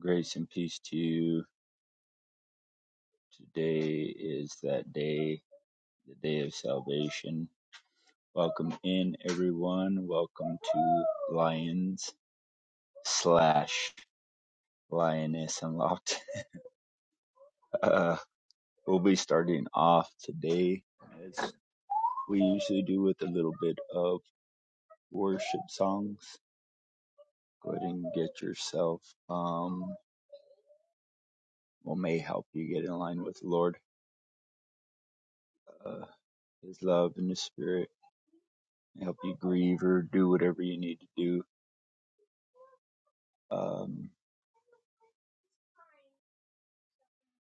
Grace and peace to you. Today is that day, the day of salvation. Welcome in, everyone. Welcome to Lions slash Lioness Unlocked. Uh, we'll be starting off today as we usually do with a little bit of worship songs. Go ahead and get yourself, um, what may help you get in line with the Lord, uh, His love and His Spirit, help you grieve or do whatever you need to do Um,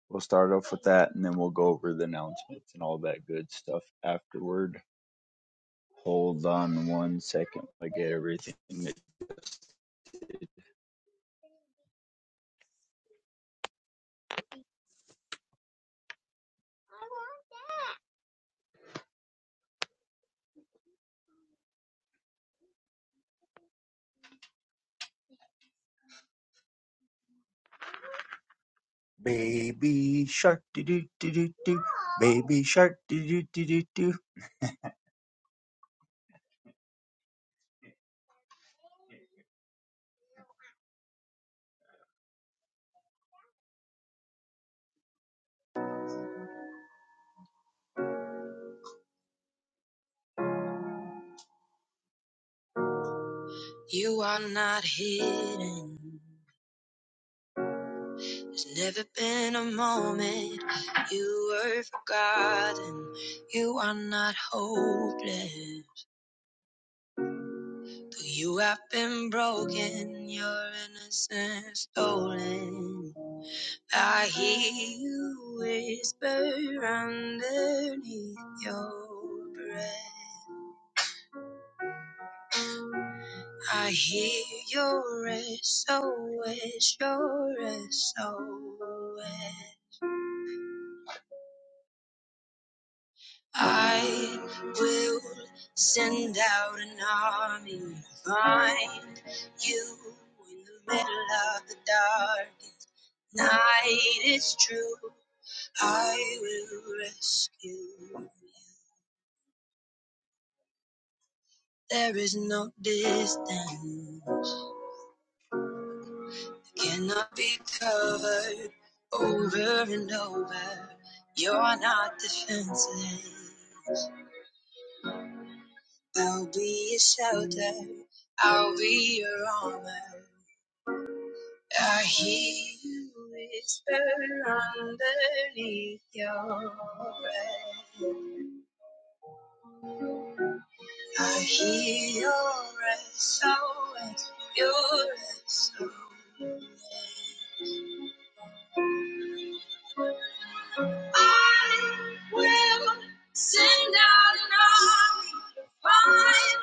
we'll start off with that and then we'll go over the announcements and all that good stuff afterward. Hold on one second. I get everything. Baby shark do do do do do. Baby shark do do do do do. You are not hidden. There's never been a moment you were forgotten. You are not hopeless. Though you have been broken, your innocence stolen. I hear you whisper underneath your breath. I hear your SOS, your SOS. I will send out an army to find you in the middle of the darkest night. It's true, I will rescue you. There is no distance, cannot be covered over and over. You're not defenseless. I'll be your shelter, I'll be your armor. I hear you whisper underneath your breath. I hear your SOS, your SOS. I will send out an army to find.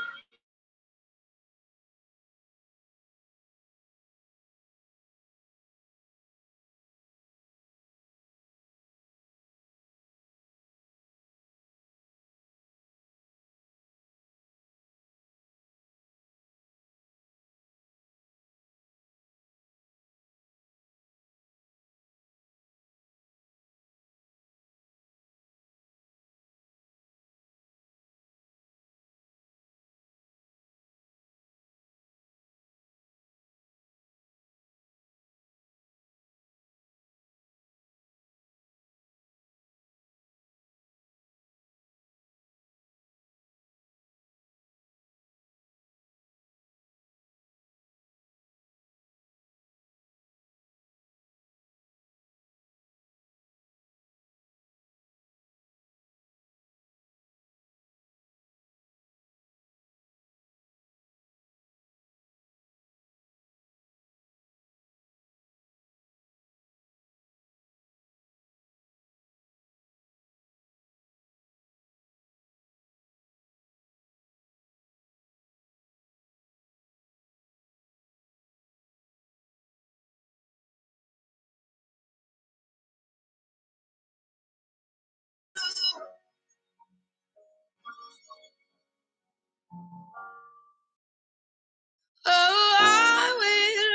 Oh, I will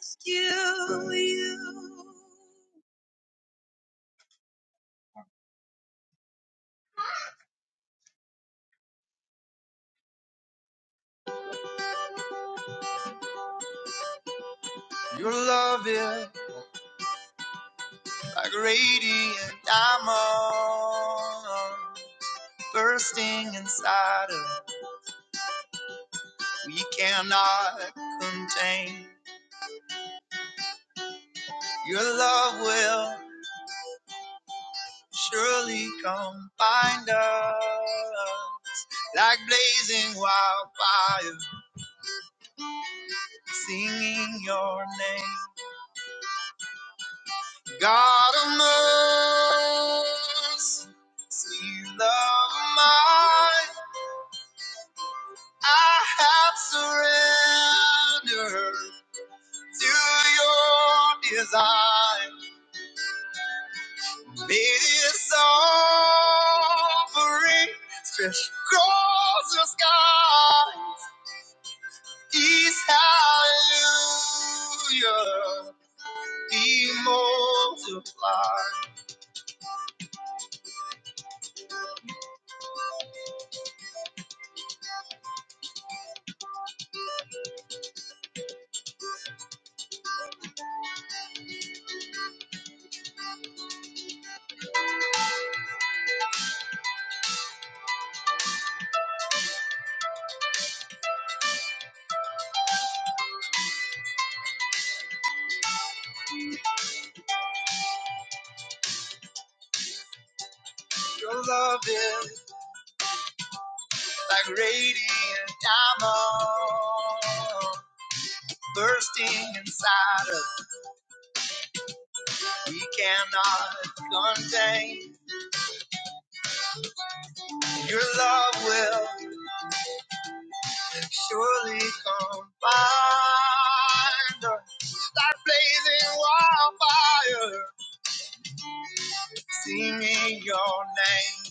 rescue you. Your love is like a radiant diamond bursting inside of me. we cannot contain. Your love will surely come find us like blazing wildfire, singing your name. God of mercy, sweet love of mine, I have surrendered to your desire. This offering stretch across the sky is hallelujah. Be multiplied. Your love is like radiant diamond bursting inside us. We cannot contain your love will surely come find us. like blazing wildfire, singing your name.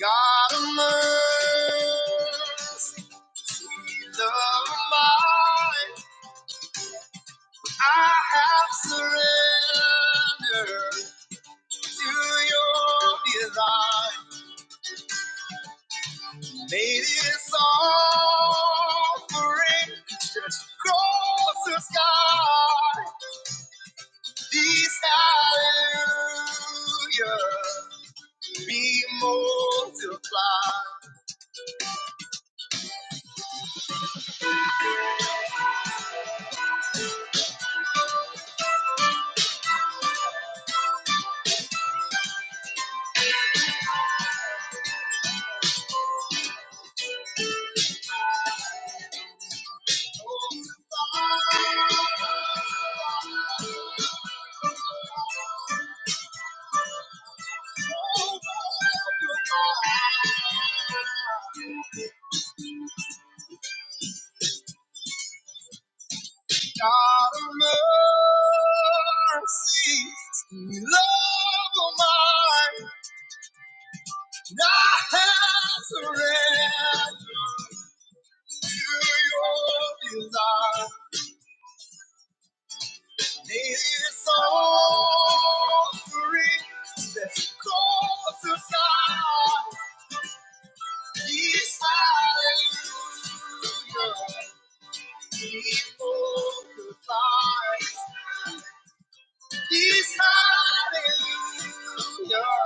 God of mercy, sweet love of mine, I have surrendered to your design. Latest offering, stretch closer, sky. This hallelujah be multiplied. God of mercy, love of mine, I have surrendered to your desire. This offering that's called to God. He's hallelujah. He's glorified. He's hallelujah.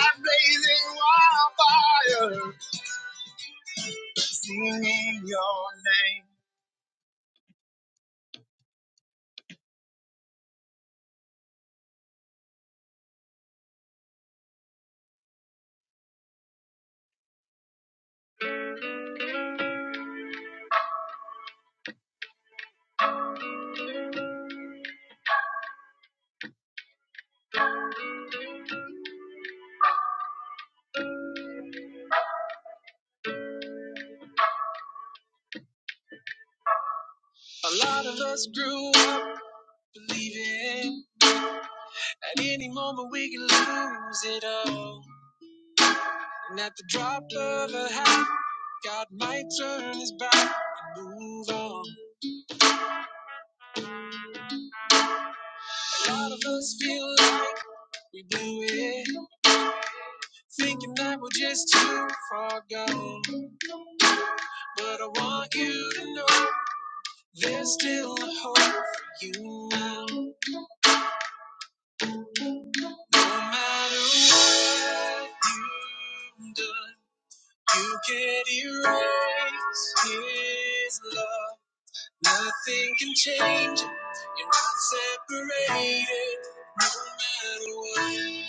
Like blazing wildfire, singing your name. A lot of us grew up believing at any moment we can lose it all. And at the drop of a hat, God might turn his back and move on. A lot of us feel like we blew it, thinking that we're just too far gone. But I want you to know there's still a hope for you now. No matter what you've done, you can't erase his love. Nothing can change it. You're not separated, no matter what.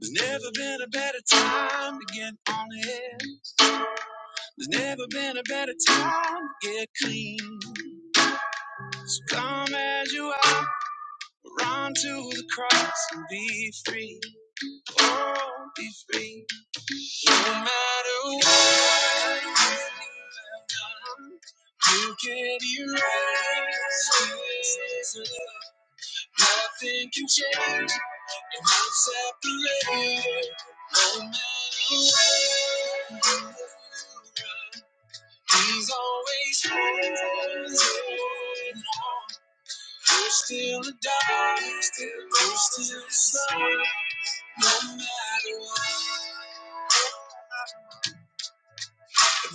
There's never been a better time to get honest. There's never been a better time to get clean. So come as you are, run to the cross and be free. Oh, be free. No matter what you have done, you can erase. this love. Nothing can change. It won't separate. No matter what. He's always hands on. You're still a dog. You're still a son. No matter what.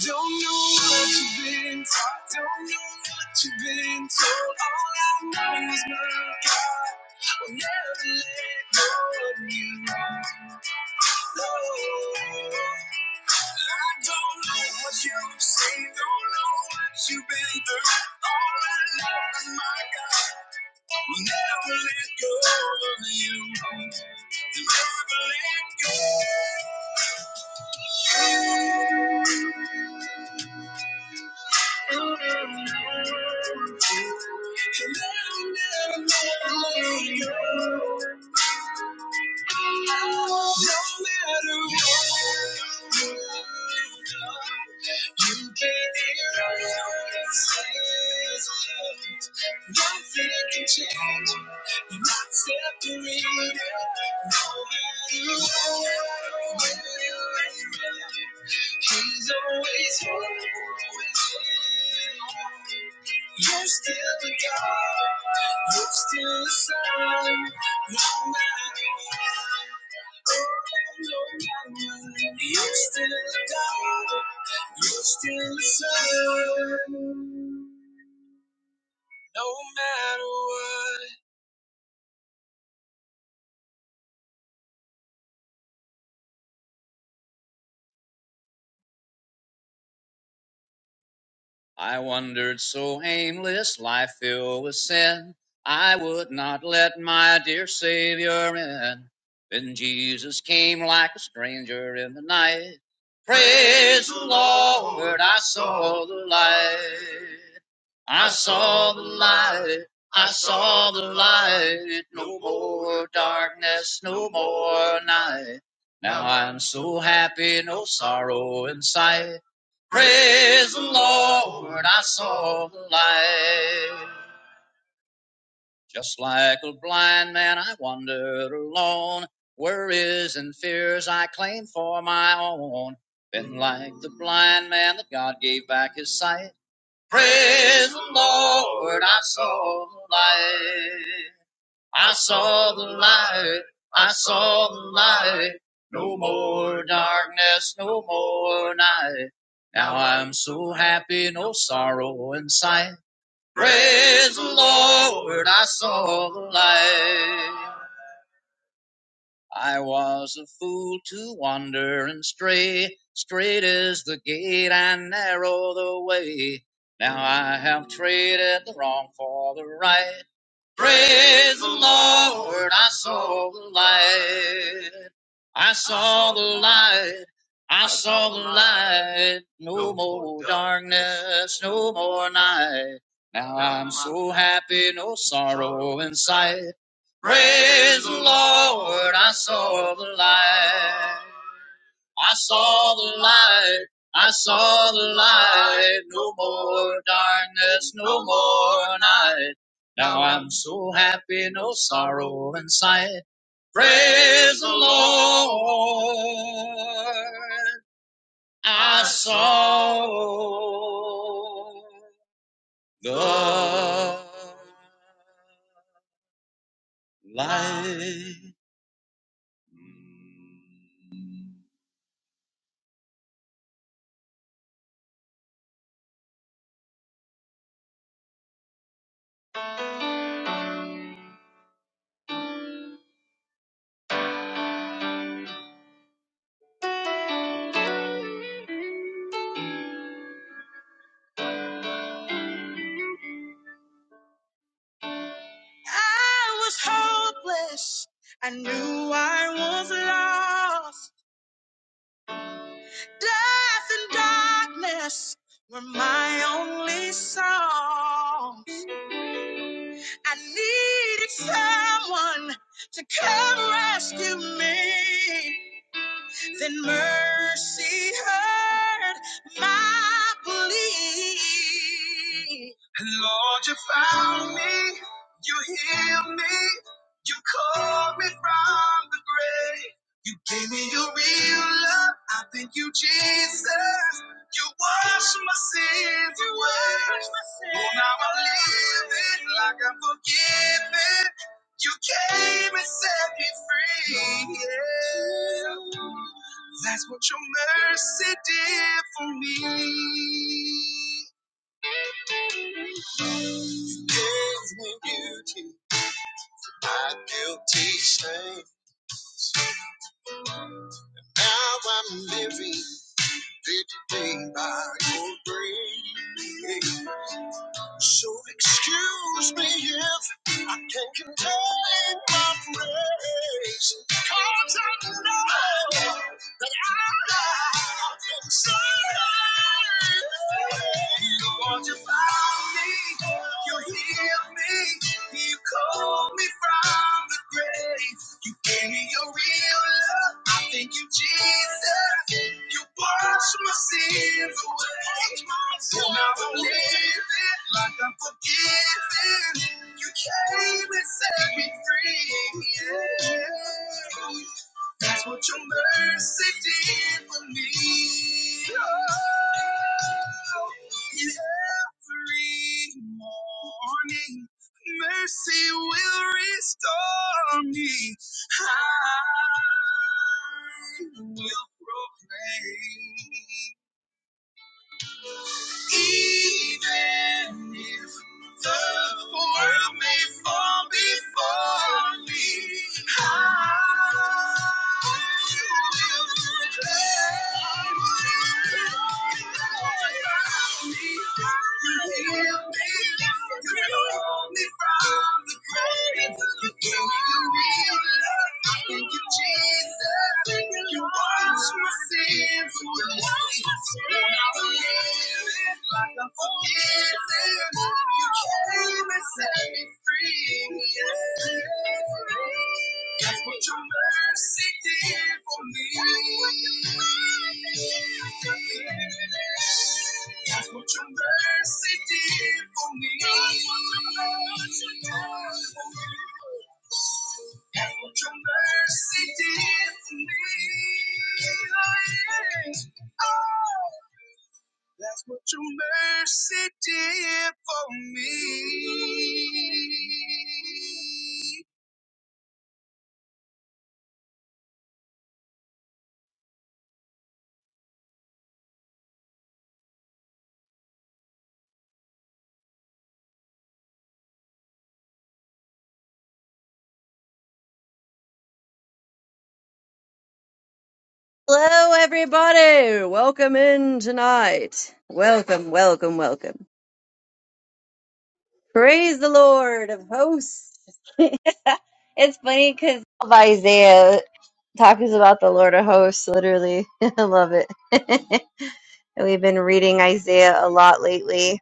Don't know what you've been taught, don't know what you've been told. All I know is my God will never let go of you. Lord, I don't know what you've seen, don't know what you've been through. All I know is my God will never let go of you. Never let go. Thank you. No matter where you've done, you can hear us says love. Nothing can change, you're not separated. No matter where where you what, he's always, always there. You're still the God. You're still the Son. No matter what. You're still the God. You're still the sun. No matter what. I wandered so aimless, life filled with sin. I would not let my dear Savior in. Then Jesus came like a stranger in the night. Praise the Lord, I saw the light. I saw the light. I saw the light. No more darkness, no more night. Now I'm so happy, no sorrow in sight. Praise the Lord, I saw the light. Just like a blind man, I wandered alone. Worries and fears I claimed for my own. Been like the blind man that God gave back his sight. Praise the Lord, I saw the light. I saw the light, I saw the light. No more darkness, no more night. Now I'm so happy, no sorrow in sight. Praise the Lord, I saw the light. I was a fool to wander and stray. Straight is the gate and narrow the way. Now I have traded the wrong for the right. Praise the Lord, I saw the light. I saw the light. I saw the light. No more darkness, no more night. Now I'm so happy, no sorrow in sight. Praise the Lord, I saw the light. I saw the light. I saw the light. No more darkness, no more night. Now I'm so happy, no sorrow in sight. Praise the Lord. I saw the light. I was hopeless. I knew I was lost. Death and darkness were my only song. I needed someone to come rescue me then mercy heard my plea. Lord, you found me, you healed me, you called me from the grave. You gave me your real love. I thank you, Jesus. You washed my sins away. Oh, now I'm living like I'm forgiven. You came and set me free. Yeah. That's what your mercy did for me. Gave me beauty, my guilty shame. Now I'm living day by your grace. So excuse me if I can't contain my praise, 'cause I know that I've been saved. Lord, you found me, you healed me, you called me from the grave. You gave me your real love. I thank you, Jesus. You washed my sins away. And now I'm living like I'm forgiven. You came and set me free. Yeah. That's what your mercy did for me. Oh, every morning, mercy will restore me. I will proclaim, even if the world may fall before me. I will declare what you have done for me. Heal me, deliver me from the grave. You you, You love me, I thank you, Jesus. Thank you, washed my sins away, Now I live. That's what your mercy did for me. That's what your mercy did for me. That's what your mercy did for me. Oh, that's what your mercy did for me. Hello, everybody. Welcome in tonight. Welcome, welcome, welcome. Praise the Lord of hosts. it's funny because Isaiah talks about the Lord of hosts, literally. I love it. And We've been reading Isaiah a lot lately.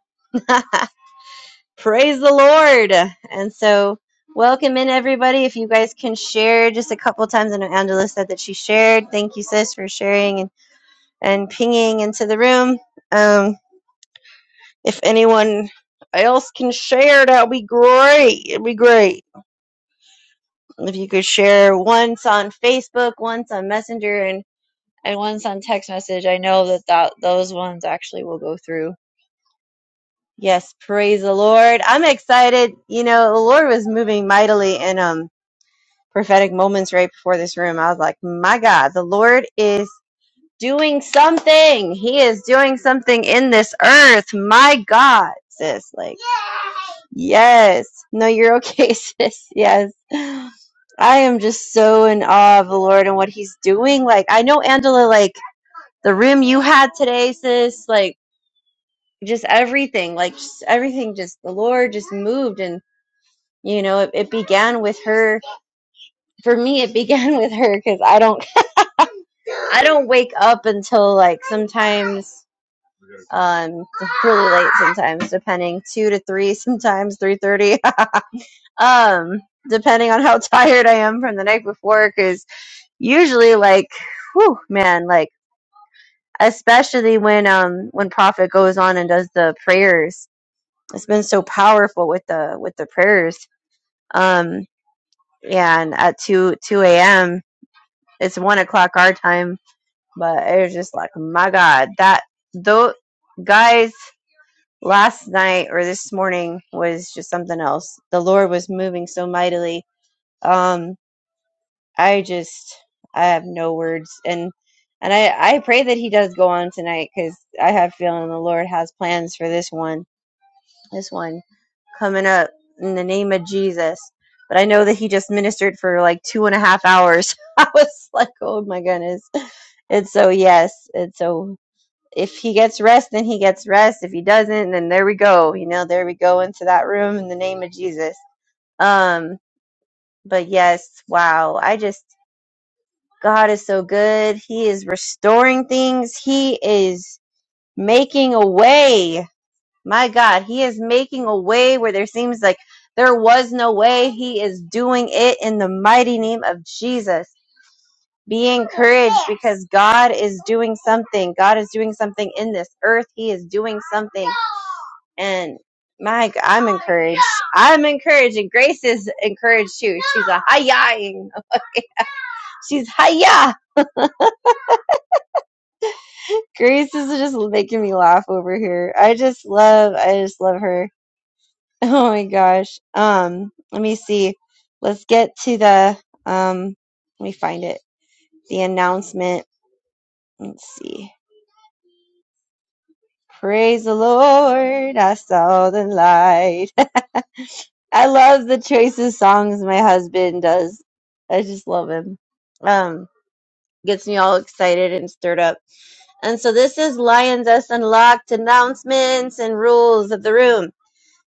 Praise the Lord. And so, welcome in, everybody. If you guys can share just a couple times, I know Angela said that she shared. Thank you, sis, for sharing. and pinging into the room. Um, if anyone else can share, that would be great. It'd be great if you could share once on Facebook, once on Messenger, and and once on text message. I know that, that those ones actually will go through. Yes, praise the Lord. I'm excited. You know, the Lord was moving mightily in um prophetic moments right before this room. I was like, my God, the Lord is doing something. He is doing something in this earth. My God, sis. Like, yes. No, you're okay, sis. Yes. I am just so in awe of the Lord and what he's doing. Like, I know, Angela, like, the room you had today, sis, like, just everything, like, just everything, just the Lord just moved and you know it, it began with her for me it began with her because i don't i don't wake up until like sometimes um really late sometimes depending 2 to 3 sometimes 3:30 um depending on how tired I am from the night before cuz usually like whew man like especially when um when prophet goes on and does the prayers it's been so powerful with the with the prayers um and at 2 2 a.m it's 1 o'clock our time but it was just like my god that though guys last night or this morning was just something else. The Lord was moving so mightily. Um, I just I have no words, and and I I pray that He does go on tonight because I have a feeling the Lord has plans for this one, this one coming up in the name of Jesus. But I know that He just ministered for like two and a half hours. I was like, oh my goodness. And so yes, and so if he gets rest, then he gets rest. If he doesn't, then there we go. You know, there we go into that room in the name of Jesus. Um, but yes, wow. I just, God is so good. He is restoring things. He is making a way. My God, he is making a way where there seems like there was no way. He is doing it in the mighty name of Jesus. Be encouraged because God is doing something. God is doing something in this earth. He is doing something. And my, g- I'm encouraged. I'm encouraged, and Grace is encouraged too. She's a hiya. She's hiya. Grace is just making me laugh over here. I just love, I just love her. Oh my gosh. Um, let me see. Let's get to the um. Let me find it. The announcement. Let's see. Praise the Lord. I saw the light. I love the choices songs my husband does. I just love him. Um. gets me all excited and stirred up. And so this is Lioness Unlocked announcements and rules of the room.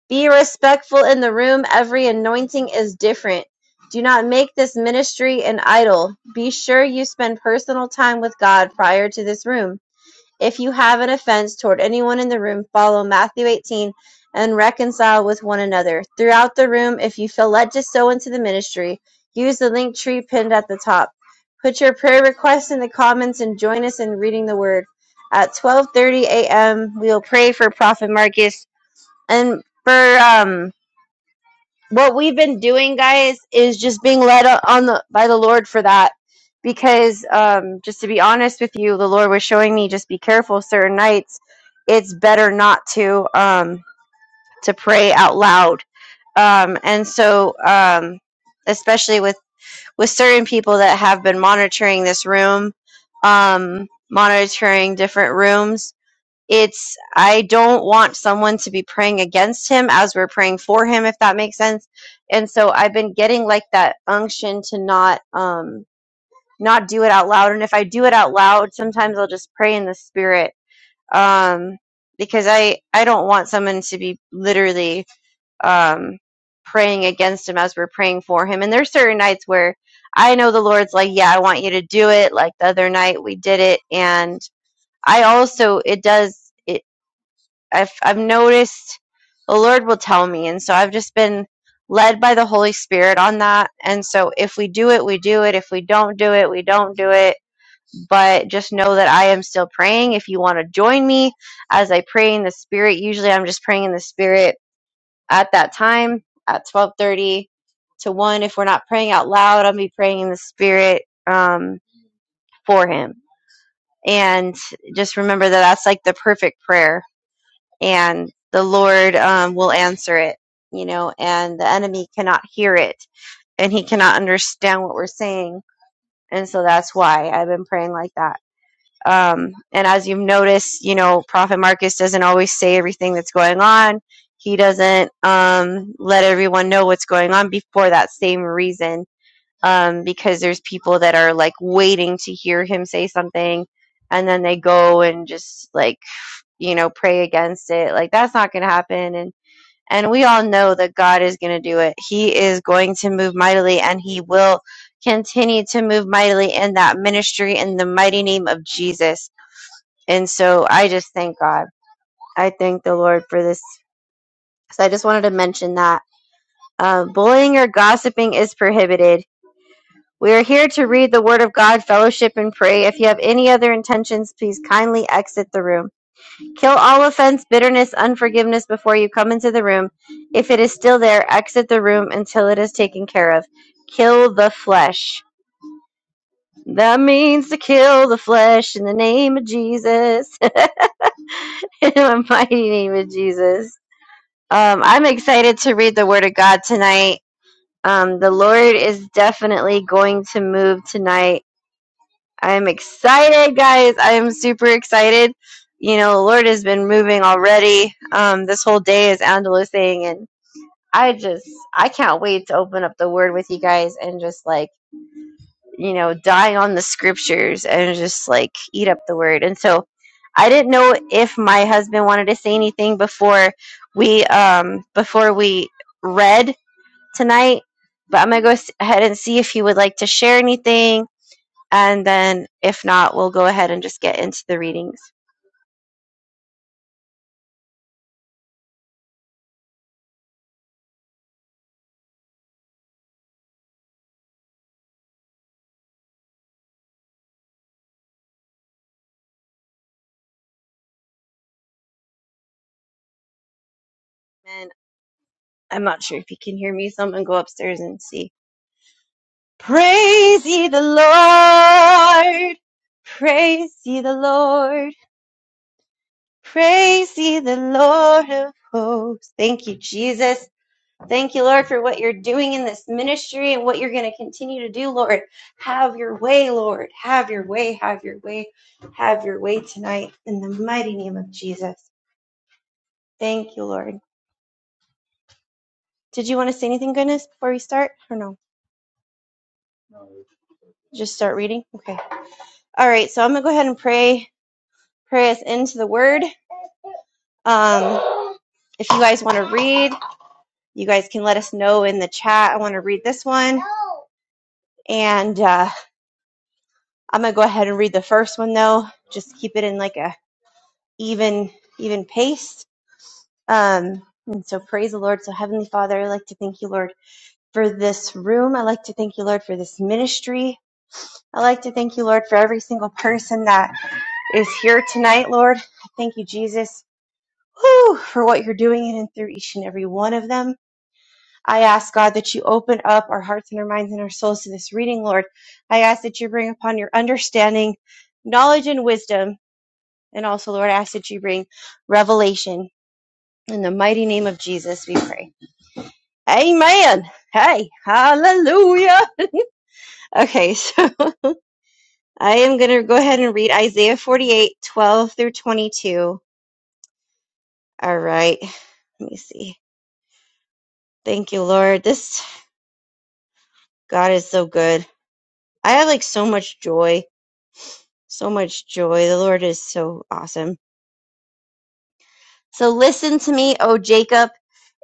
Be respectful in the room. Every anointing is different. Do not make this ministry an idol. Be sure you spend personal time with God prior to this room. If you have an offense toward anyone in the room, follow Matthew 18 and reconcile with one another. Throughout the room, if you feel led to sow into the ministry, use the link tree pinned at the top. Put your prayer requests in the comments and join us in reading the word. At 12:30 a.m., we will pray for Prophet Marcus and for um what we've been doing guys is just being led o- on the by the lord for that because um just to be honest with you the lord was showing me just be careful certain nights it's better not to um to pray out loud um and so um especially with with certain people that have been monitoring this room um monitoring different rooms it's I don't want someone to be praying against him as we're praying for him, if that makes sense. And so I've been getting like that unction to not um not do it out loud. And if I do it out loud, sometimes I'll just pray in the spirit. Um because I I don't want someone to be literally um praying against him as we're praying for him. And there's certain nights where I know the Lord's like, yeah, I want you to do it. Like the other night we did it and I also it does it. I've I've noticed the Lord will tell me, and so I've just been led by the Holy Spirit on that. And so if we do it, we do it. If we don't do it, we don't do it. But just know that I am still praying. If you want to join me as I pray in the Spirit, usually I'm just praying in the Spirit at that time at 12:30 to one. If we're not praying out loud, I'll be praying in the Spirit um, for Him. And just remember that that's like the perfect prayer and the Lord um, will answer it, you know, and the enemy cannot hear it and he cannot understand what we're saying. And so that's why I've been praying like that. Um, and as you've noticed, you know, Prophet Marcus doesn't always say everything that's going on. He doesn't um, let everyone know what's going on before that same reason, um, because there's people that are like waiting to hear him say something, and then they go and just like you know pray against it. Like that's not going to happen. and. And we all know that God is going to do it. He is going to move mightily and he will continue to move mightily in that ministry in the mighty name of Jesus. And so I just thank God. I thank the Lord for this. So I just wanted to mention that. Uh, bullying or gossiping is prohibited. We are here to read the Word of God, fellowship, and pray. If you have any other intentions, please kindly exit the room. Kill all offense, bitterness, unforgiveness before you come into the room. If it is still there, exit the room until it is taken care of. Kill the flesh. That means to kill the flesh in the name of Jesus. in the mighty name of Jesus. Um, I'm excited to read the Word of God tonight. Um, the Lord is definitely going to move tonight. I'm excited, guys. I am super excited. You know, the Lord has been moving already. Um, this whole day, as Angela was saying, and I just I can't wait to open up the word with you guys and just like, you know, die on the scriptures and just like eat up the word. And so I didn't know if my husband wanted to say anything before we um before we read tonight, but I'm going to go s- ahead and see if he would like to share anything and then if not, we'll go ahead and just get into the readings. And I'm not sure if you can hear me, so I'm going to go upstairs and see. Praise ye the Lord! Praise ye the Lord! Praise ye the Lord of hosts! Thank you, Jesus. Thank you, Lord, for what you're doing in this ministry and what you're going to continue to do, Lord. Have your way, Lord. Have your way, have your way, have your way tonight in the mighty name of Jesus. Thank you, Lord. Did you want to say anything, goodness, before we start or no? Just start reading? Okay. All right. So I'm going to go ahead and pray, pray us into the word. Um, if you guys want to read, you guys can let us know in the chat. I want to read this one. And uh, I'm going to go ahead and read the first one, though. Just keep it in like a even even pace. Um, and so praise the Lord. So Heavenly Father, I like to thank you, Lord, for this room. I like to thank you, Lord, for this ministry. I like to thank you, Lord, for every single person that is here tonight, Lord. I Thank you, Jesus, whew, for what you're doing in and through each and every one of them. I ask God that you open up our hearts and our minds and our souls to this reading, Lord. I ask that you bring upon your understanding, knowledge, and wisdom. And also, Lord, I ask that you bring revelation In the mighty name of Jesus, we pray. Amen. Hey, hallelujah. Okay, so I am going to go ahead and read Isaiah 48, 12 through 22. All right, let me see. Thank you, Lord. This God is so good. I have like so much joy, so much joy. The Lord is so awesome. So listen to me, O Jacob,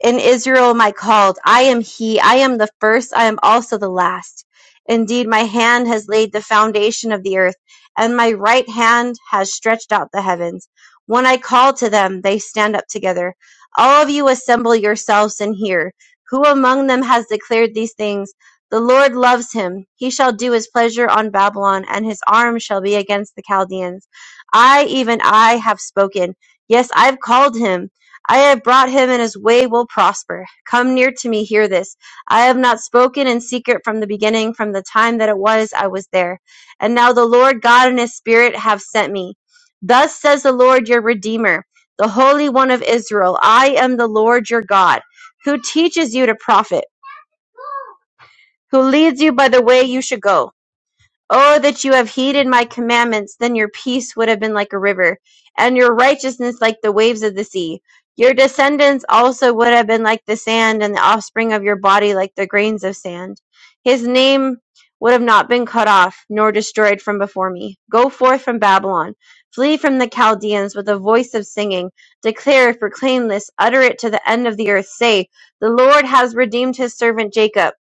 and Israel, my called. I am he. I am the first. I am also the last. Indeed, my hand has laid the foundation of the earth, and my right hand has stretched out the heavens. When I call to them, they stand up together. All of you assemble yourselves and hear. Who among them has declared these things? The Lord loves him. He shall do his pleasure on Babylon, and his arm shall be against the Chaldeans. I, even I, have spoken. Yes, I have called him. I have brought him, and his way will prosper. Come near to me, hear this. I have not spoken in secret from the beginning, from the time that it was I was there. And now the Lord God and his Spirit have sent me. Thus says the Lord your Redeemer, the Holy One of Israel I am the Lord your God, who teaches you to profit, who leads you by the way you should go. Oh, that you have heeded my commandments, then your peace would have been like a river, and your righteousness like the waves of the sea. Your descendants also would have been like the sand, and the offspring of your body like the grains of sand. His name would have not been cut off, nor destroyed from before me. Go forth from Babylon, flee from the Chaldeans with a voice of singing. Declare, proclaim this, utter it to the end of the earth. Say, The Lord has redeemed his servant Jacob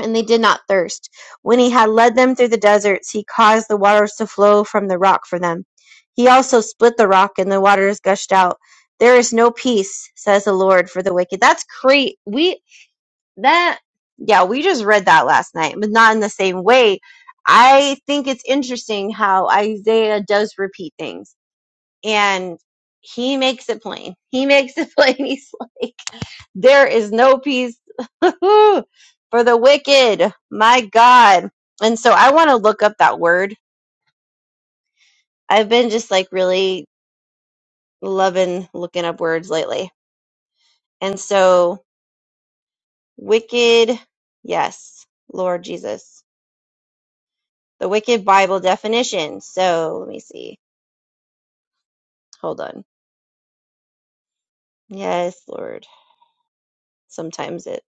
and they did not thirst. When he had led them through the deserts, he caused the waters to flow from the rock for them. He also split the rock, and the waters gushed out. There is no peace, says the Lord, for the wicked. That's great. We that yeah, we just read that last night, but not in the same way. I think it's interesting how Isaiah does repeat things, and he makes it plain. He makes it plain. He's like, there is no peace for the wicked. My God. And so I want to look up that word. I've been just like really loving looking up words lately. And so, wicked, yes, Lord Jesus. The wicked Bible definition. So let me see. Hold on. Yes, Lord. Sometimes it.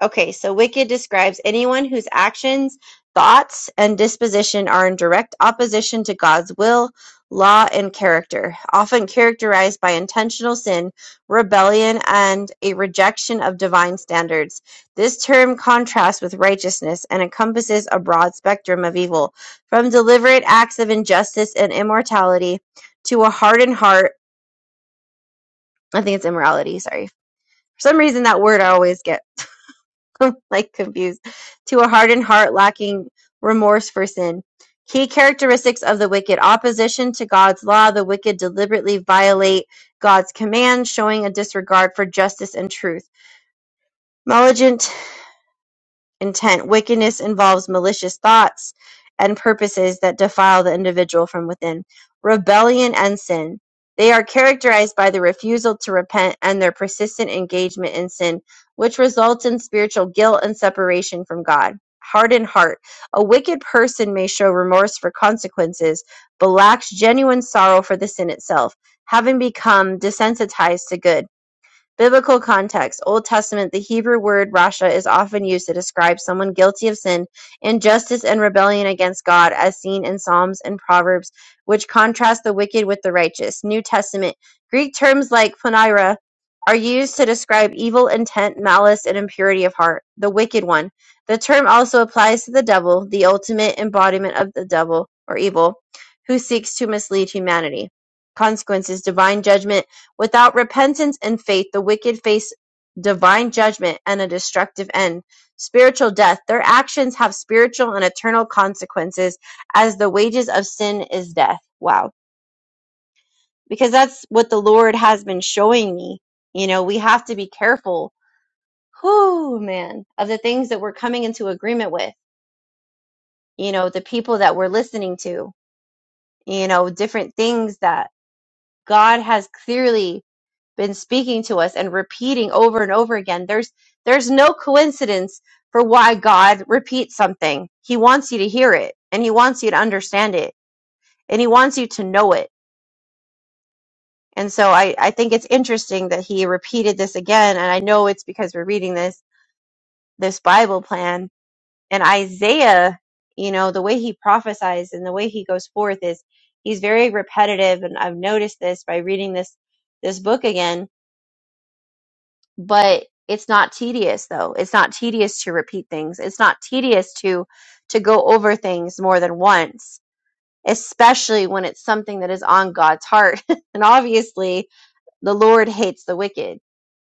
Okay, so wicked describes anyone whose actions, thoughts, and disposition are in direct opposition to God's will, law, and character, often characterized by intentional sin, rebellion, and a rejection of divine standards. This term contrasts with righteousness and encompasses a broad spectrum of evil, from deliberate acts of injustice and immortality to a hardened heart. I think it's immorality, sorry. For some reason, that word I always get like confused, to a hardened heart lacking remorse for sin. Key characteristics of the wicked opposition to God's law. The wicked deliberately violate God's command, showing a disregard for justice and truth. Malignant intent. Wickedness involves malicious thoughts and purposes that defile the individual from within. Rebellion and sin. They are characterized by the refusal to repent and their persistent engagement in sin, which results in spiritual guilt and separation from God. Hardened heart. A wicked person may show remorse for consequences, but lacks genuine sorrow for the sin itself, having become desensitized to good. Biblical context: Old Testament, the Hebrew word "rasha" is often used to describe someone guilty of sin, injustice, and rebellion against God, as seen in Psalms and Proverbs, which contrast the wicked with the righteous. New Testament Greek terms like "poneira" are used to describe evil intent, malice, and impurity of heart. The wicked one. The term also applies to the devil, the ultimate embodiment of the devil or evil, who seeks to mislead humanity. Consequences: divine judgment Without repentance and faith, the wicked face divine judgment and a destructive end, spiritual death. Their actions have spiritual and eternal consequences, as the wages of sin is death. Wow. Because that's what the Lord has been showing me. You know, we have to be careful, whoo, man, of the things that we're coming into agreement with, you know, the people that we're listening to, you know, different things that God has clearly been speaking to us and repeating over and over again. There's there's no coincidence for why God repeats something. He wants you to hear it and he wants you to understand it and he wants you to know it. And so I, I think it's interesting that he repeated this again. And I know it's because we're reading this this Bible plan. And Isaiah, you know, the way he prophesies and the way he goes forth is he's very repetitive and I've noticed this by reading this this book again but it's not tedious though it's not tedious to repeat things it's not tedious to to go over things more than once especially when it's something that is on god's heart and obviously the lord hates the wicked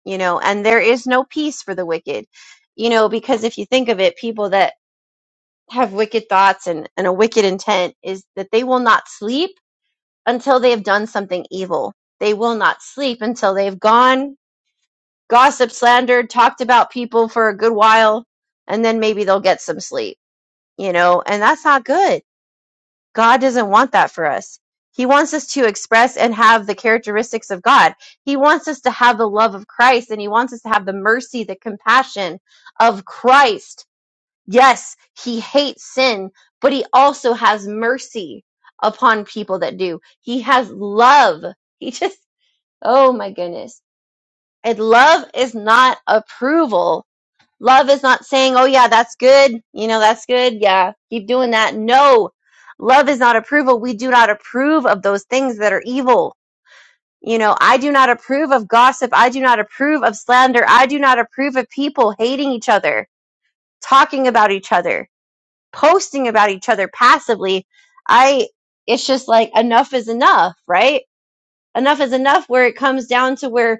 you know and there is no peace for the wicked you know because if you think of it people that have wicked thoughts and, and a wicked intent is that they will not sleep until they have done something evil they will not sleep until they've gone gossip, slandered, talked about people for a good while, and then maybe they'll get some sleep, you know, and that's not good. God doesn't want that for us. He wants us to express and have the characteristics of God. He wants us to have the love of Christ and he wants us to have the mercy, the compassion of Christ. Yes, he hates sin, but he also has mercy upon people that do. He has love. He just, oh my goodness. And love is not approval Love is not saying, oh yeah, that's good. You know, that's good. Yeah, keep doing that. No, love is not approval. We do not approve of those things that are evil. You know, I do not approve of gossip. I do not approve of slander. I do not approve of people hating each other, talking about each other, posting about each other passively. I, it's just like enough is enough, right? enough is enough where it comes down to where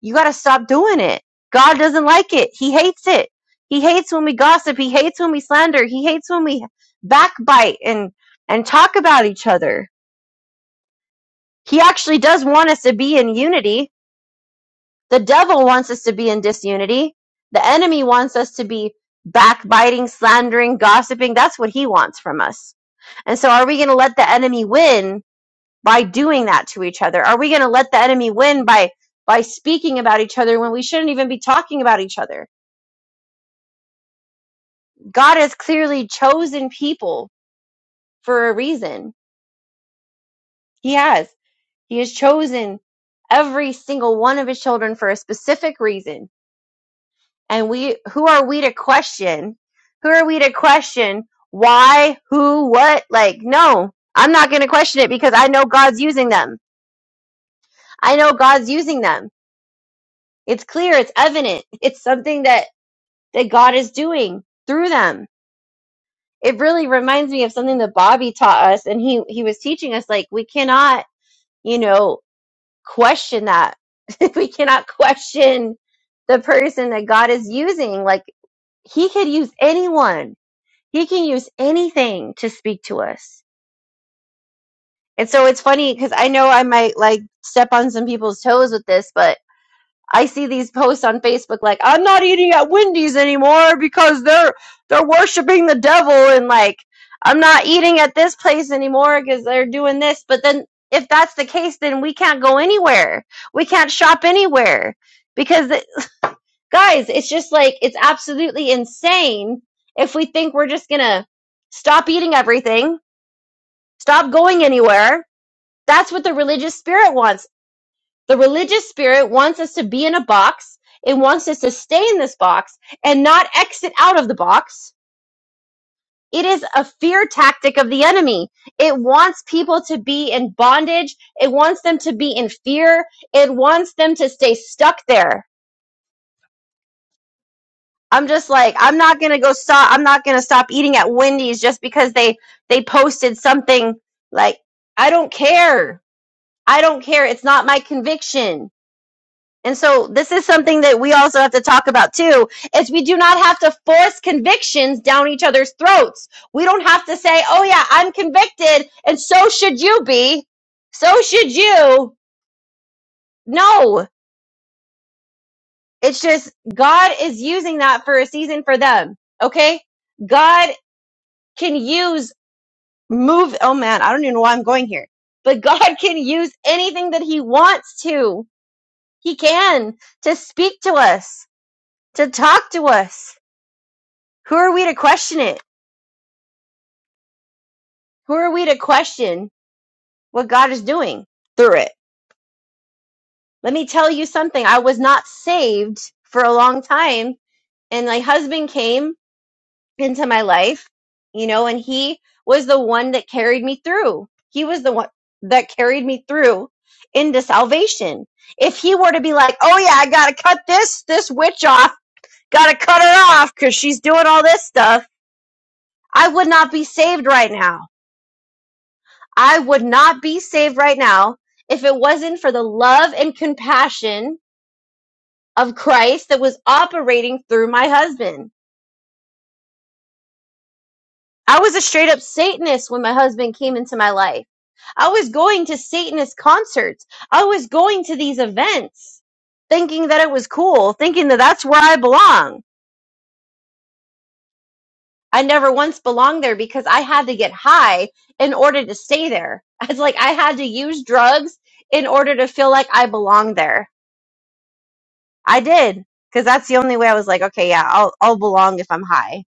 you got to stop doing it. God doesn't like it. He hates it. He hates when we gossip. He hates when we slander. He hates when we backbite and and talk about each other. He actually does want us to be in unity. The devil wants us to be in disunity. The enemy wants us to be backbiting, slandering, gossiping. That's what he wants from us. And so are we going to let the enemy win by doing that to each other? Are we going to let the enemy win by by speaking about each other when we shouldn't even be talking about each other? God has clearly chosen people for a reason. He has. He has chosen every single one of his children for a specific reason. And we who are we to question? Who are we to question why, who, what? Like no. I'm not going to question it because I know God's using them. I know God's using them. It's clear, it's evident. It's something that that God is doing through them. It really reminds me of something that Bobby taught us and he he was teaching us like we cannot, you know, question that. we cannot question the person that God is using. Like he could use anyone. He can use anything to speak to us. And so it's funny because I know I might like step on some people's toes with this, but I see these posts on Facebook like I'm not eating at Wendy's anymore because they're they're worshiping the devil and like I'm not eating at this place anymore because they're doing this. But then if that's the case, then we can't go anywhere. We can't shop anywhere because it, guys, it's just like it's absolutely insane if we think we're just gonna stop eating everything, stop going anywhere. That's what the religious spirit wants. The religious spirit wants us to be in a box. It wants us to stay in this box and not exit out of the box. It is a fear tactic of the enemy. It wants people to be in bondage. It wants them to be in fear. It wants them to stay stuck there. I'm just like, I'm not going to go stop. I'm not going to stop eating at Wendy's just because they, they posted something like, I don't care. I don't care. It's not my conviction. And so this is something that we also have to talk about too, is we do not have to force convictions down each other's throats. We don't have to say, oh yeah, I'm convicted and so should you be. So should you. No, it's just God is using that for a season for them. Okay. God can use move. Oh man, I don't even know why I'm going here, but God can use anything that he wants to. He can to speak to us, to talk to us Who are we to question it? Who are we to question what God is doing through it? Let me tell you something. I was not saved for a long time, and my husband came into my life, you know, and he was the one that carried me through. He was the one that carried me through into salvation. If he were to be like, "Oh yeah, I got to cut this this witch off. Got to cut her off cuz she's doing all this stuff." I would not be saved right now I would not be saved right now if it wasn't for the love and compassion of Christ that was operating through my husband. I was a straight up Satanist when my husband came into my life. I was going to Satanist concerts. I was going to these events thinking that it was cool, thinking that that's where I belong. I never once belonged there because I had to get high in order to stay there. It's like I had to use drugs in order to feel like I belonged there. I did because that's the only way I was like, okay, yeah, I'll I'll belong if I'm high.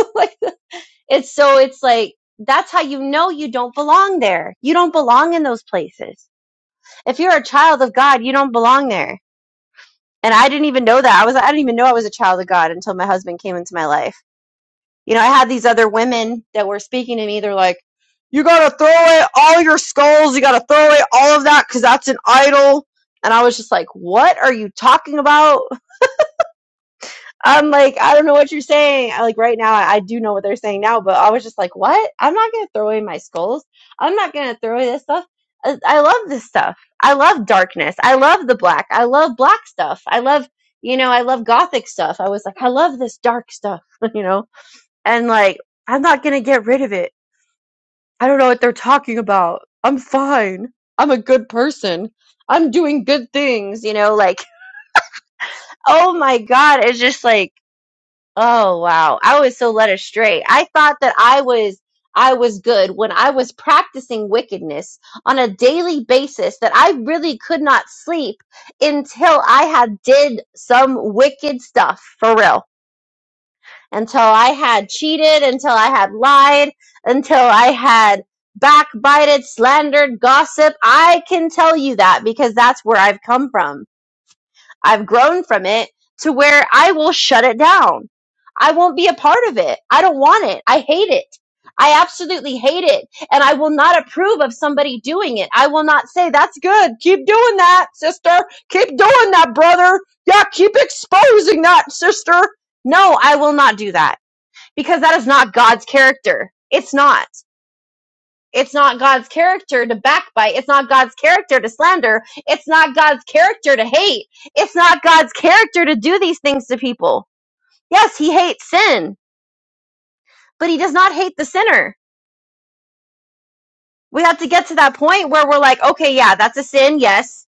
like it's so it's like that's how you know you don't belong there. You don't belong in those places. If you're a child of God, you don't belong there. And I didn't even know that. I was I didn't even know I was a child of God until my husband came into my life. You know, I had these other women that were speaking to me. They're like, "You gotta throw away all your skulls. You gotta throw away all of that because that's an idol." And I was just like, "What are you talking about? I'm like, I don't know what you're saying. I, like right now, I, I do know what they're saying now, but I was just like, what? I'm not gonna throw away my skulls. I'm not gonna throw away this stuff. I, I love this stuff. I love darkness. I love the black. I love black stuff. I love, you know, I love gothic stuff. I was like, I love this dark stuff, you know, and like, I'm not gonna get rid of it. I don't know what they're talking about. I'm fine. I'm a good person. I'm doing good things, you know, like, oh my God. It's just like, Oh wow. I was so led astray. I thought that I was I was good when I was practicing wickedness on a daily basis that I really could not sleep until I had did some wicked stuff for real. Until I had cheated, until I had lied, until I had backbited, slandered, gossip. I can tell you that because that's where I've come from I've grown from it to where I will shut it down. I won't be a part of it. I don't want it. I hate it. I absolutely hate it. And I will not approve of somebody doing it. I will not say, that's good. Keep doing that, sister. Keep doing that, brother. Yeah, keep exposing that, sister. No, I will not do that because that is not God's character. It's not. It's not God's character to backbite. It's not God's character to slander. It's not God's character to hate. It's not God's character to do these things to people. Yes, he hates sin, but he does not hate the sinner. We have to get to that point where we're like, okay, yeah, that's a sin, yes.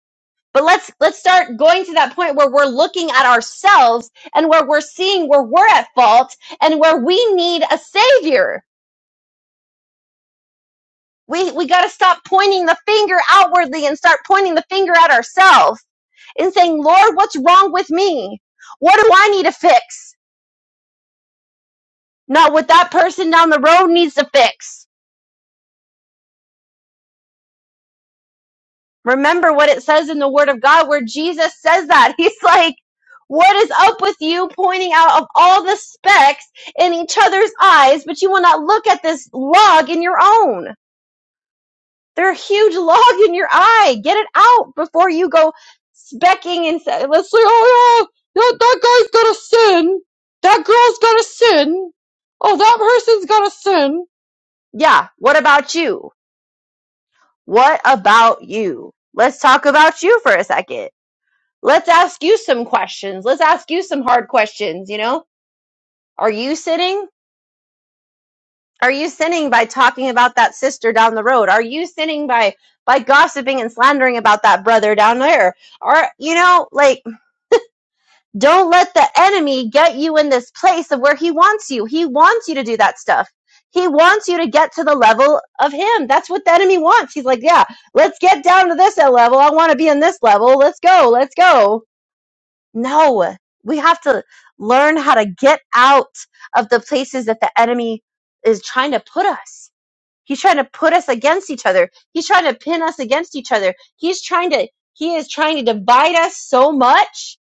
But let's let's start going to that point where we're looking at ourselves and where we're seeing where we're at fault and where we need a savior. We we got to stop pointing the finger outwardly and start pointing the finger at ourselves and saying, Lord, what's wrong with me? What do I need to fix? Not what that person down the road needs to fix. Remember what it says in the Word of God where Jesus says that. He's like, What is up with you pointing out of all the specks in each other's eyes, but you will not look at this log in your own? They're a huge log in your eye. Get it out before you go specking and say, let's say, oh yeah, that, that guy's got a sin. That girl's got a sin. Oh, that person's got a sin. Yeah. What about you? What about you? Let's talk about you for a second. Let's ask you some questions. Let's ask you some hard questions. You know, are you sinning? Are you sinning by talking about that sister down the road? Are you sinning by by gossiping and slandering about that brother down there? Or you know, like don't let the enemy get you in this place of where he wants you. He wants you to do that stuff. He wants you to get to the level of him. That's what the enemy wants. He's like, "Yeah, let's get down to this level. I want to be in this level. Let's go. Let's go." No. We have to learn how to get out of the places that the enemy is trying to put us He's trying to put us against each other. He's trying to pin us against each other. He's trying to, he is trying to divide us so much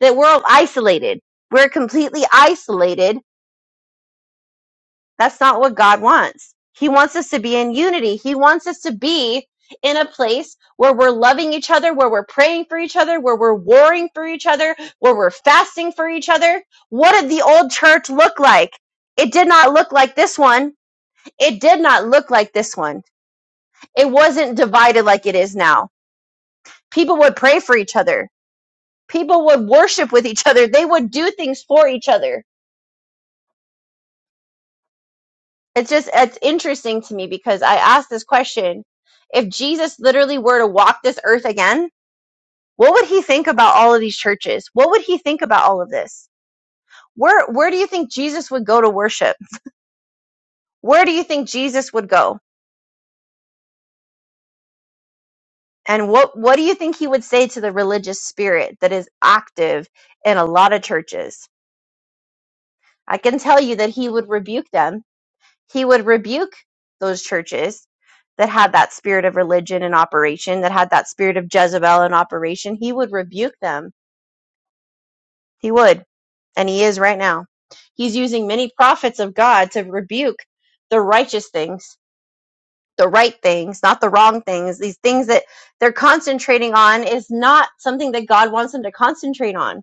that we're isolated. We're completely isolated. That's not what God wants. He wants us to be in unity. He wants us to be in a place where we're loving each other, where we're praying for each other, where we're warring for each other, where we're fasting for each other. What did the old church look like? It did not look like this one. It did not look like this one It wasn't divided like it is now. People would pray for each other. People would worship with each other. They would do things for each other. It's just it's interesting to me because I asked this question. If Jesus literally were to walk this earth again, what would he think about all of these churches? What would he think about all of this? Where where do you think Jesus would go to worship? Where do you think Jesus would go? And what what do you think he would say to the religious spirit that is active in a lot of churches? I can tell you that he would rebuke them He would rebuke those churches that had that spirit of religion in operation, that had that spirit of Jezebel in operation. He would rebuke them. He would, and he is right now. He's using many prophets of God to rebuke the righteous things, the right things, not the wrong things. These things that they're concentrating on is not something that God wants them to concentrate on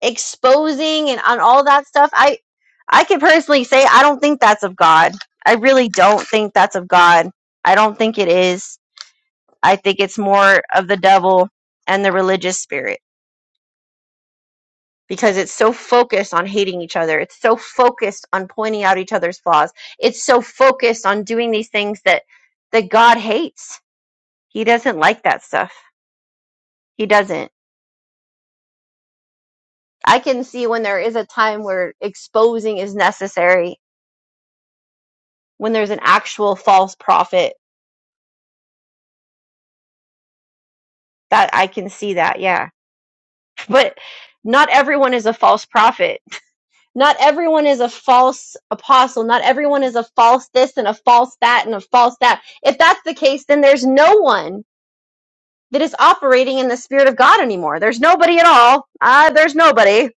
exposing and on all that stuff i i can personally say i don't think that's of god i really don't think that's of god i don't think it is i think it's more of the devil and the religious spirit because it's so focused on hating each other it's so focused on pointing out each other's flaws it's so focused on doing these things that that god hates he doesn't like that stuff he doesn't i can see when there is a time where exposing is necessary when there's an actual false prophet that I can see that, yeah. But not everyone is a false prophet. Not everyone is a false apostle. Not everyone is a false this and a false that and a false that. If that's the case, then there's no one that is operating in the spirit of God anymore. There's nobody at all. Ah, there's nobody.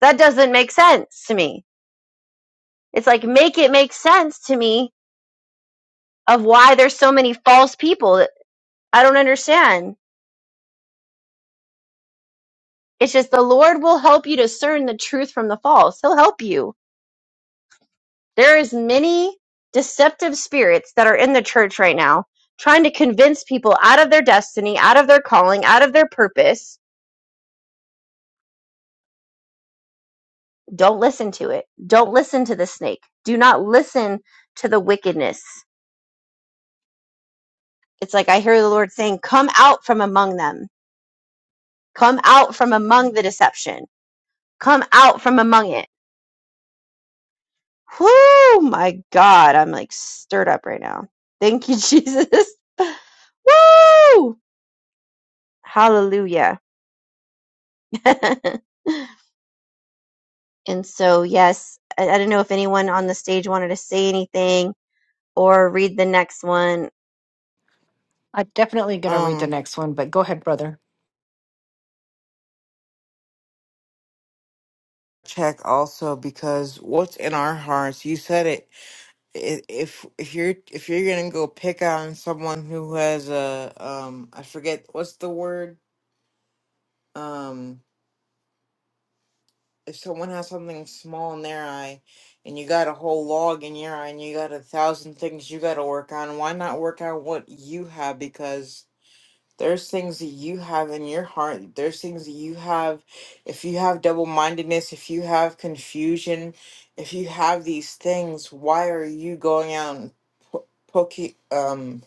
That doesn't make sense to me. It's like make it make sense to me of why there's so many false people. I don't understand It's just the Lord will help you discern the truth from the false. He'll help you. There is many deceptive spirits that are in the church right now trying to convince people out of their destiny, out of their calling, out of their purpose. Don't listen to it. Don't listen to the snake. Do not listen to the wickedness. It's like I hear the Lord saying, "Come out from among them. Come out from among the deception. Come out from among it." Whoo, my God. I'm like stirred up right now. Thank you, Jesus. Woo! Hallelujah. and so, yes, I, I don't know if anyone on the stage wanted to say anything or read the next one. I'm definitely going to read the um next one, but go ahead, brother. check also because what's in our hearts you said it i- if if you're if you're gonna go pick on someone who has a um i forget what's the word um if someone has something small in their eye and you got a whole log in your eye and you got a thousand things you got to work on why not work on what you have because There's things that you have in your heart. There's things that you have. If you have double mindedness, if you have confusion, if you have these things, why are you going out and po- poking, um,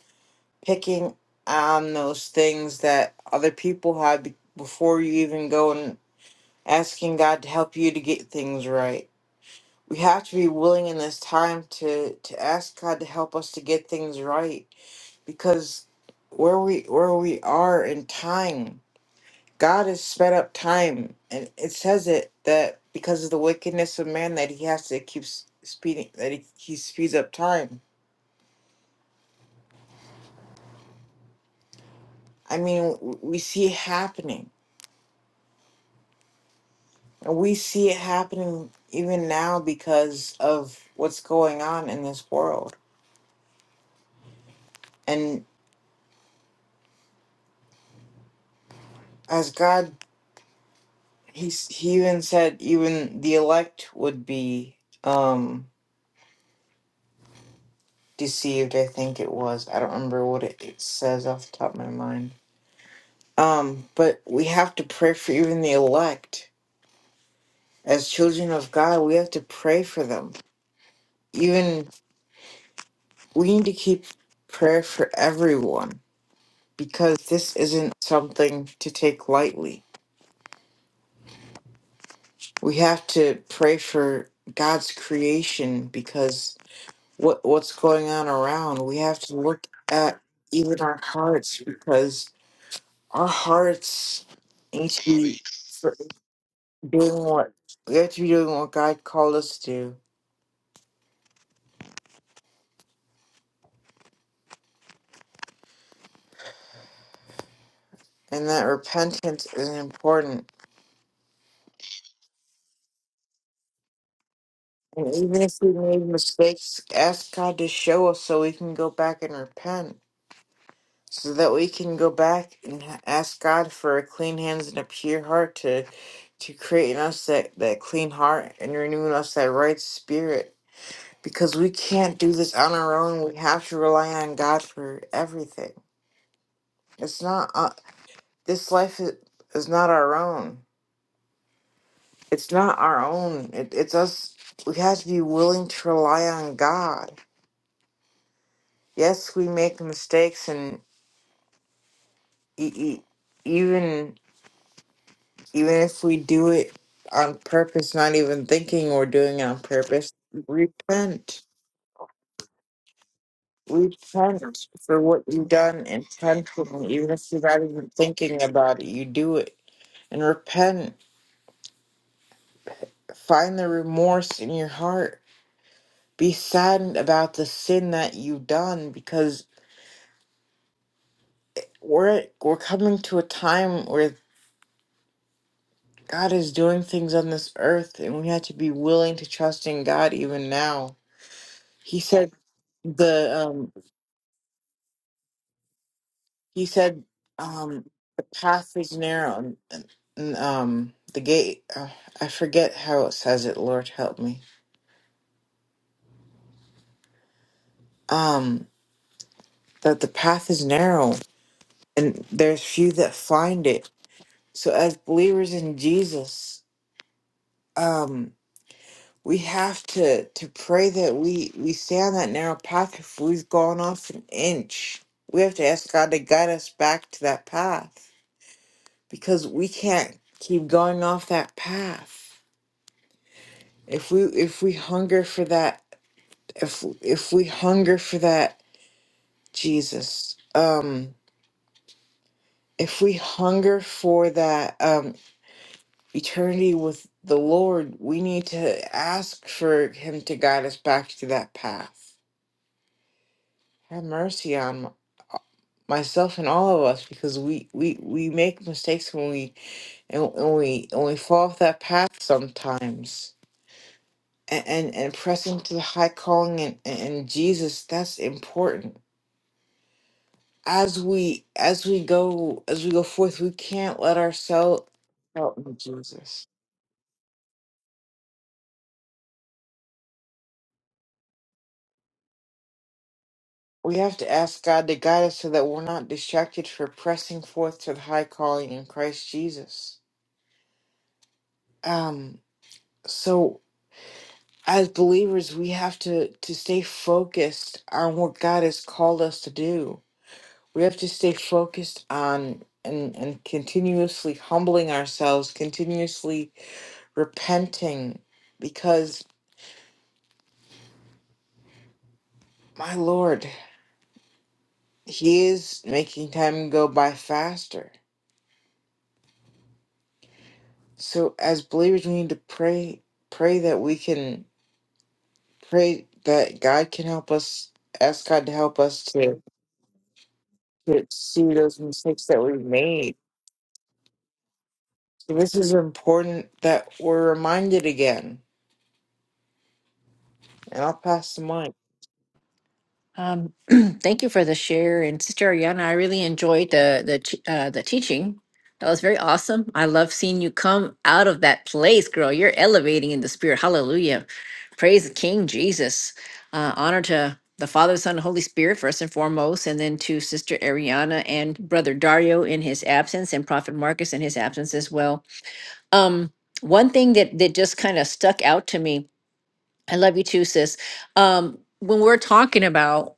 picking on those things that other people have be- before you even go and asking God to help you to get things right? We have to be willing in this time to to ask God to help us to get things right because where we where we are in time God has sped up time, and it says it that because of the wickedness of man, that He has to keep s- speeding, that He, he speeds up time. I mean, w- we see it happening, and we see it happening even now because of what's going on in this world. And as God, He's He even said even the elect would be um deceived. I think it was. I don't remember what it, it says off the top of my mind Um, but we have to pray for even the elect. As children of God, we have to pray for them. Even we need to keep prayer for everyone because this isn't something to take lightly. We have to pray for God's creation because what what's going on around, we have to look at even our hearts because our hearts need to be doing what we have to be doing what God called us to do and that repentance is important. And even if we made mistakes, ask God to show us so we can go back and repent, so that we can go back and h- ask God for a clean hands and a pure heart to to create in us that, that clean heart and renew in us that right spirit. Because we can't do this on our own. We have to rely on God for everything. It's not uh, this life is, is not our own. it's not our own. It, it's us. We have to be willing to rely on God. Yes, we make mistakes, and e- e- even even if we do it on purpose, not even thinking we're doing it on purpose, repent. Repent for what you've done intentionally, even if you're not even thinking about it. You do it and repent. Find the remorse in your heart. Be saddened about the sin that you've done we're we're coming to a time where God is doing things on this earth, and we have to be willing to trust in God even now. He said the um he said um the path is narrow and, and, um the gate uh, I forget how it says it. Lord help me. Um that the path is narrow and there's few that find it. So as believers in Jesus, um. we have to to pray that we we stay on that narrow path if we've gone off an inch we have to ask god to guide us back to that path because we can't keep going off that path if we if we hunger for that if if we hunger for that jesus um if we hunger for that um eternity with the lord we need to ask for him to guide us back to that path have mercy on myself and all of us because we we we make mistakes when we and, and we and we fall off that path sometimes and and, and pressing to the high calling and, and and jesus that's important as we as we go as we go forth we can't let ourselves out in jesus we have to ask god to guide us so that we're not distracted for pressing forth to the high calling in christ jesus um so as believers we have to to stay focused on what god has called us to do we have to stay focused on and and continuously humbling ourselves continuously repenting because my lord he is making time go by faster so as believers we need to pray pray that we can pray that god can help us ask god to help us to to see those mistakes that we've made This is important that we're reminded again. And I'll pass the mic. Um, thank you for the share, and Sister Ariana. I really enjoyed the the ch- uh, the teaching. That was very awesome. I love seeing you come out of that place, girl. You're elevating in the spirit. Hallelujah! Praise the King Jesus. Uh, honor to the Father, Son, and Holy Spirit first and foremost, and then to Sister Ariana and Brother Dario in his absence, and Prophet Marcus in his absence as well. Um, one thing that that just kind of stuck out to me I love you too, sis. Um, when we're talking about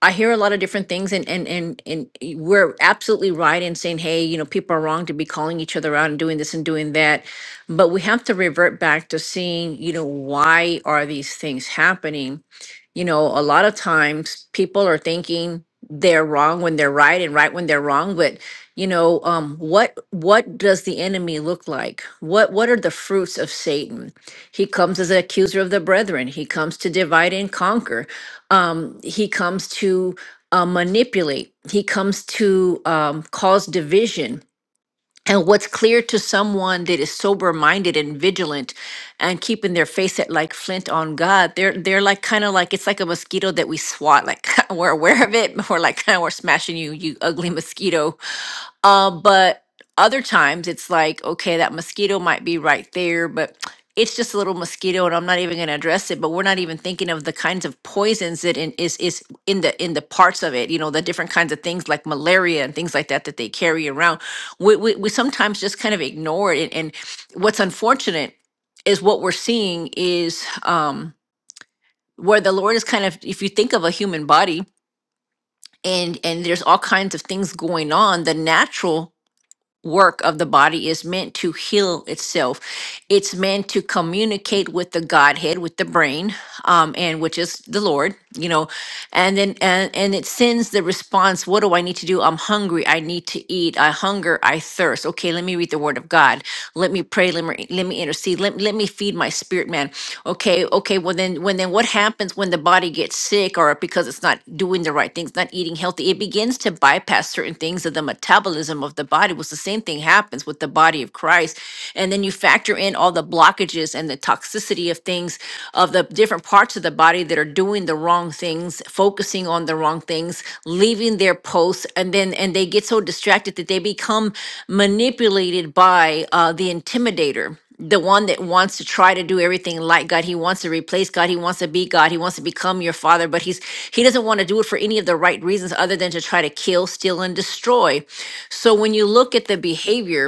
I hear a lot of different things and and and and y- we're absolutely right in saying, hey, you know, people are wrong to be calling each other out and doing this and doing that. But we have to revert back to seeing, you know, why are these things happening? You know, a lot of times people are thinking they're wrong when they're right and right when they're wrong, but you know, um, what what does the enemy look like? What what are the fruits of Satan? He comes as an accuser of the brethren. He comes to divide and conquer um, he comes to uh, manipulate, he comes to um, cause division. And what's clear to someone that is sober minded and vigilant and keeping their face at like flint on God, they're they're like kind of like it's like a mosquito that we swat, like we're aware of it, but we're like we're smashing you, you ugly mosquito uh, but other times it's like, okay, that mosquito might be right there, but it's just a little mosquito, and I'm not even going to address it. But we're not even thinking of the kinds of poisons that in, is is in the in the parts of it. You know, the different kinds of things like malaria and things like that that they carry around. We we, we sometimes just kind of ignore it. And, and what's unfortunate is what we're seeing is um, where the Lord is kind of, if you think of a human body, and and there's all kinds of things going on the natural work of the body is meant to heal itself. It's meant to communicate with the Godhead, with the brain, um, and which is the Lord, you know, and then and and it sends the response, what do I need to do? I'm hungry, I need to eat, I hunger, I thirst. Okay, let me read the word of God. Let me pray. Let me let me intercede. Let, let me feed my spirit man. Okay, okay. Well then when then what happens when the body gets sick or because it's not doing the right things, not eating healthy, it begins to bypass certain things of the metabolism of the body. Was the same thing happens with the body of Christ. And then you factor in all the blockages and the toxicity of things of the different parts of the body that are doing the wrong thing things, focusing on the wrong things, leaving their posts, and then and they get so distracted that they become manipulated by uh, the intimidator. The one that wants to try to do everything like God, he wants to replace God, he wants to be God, he wants to become your father, but he's he doesn't want to do it for any of the right reasons other than to try to kill, steal, and destroy. So when you look at the behavior,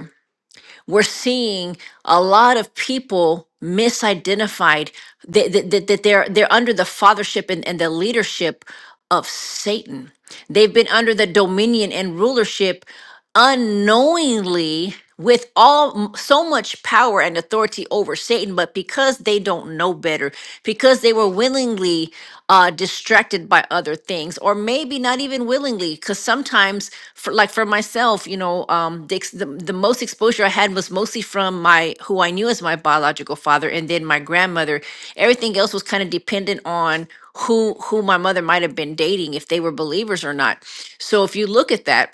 we're seeing a lot of people misidentified that, that, that, that they're they're under the fathership and, and the leadership of Satan. They've been under the dominion and rulership unknowingly with all so much power and authority over Satan, but because they don't know better, because they were willingly uh, distracted by other things, or maybe not even willingly, because sometimes, for, like for myself, you know, um, the, ex- the the most exposure I had was mostly from my who I knew as my biological father, and then my grandmother. Everything else was kind of dependent on who who my mother might have been dating, if they were believers or not. So if you look at that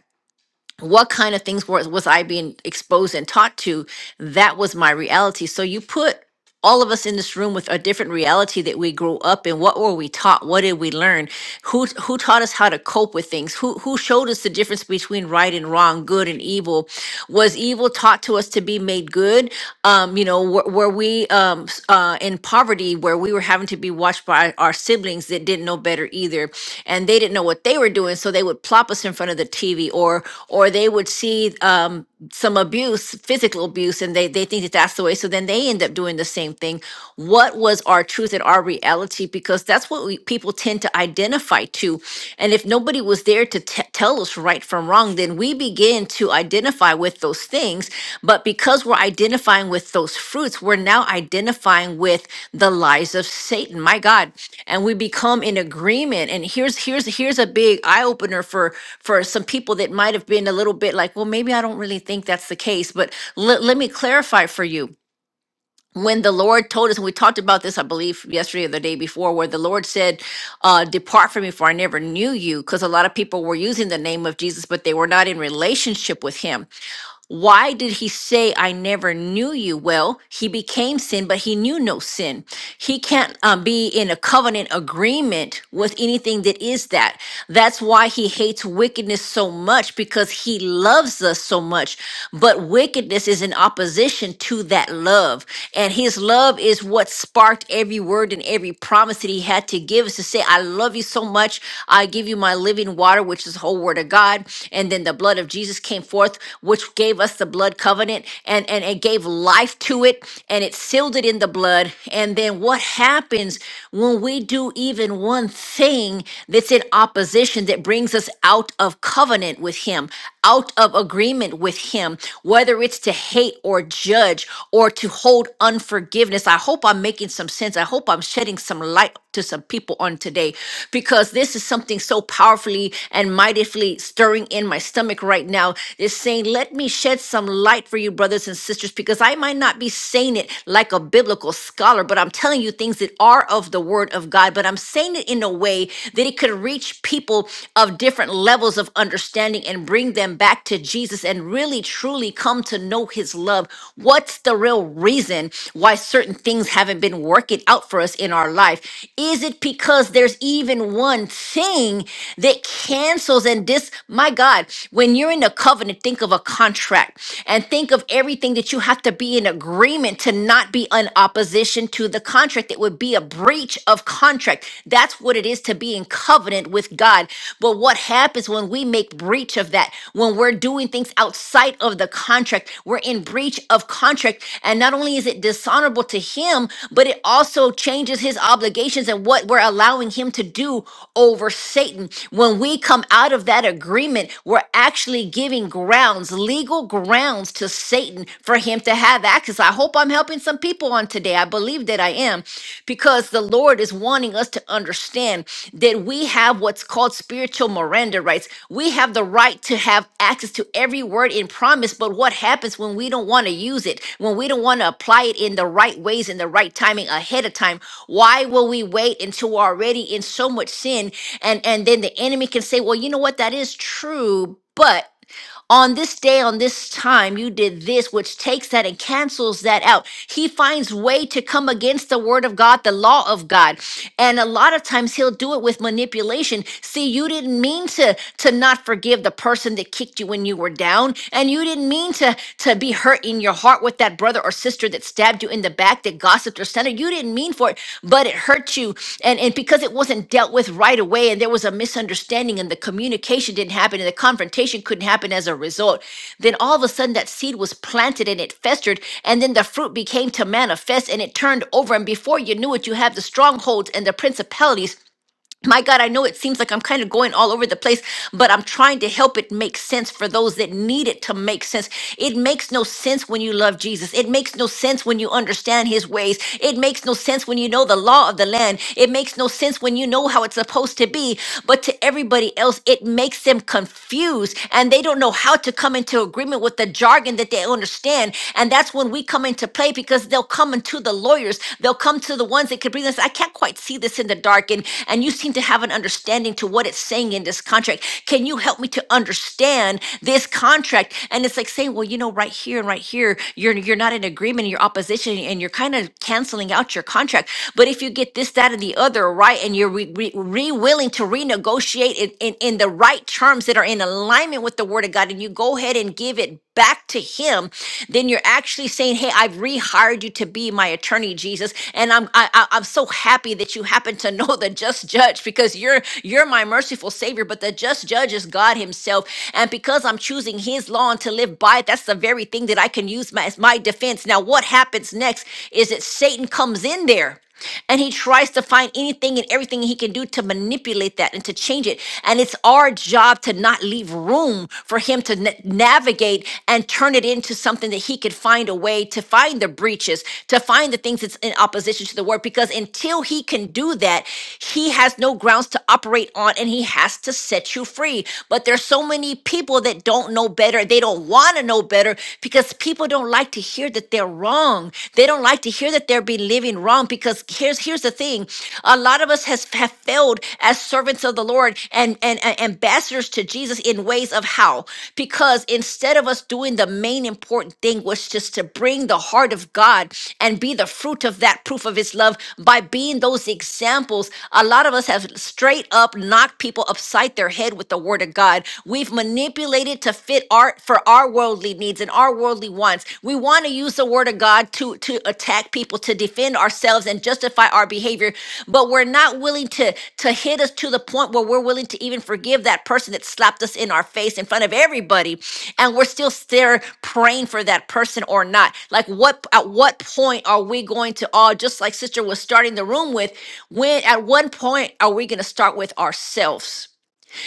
what kind of things was, was I being exposed and taught to? That was my reality. So you put all of us in this room with a different reality that we grew up in what were we taught what did we learn who who taught us how to cope with things who who showed us the difference between right and wrong good and evil was evil taught to us to be made good um you know were, were we um s- uh in poverty where we were having to be watched by our siblings that didn't know better either and they didn't know what they were doing so they would plop us in front of the tv or or they would see um some abuse, physical abuse, and they, they think that that's the way. So then they end up doing the same thing. What was our truth and our reality? Because that's what we, people tend to identify to. And if nobody was there to t- tell us right from wrong, then we begin to identify with those things. But because because we're identifying with those fruits, we're now identifying with the lies of Satan. My God, and we become in agreement. And here's here's here's a big eye opener for for some people that might have been a little bit like, well, maybe I don't really think that's the case. But let let me clarify for you. When the Lord told us, and we talked about this, I believe, yesterday or the day before, where the Lord said, uh, Depart from me, for I never knew you, because a lot of people were using the name of Jesus, but they were not in relationship with Him. Why did he say, I never knew you? Well, he became sin, but he knew no sin. He can't um, be in a covenant agreement with anything that is that. That's why he hates wickedness so much because he loves us so much. But wickedness is in opposition to that love. And his love is what sparked every word and every promise that he had to give us to say, I love you so much. I give you my living water, which is the whole word of God. And then the blood of Jesus came forth, which which gave us the blood covenant and, and it gave life to it and it sealed it in the blood. And then what happens when we do even one thing that's in opposition that brings us out of covenant with Him, out of agreement with Him, whether it's to hate or judge or to hold unforgiveness? I hope I'm making some sense. I hope I'm shedding some light to some people on today because this is something so powerfully and mightily stirring in my stomach right now. It's saying, saying, Let me shed some light for you, brothers and sisters, because I might not be saying it like a biblical scholar, but I'm telling you things that are of the word of God. But I'm saying it in a way that it could reach people of different levels of understanding and bring them back to Jesus and really truly come to know his love. What's the real reason why certain things haven't been working out for us in our life? Is it because there's even one thing that cancels and dis my God, when you're in a covenant? and think of a contract and think of everything that you have to be in agreement to not be in opposition to the contract. It would be a breach of contract. That's what it is to be in covenant with God. But what happens when we make breach of that? When we're doing things outside of the contract, we're in breach of contract. And not only is it dishonorable to Him, but it also changes His obligations and what we're allowing Him to do over Satan. When we come out of that agreement, we're actually giving giving grounds, legal grounds to Satan for him to have access. I hope I'm helping some people on today. I believe that I am because the Lord is wanting us to understand that we have what's called spiritual Miranda rights. We have the right to have access to every word in promise, but what happens when we don't want to use it, when we don't want to apply it in the right ways, in the right timing ahead of time? Why will we wait until we're already in so much sin? And and then the enemy can say, Well, you know what, that is true, but on this day, on this time, you did this, which takes that and cancels that out. He finds way to come against the word of God, the law of God. And a lot of times he'll do it with manipulation. See, you didn't mean to to not forgive the person that kicked you when you were down, and you didn't mean to to be hurt in your heart with that brother or sister that stabbed stabbed you in the back, that gossiped or slandered. You didn't mean for it, but it hurt you. And, and because it wasn't dealt with right away and there was a misunderstanding and the communication didn't happen and the confrontation couldn't happen as a result, then all of a sudden that seed was planted and it festered. And then the fruit became to manifest and it turned over. And before you knew it, you have the strongholds and the principalities my God, I know it seems like I'm kind of going all over the place, but I'm trying to help it make sense for those that need it to make sense. It makes no sense when you love Jesus. It makes no sense when you understand his ways. It makes no sense when you know the law of the land. It makes no sense when you know how it's supposed to be. But to everybody else, it makes them confused and they don't know how to come into agreement with the jargon that they understand. And that's when we come into play because they'll come into to the lawyers. They'll come to the ones that could bring this. I can't quite see this in the dark, and and you seem to have an understanding to what it's saying in this contract. Can you help me to understand this contract? And it's like saying, well, you know, right here and right here, you're you're not in agreement, you're opposition, and you're kind of canceling out your contract. But if you get this, that, and the other right, and you're re, re, re- willing to renegotiate it in, in the right terms that are in alignment with the Word of God, and you go ahead and give it back to him then you're actually saying hey i've rehired you to be my attorney jesus and i'm I, I, i'm so happy that you happen to know the just judge because you're you're my merciful savior but the just judge is god himself and because i'm choosing his law and to live by it that's the very thing that i can use my, as my defense now what happens next is that satan comes in there and he tries to find anything and everything he can do to manipulate that and to change it and it's our job to not leave room for him to na- navigate and turn it into something that he could find a way to find the breaches to find the things that's in opposition to the word because until he can do that he has no grounds to operate on and he has to set you free but there's so many people that don't know better they don't want to know better because people don't like to hear that they're wrong. They don't like to hear that they're believing wrong because here's here's the thing. A lot of us has have failed as servants of the Lord and, and, and ambassadors to Jesus in ways of how? Because instead of us doing the main important thing was just to bring the heart of God and be the fruit of that proof of his love by being those examples. A lot of us have straight up knocked people upside their head with the word of God. We've manipulated to fit fit our for our worldly needs and our worldly wants. We want to use the word of God to to attack people, to defend ourselves and justify our behavior, but we're not willing to to hit us to the point where we're willing to even forgive that person that slapped us in our face in front of everybody, and we're still there praying for that person or not. Like what at what point are we going to all just like sister was starting the room with, when at one point are we going to start with ourselves?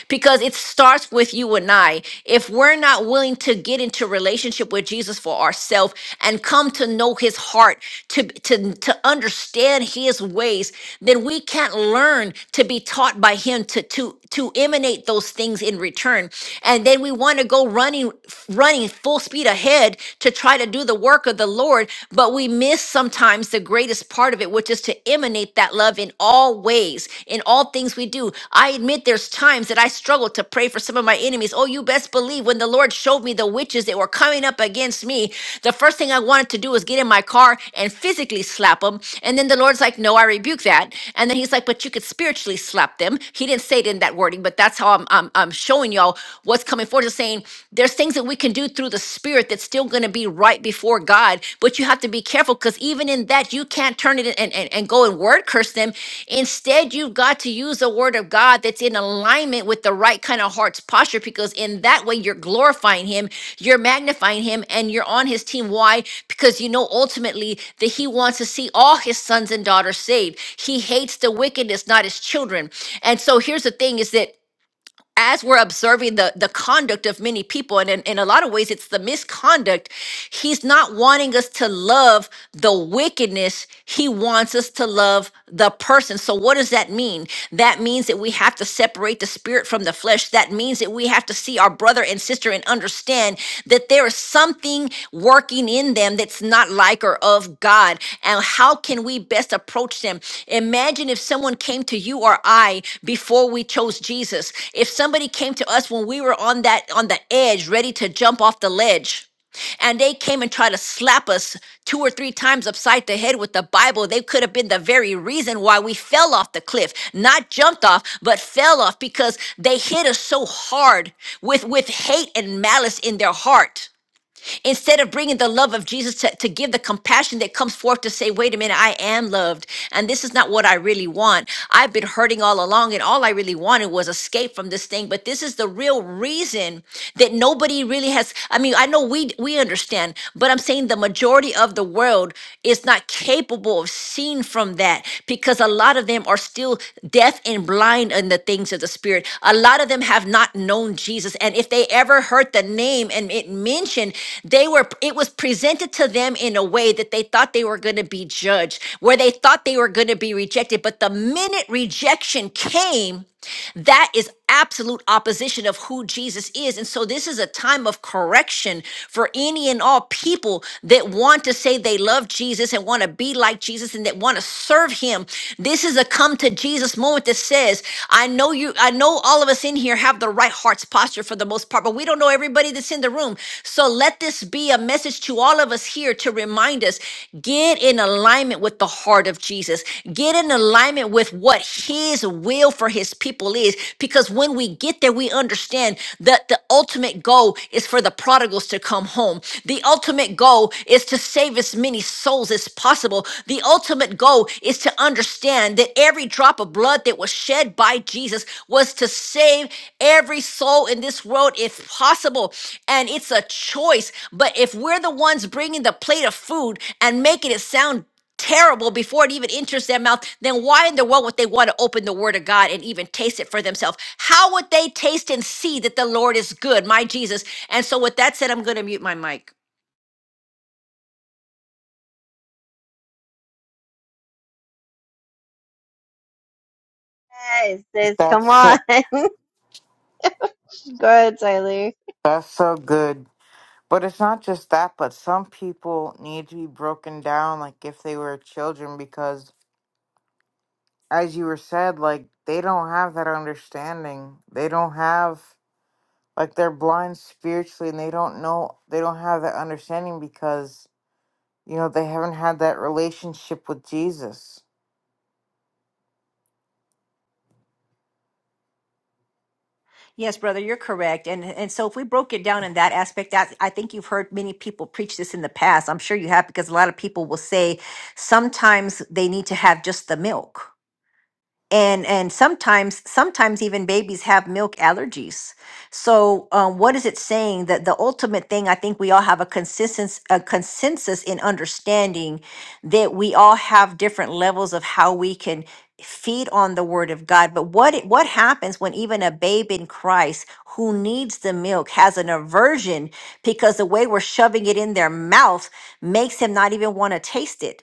because it starts with you and I. If we're not willing to get into relationship with Jesus for ourselves and come to know his heart, to, to, to understand his ways, then we can't learn to be taught by him to, to, to emanate those things in return. And then we want to go running, running full speed ahead to try to do the work of the Lord, but we miss sometimes the greatest part of it, which is to is to emanate that love in all ways, in all things we do. I admit there's times that I struggle to pray for some of my enemies. Oh, you best believe when the Lord showed me the witches that were coming up against me, the first thing I wanted to do was get in my car and physically slap them. And then the Lord's like, no, I rebuke that. And then he's like, but you could spiritually slap them. He didn't say it in that wording, but that's how I'm, I'm, I'm showing y'all what's coming forward. Is saying there's things that we can do through the spirit that's it's still going to be right before God. But you have to be careful because even in that, you can't turn it in and, and, and go and word curse them. Instead, you've got to use the word of God that's in alignment with the right kind of heart's posture because in that way, you're glorifying Him, you're magnifying Him, and you're on His team. Why? Because you know ultimately that He wants to see all His sons and daughters saved. He hates the wickedness, not His children. And so here's the thing is that as we're observing the the conduct of many people and in, in a lot of ways it's the misconduct he's not wanting us to love the wickedness he wants us to love the person so what does that mean that means that we have to separate the spirit from the flesh that means that we have to see our brother and and sister and understand that there is something working in them that's not like or of God. And how can we best approach them? Imagine if someone came to you or I before we chose Jesus. If somebody came to us when we were on that on the edge, ready to jump off the ledge and they came and tried to slap us two or three times upside the head with the Bible. They could have been the very reason why we fell off the cliff, not jumped off, but fell off because they hit us so hard with, with hate and malice in their heart instead of bringing the love of Jesus to, to give the compassion that comes forth to say, wait a minute, I am loved. And this is not what I really want. I've been hurting all along, and all I really wanted was escape from this thing. But this is the real reason that nobody really has. I mean, I know we we understand, but I'm saying the majority of the world is not capable of seeing from that because a lot of them are still deaf and blind mind and the things of the spirit. A lot of them have not known Jesus. And if they ever heard the name and it mentioned, they were it was presented to them in a way that they thought they were going to be judged, where they thought they were going to be rejected. But the minute rejection came, that is absolute opposition of who Jesus is. And so this is a time of correction for any and all people that want to say they love Jesus and want to be like Jesus and that want to serve him. This is a come to Jesus moment that says, I know you, I know all of us in here have the right heart's posture for the most part, but we don't know everybody that's in the room. So let this be a message to all of us here to remind us, get in alignment with the heart of Jesus. Get in alignment alignment with what his will for his people is. Because when we get there, we understand that the ultimate goal is for the prodigals to come home. The ultimate goal is to save as many souls as possible. The ultimate goal is to understand that every drop of blood that was shed by Jesus was to save every soul in this world if possible. And it's a choice. But if we're the ones bringing the plate of food and making it sound terrible before it even enters their mouth, then why in the world would they want to open the Word of God and even taste it for themselves? How would they taste and see that the Lord is good, my Jesus? And so, with that said, I'm going to mute my mic. Yes, sis, come That's on. so Go ahead, Tyler. that's so good. But it's not just that, but some people need to be broken down like if they were children because as you were said, like they don't have that understanding. They don't have like they're blind spiritually and they don't know they don't have that understanding because you know they haven't had that relationship with Jesus. Yes, brother, you're correct. And and so if we broke it down in that aspect, I, I think you've heard many people preach this in the past. I'm sure you have because a lot of people will say sometimes they need to have just the milk. and and sometimes sometimes even babies have milk allergies so um, what is it saying that the ultimate thing i think we all have a consensus a consensus in understanding that we all have different levels of how we can feed on the word of god but what it- what happens when even a babe in christ who needs the milk has an aversion because the way we're shoving it in their mouth makes him not even want to taste it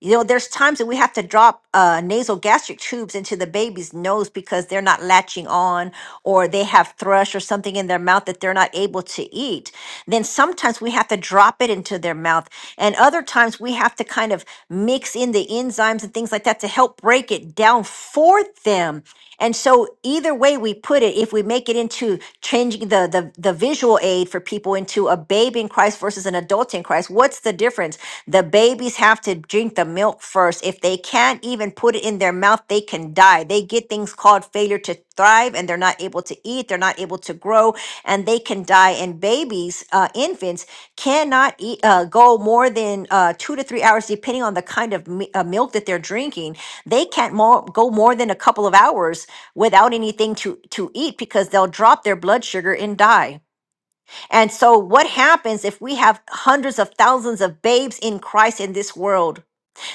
you know, there's times that we have to drop uh, nasal gastric tubes into the baby's nose because they're not latching on or they have thrush or something in their mouth that they're not able to eat. Then sometimes we have to drop it into their mouth. And other times we have to kind of mix in the enzymes and things like that to help break it down for them. And so either way we put it, if we make it into changing the, the the visual aid for people into a baby in Christ versus an adult in Christ, what's the difference? The babies have to drink the milk first. If they can't even put it in their mouth, they can die. They get things called failure to thrive and they're not able to eat, they're not able to grow, and they can die. And babies, uh, infants, cannot eat, uh, go more than uh, two to three hours, depending on the kind of mi- uh, milk that they're drinking they can't more, go more than a couple of hours without anything to, to eat because they'll drop their blood sugar and die. And so, what happens if we have hundreds of thousands of babes in Christ in this world?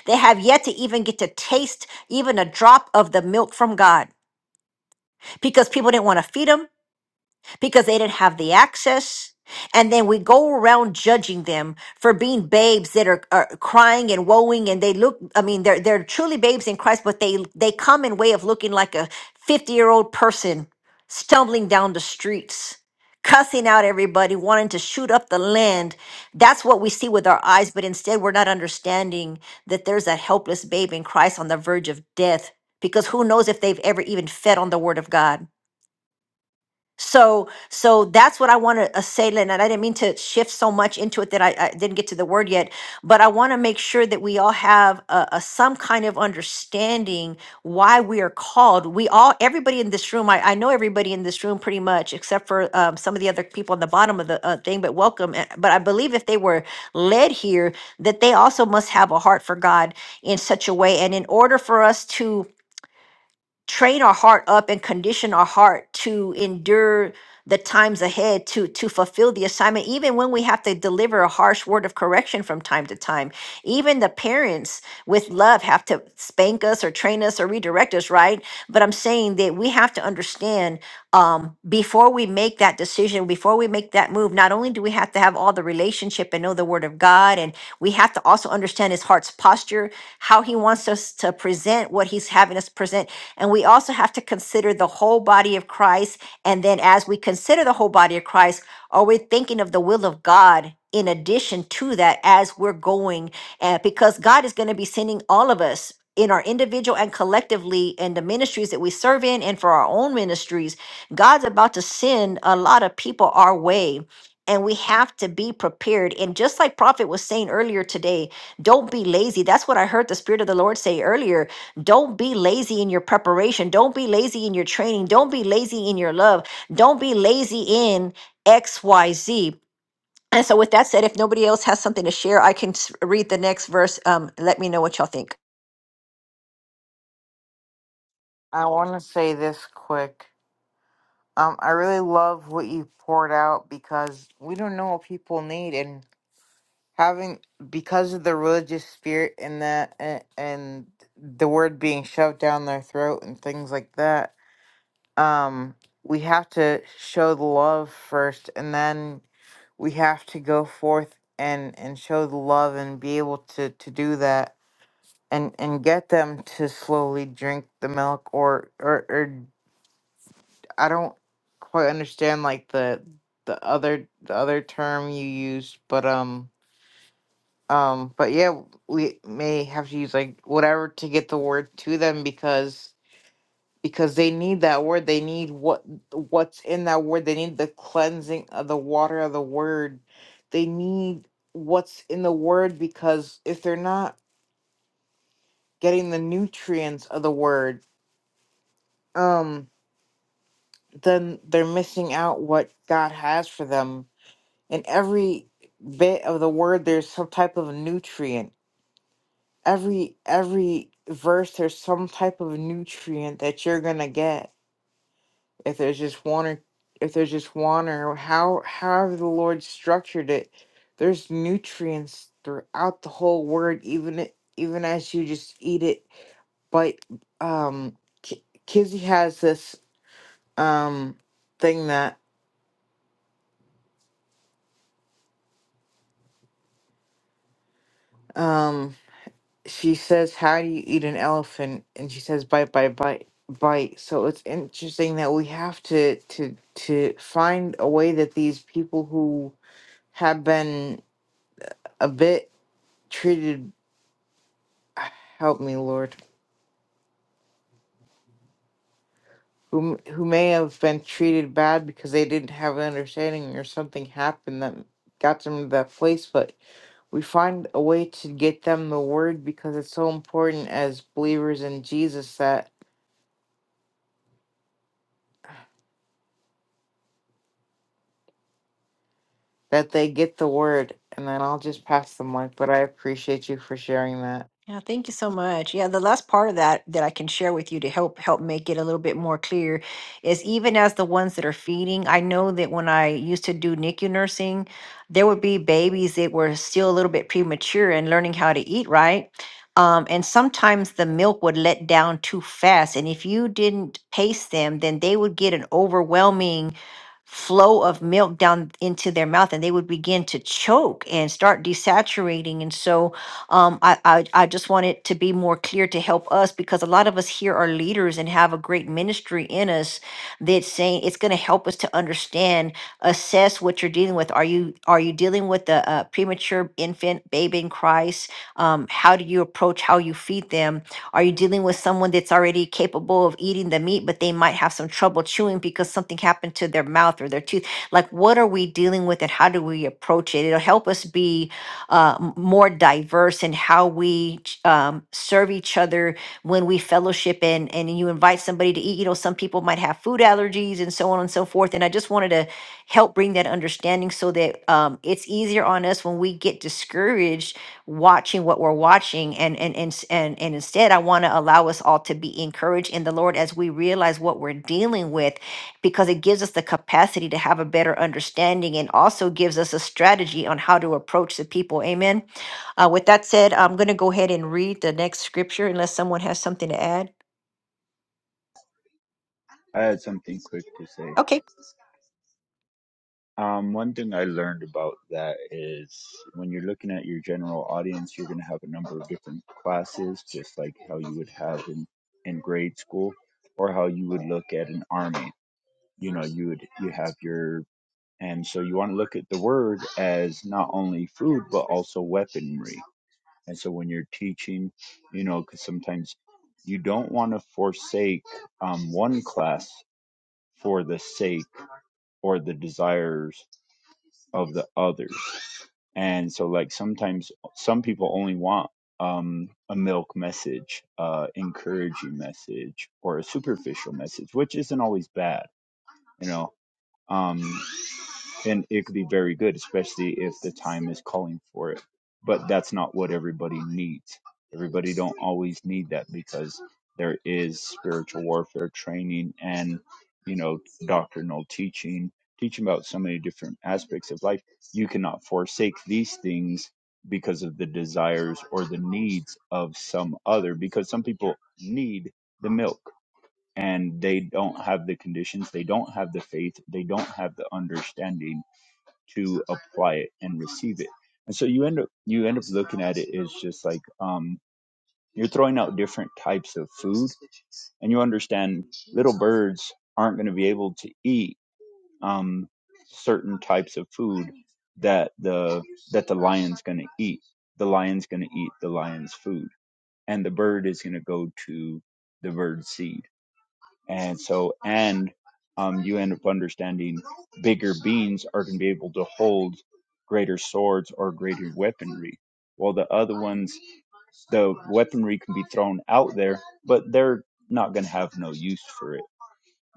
They have yet to even get to taste even a drop of the milk from God because people didn't want to feed them because they didn't have the access. And then we go around judging them for being babes that are, are crying and woeing, and they look. I mean, they're they're truly babes in Christ, but they they come in way of looking like a fifty year old person stumbling down the streets, cussing out everybody, wanting to shoot up the land. That's what we see with our eyes, but instead we're not understanding that there's that helpless babe in Christ on the verge of death, because who knows if they've ever even fed on the Word of God so, so that's what I want to uh, say, Lynn. And I didn't mean to shift so much into it that I, I didn't get to the word yet, but I want to make sure that we all have a, a some kind of understanding why we are called. We all, everybody in this room, I, I know everybody in this room pretty much, except for um, some of the other people on the bottom of the uh, thing. But welcome. uh, But I believe if they were led here, that they also must have a heart for God in such a way. And in order for us to train our heart up and condition our heart to endure the times ahead to to fulfill the assignment even when we have to deliver a harsh word of correction from time to time even the parents with love have to spank us or train us or redirect us right but i'm saying that we have to understand um, before we make that decision before we make that move not only do we have to have all the relationship and know the word of god and we have to also understand his heart's posture how he wants us to present what he's having us present and we also have to consider the whole body of Christ. And then as we consider the whole body of Christ, are we thinking of the will of God? In addition to that, as we're going, uh, because God is going to be sending all of us in our individual and collectively in the ministries that we serve in and for our own ministries, God's about to send a lot of people our way. And we have to be prepared. And just like Prophet was saying earlier today, don't be lazy. That's what I heard the Spirit of the Lord say earlier don't be lazy in your preparation. Don't be lazy in your training. Don't be lazy in your love. Don't be lazy in XYZ. And so, with that said, if nobody else has something to share, I can s- read the next verse. Um, let me know what y'all think. I want to say this quick. Um, I really love what you poured out because we don't know what people need, and having because of the religious spirit and that and, and the word being shoved down their throat and things like that. Um, we have to show the love first, and then we have to go forth and and show the love and be able to to do that and and get them to slowly drink the milk or or or. I don't quite understand like the the other the other term you used, but um um but yeah, we may have to use like whatever to get the word to them because because they need that word. They need what what's in that word. They need the cleansing of the water of the word. They need what's in the word because if they're not getting the nutrients of the word, um then they're missing out what God has for them in every bit of the word there's some type of nutrient every every verse there's some type of nutrient that you're gonna get if there's just one or if there's just one or how however the lord structured it there's nutrients throughout the whole word even it even as you just eat it but um Ki- kizzy has this um thing that um she says, How do you eat an elephant? And she says, Bite, bite, bite, bite. So it's interesting that we have to to to find a way that these people who have been a bit treated help me, Lord. Who, who may have been treated bad because they didn't have an understanding or something happened that got them to that place, but we find a way to get them the word because it's so important as believers in Jesus that. that they get the word and then I'll just pass the mic. But I appreciate you for sharing that. Yeah, thank you so much. Yeah, the last part of that that I can share with you to help help make it a little bit more clear is even as the ones that are feeding, I know that when I used to do NICU nursing, there would be babies that were still a little bit premature and learning how to eat right. Um, and sometimes the milk would let down too fast. And if you didn't pace them, then they would get an overwhelming flow of milk down into their mouth and they would begin to choke and start desaturating. And so um, I, I I just want it to be more clear to help us because a lot of us here are leaders and have a great ministry in us that's saying it's going to help us to understand, assess what you're dealing with. Are you are you dealing with a, a premature infant, baby in Christ? Um, how do you approach how you feed them? Are you dealing with someone that's already capable of eating the meat, but they might have some trouble chewing because something happened to their mouth or their tooth? Like, what are we dealing with and how do we approach it? It'll help us be uh, more diverse in how we ch- um, serve each other when we fellowship and and you invite somebody to eat. You know, some people might have food allergies and so on and so forth. And I just wanted to help bring that understanding so that um, it's easier on us when we get discouraged watching what we're watching and and and s- and, and instead i want to allow us all to be encouraged in the lord as we realize what we're dealing with because it gives us the capacity to have a better understanding and also gives us a strategy on how to approach the people. Amen. Uh, with that said, I'm going to go ahead and read the next scripture unless someone has something to add. I had something quick to say. Okay, Um, one thing I learned about that is when you're looking at your general audience, you're going to have a number of different classes, just like how you would have in, in grade school or how you would look at an army. You know, you would, you have your, and so you want to look at the word as not only food, but also weaponry. And so when you're teaching, you know, because sometimes you don't want to forsake um, one class for the sake or the desires of the others. And so, like, sometimes some people only want um, a milk message, uh, encouraging message, or a superficial message, which isn't always bad, you know. Um, and it could be very good, especially if the time is calling for it. But that's not what everybody needs. Everybody don't always need that because there is spiritual warfare training and you know doctrinal teaching, teaching about so many different aspects of life. You cannot forsake these things because of the desires or the needs of some other because some people need the milk and they don't have the conditions they don't have the faith they don't have the understanding to apply it and receive it. And so you end up you end up looking at it as just like um, you're throwing out different types of food, and you understand little birds aren't going to be able to eat um, certain types of food that the that the lion's going to eat. The lion's going to eat the lion's food, and the bird is going to go to the bird's seed and so, and um, you end up understanding bigger beings are going to be able to hold greater swords or greater weaponry. While the other ones, the weaponry can be thrown out there, but they're not going to have no use for it.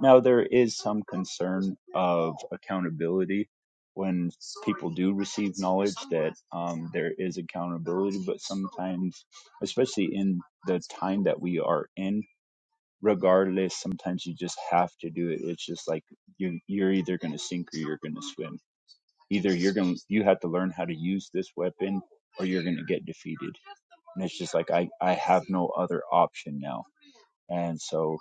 Now, there is some concern of accountability when people do receive knowledge that um, there is accountability, but sometimes, especially in the time that we are in, regardless sometimes you just have to do it it's just like you you're either going to sink or you're going to swim either you're going to you have to learn how to use this weapon or you're going to get defeated and it's just like i i have no other option now and so,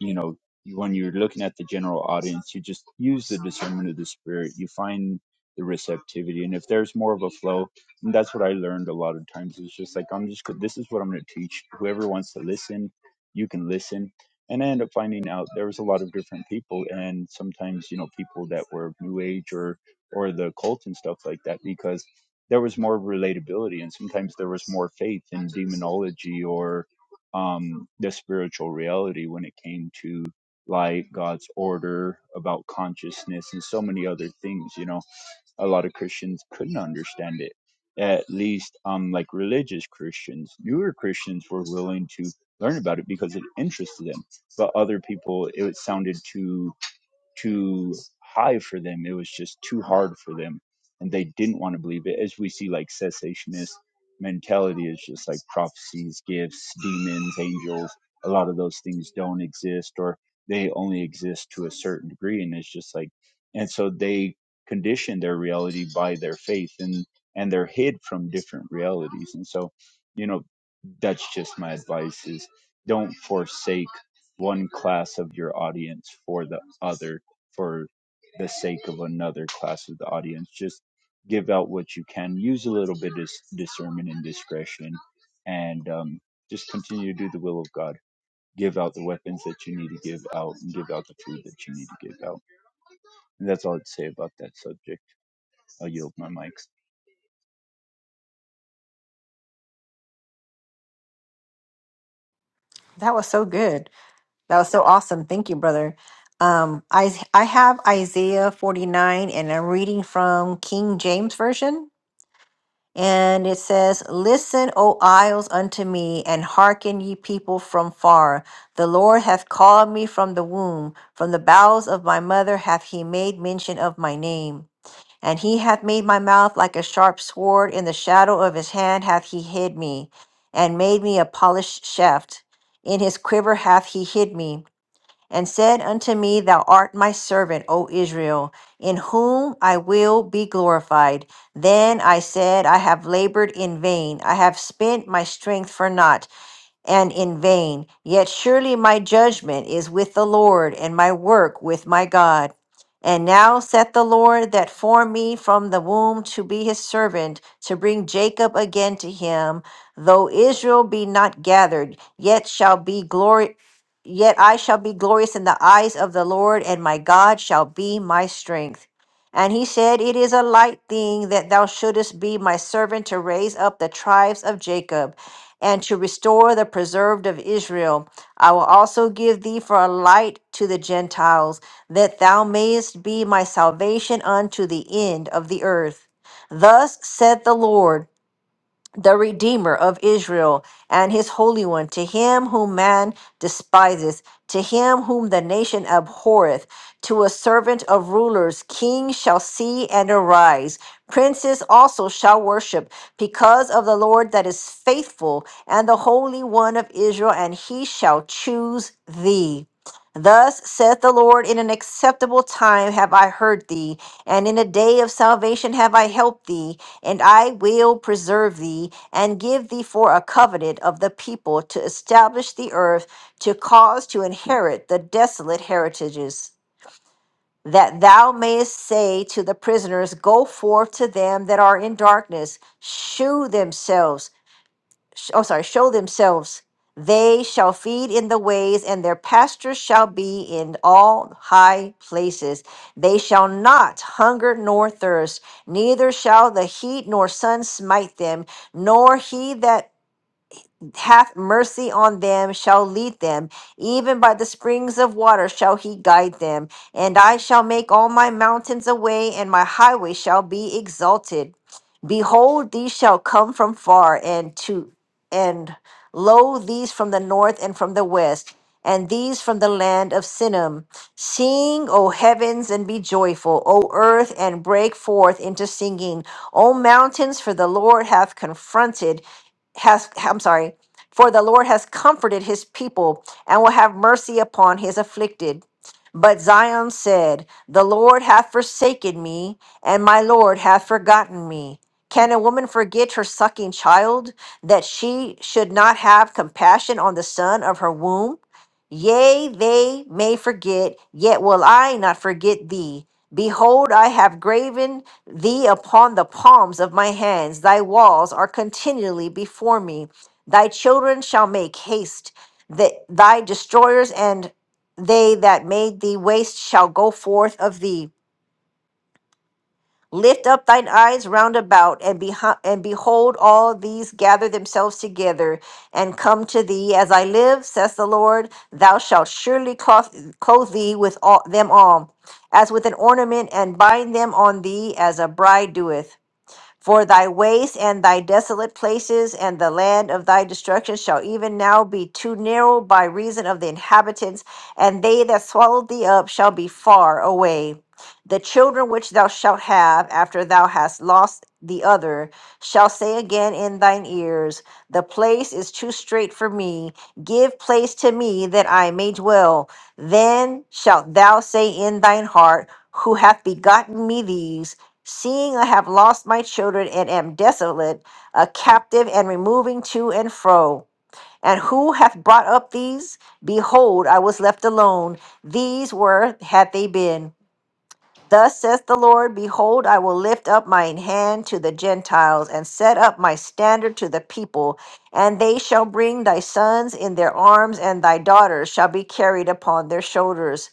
you know, when you're looking at the general audience, you just use the discernment of the spirit. You find the receptivity, and if there's more of a flow, and that's what I learned a lot of times. It's just like I'm just this is what I'm going to teach. Whoever wants to listen, you can listen. And I end up finding out there was a lot of different people, and sometimes you know people that were New Age or or the cult and stuff like that because there was more relatability, and sometimes there was more faith in demonology or um, the spiritual reality when it came to light, God's order, about consciousness, and so many other things. You know, a lot of Christians couldn't understand it. At least, um, like religious Christians, newer Christians were willing to learn about it because it interested them. But other people, it sounded too too high for them. It was just too hard for them, and they didn't want to believe it. As we see, like cessationist mentality is just like prophecies, gifts, demons, angels. A lot of those things don't exist, or they only exist to a certain degree, and it's just like, and so they condition their reality by their faith, and and they're hid from different realities, and so. You know, that's just my advice is don't forsake one class of your audience for the other for the sake of another class of the audience just give out what you can use a little bit of discernment and discretion and um, just continue to do the will of god give out the weapons that you need to give out and give out the food that you need to give out and that's all i'd say about that subject i'll yield my mics that was so good. That was so awesome. Thank you, brother. Um, I I have Isaiah 49, and I'm reading from King James version. And it says, Listen, O isles, unto me, and hearken, ye people from far. The Lord hath called me from the womb, from the bowels of my mother hath he made mention of my name. And he hath made my mouth like a sharp sword, in the shadow of his hand hath he hid me, and made me a polished shaft. In his quiver hath he hid me and said unto me, Thou art my servant, O Israel, in whom I will be glorified. Then I said, I have labored in vain, I have spent my strength for naught and in vain. Yet surely my judgment is with the Lord, and my work with my God. And now saith the Lord that formed me from the womb to be his servant, to bring Jacob again to him. Though Israel be not gathered, yet shall be glory. Yet I shall be glorious in the eyes of the Lord, and my God shall be my strength. And he said, It is a light thing that thou shouldest be my servant to raise up the tribes of Jacob and to restore the preserved of Israel. I will also give thee for a light to the Gentiles, that thou mayest be my salvation unto the end of the earth. Thus said the Lord the Redeemer of Israel and his Holy One, to him whom man despiseth, to him whom the nation abhorreth, to a servant of rulers, kings shall see and arise. Princes also shall worship, because of the Lord that is faithful, and the Holy One of Israel, and he shall choose thee. Thus saith the Lord, in an acceptable time have I heard thee, and in a day of salvation have I helped thee. And I will preserve thee and give thee for a covenant of the people to establish the earth, to cause to inherit the desolate heritages, that thou mayest say to the prisoners, Go forth to them that are in darkness, shew themselves sh- oh sorry show themselves they shall feed in the ways and their pastures shall be in all high places they shall not hunger nor thirst neither shall the heat nor sun smite them nor he that hath mercy on them shall lead them even by the springs of water shall he guide them and i shall make all my mountains a way and my highway shall be exalted behold these shall come from far and to and lo these from the north and from the west and these from the land of sinim sing o heavens and be joyful o earth and break forth into singing o mountains for the lord hath confronted has I'm sorry for the Lord has comforted his people and will have mercy upon his afflicted. But Zion said, The Lord hath forsaken me, and my Lord hath forgotten me. Can a woman forget her sucking child, that she should not have compassion on the son of her womb? Yea, they may forget, yet will I not forget thee. Behold, I have graven thee upon the palms of my hands. Thy walls are continually before me. Thy children shall make haste, that thy destroyers and they that made thee waste shall go forth of thee. Lift up thine eyes round about, and, beho- and behold, all these gather themselves together and come to thee. As I live, says the Lord, thou shalt surely cloth- clothe thee with all, them all, as with an ornament, and bind them on thee as a bride doeth. For thy waste and thy desolate places and the land of thy destruction shall even now be too narrow by reason of the inhabitants, and they that swallowed thee up shall be far away. The children which thou shalt have after thou hast lost the other shall say again in thine ears, The place is too strait for me. Give place to me that I may dwell. Then shalt thou say in thine heart, Who hath begotten me these? Seeing I have lost my children and am desolate, a captive and removing to and fro. And who hath brought up these? Behold, I was left alone. These were, had they been. Thus saith the Lord, Behold, I will lift up mine hand to the Gentiles, and set up my standard to the people, and they shall bring thy sons in their arms, and thy daughters shall be carried upon their shoulders,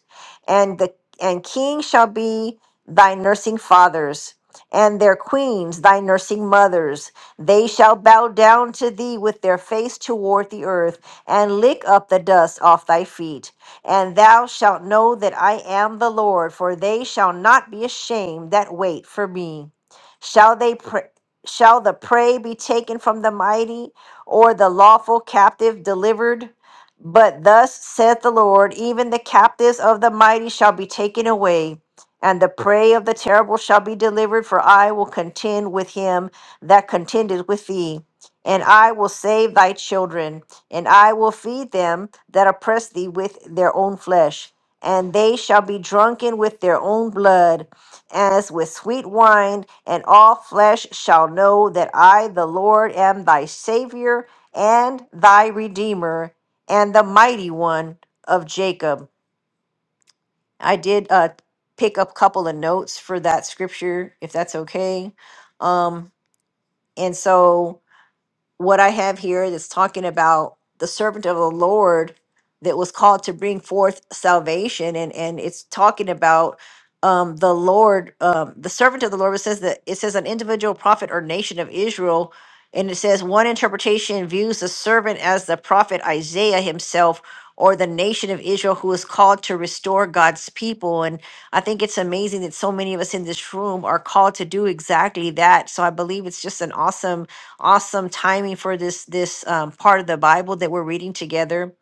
and the and kings shall be thy nursing fathers, and their queens thy nursing mothers. They shall bow down to thee with their face toward the earth, and lick up the dust off thy feet. And thou shalt know that I am the Lord, for they shall not be ashamed that wait for me. Shall they pray? Shall the prey be taken from the mighty, or the lawful captive delivered? But thus saith the Lord, even the captives of the mighty shall be taken away, and the prey of the terrible shall be delivered, for I will contend with him that contendeth with thee, and I will save thy children and I will feed them that oppress thee with their own flesh, and they shall be drunken with their own blood, as with sweet wine, and all flesh shall know that I, the Lord, am thy Savior and thy Redeemer and the Mighty One of Jacob. I did uh, pick up a couple of notes for that scripture, if that's okay. Um, and so what I have here that's talking about the servant of the Lord that was called to bring forth salvation, and and it's talking about um, the Lord, um, the servant of the Lord. It says that it says an individual prophet or nation of Israel, and it says one interpretation views the servant as the prophet Isaiah himself. Or the nation of Israel, who is called to restore God's people. And I think it's amazing that so many of us in this room are called to do exactly that. So I believe it's just an awesome awesome timing for this this um, part of the Bible that we're reading together.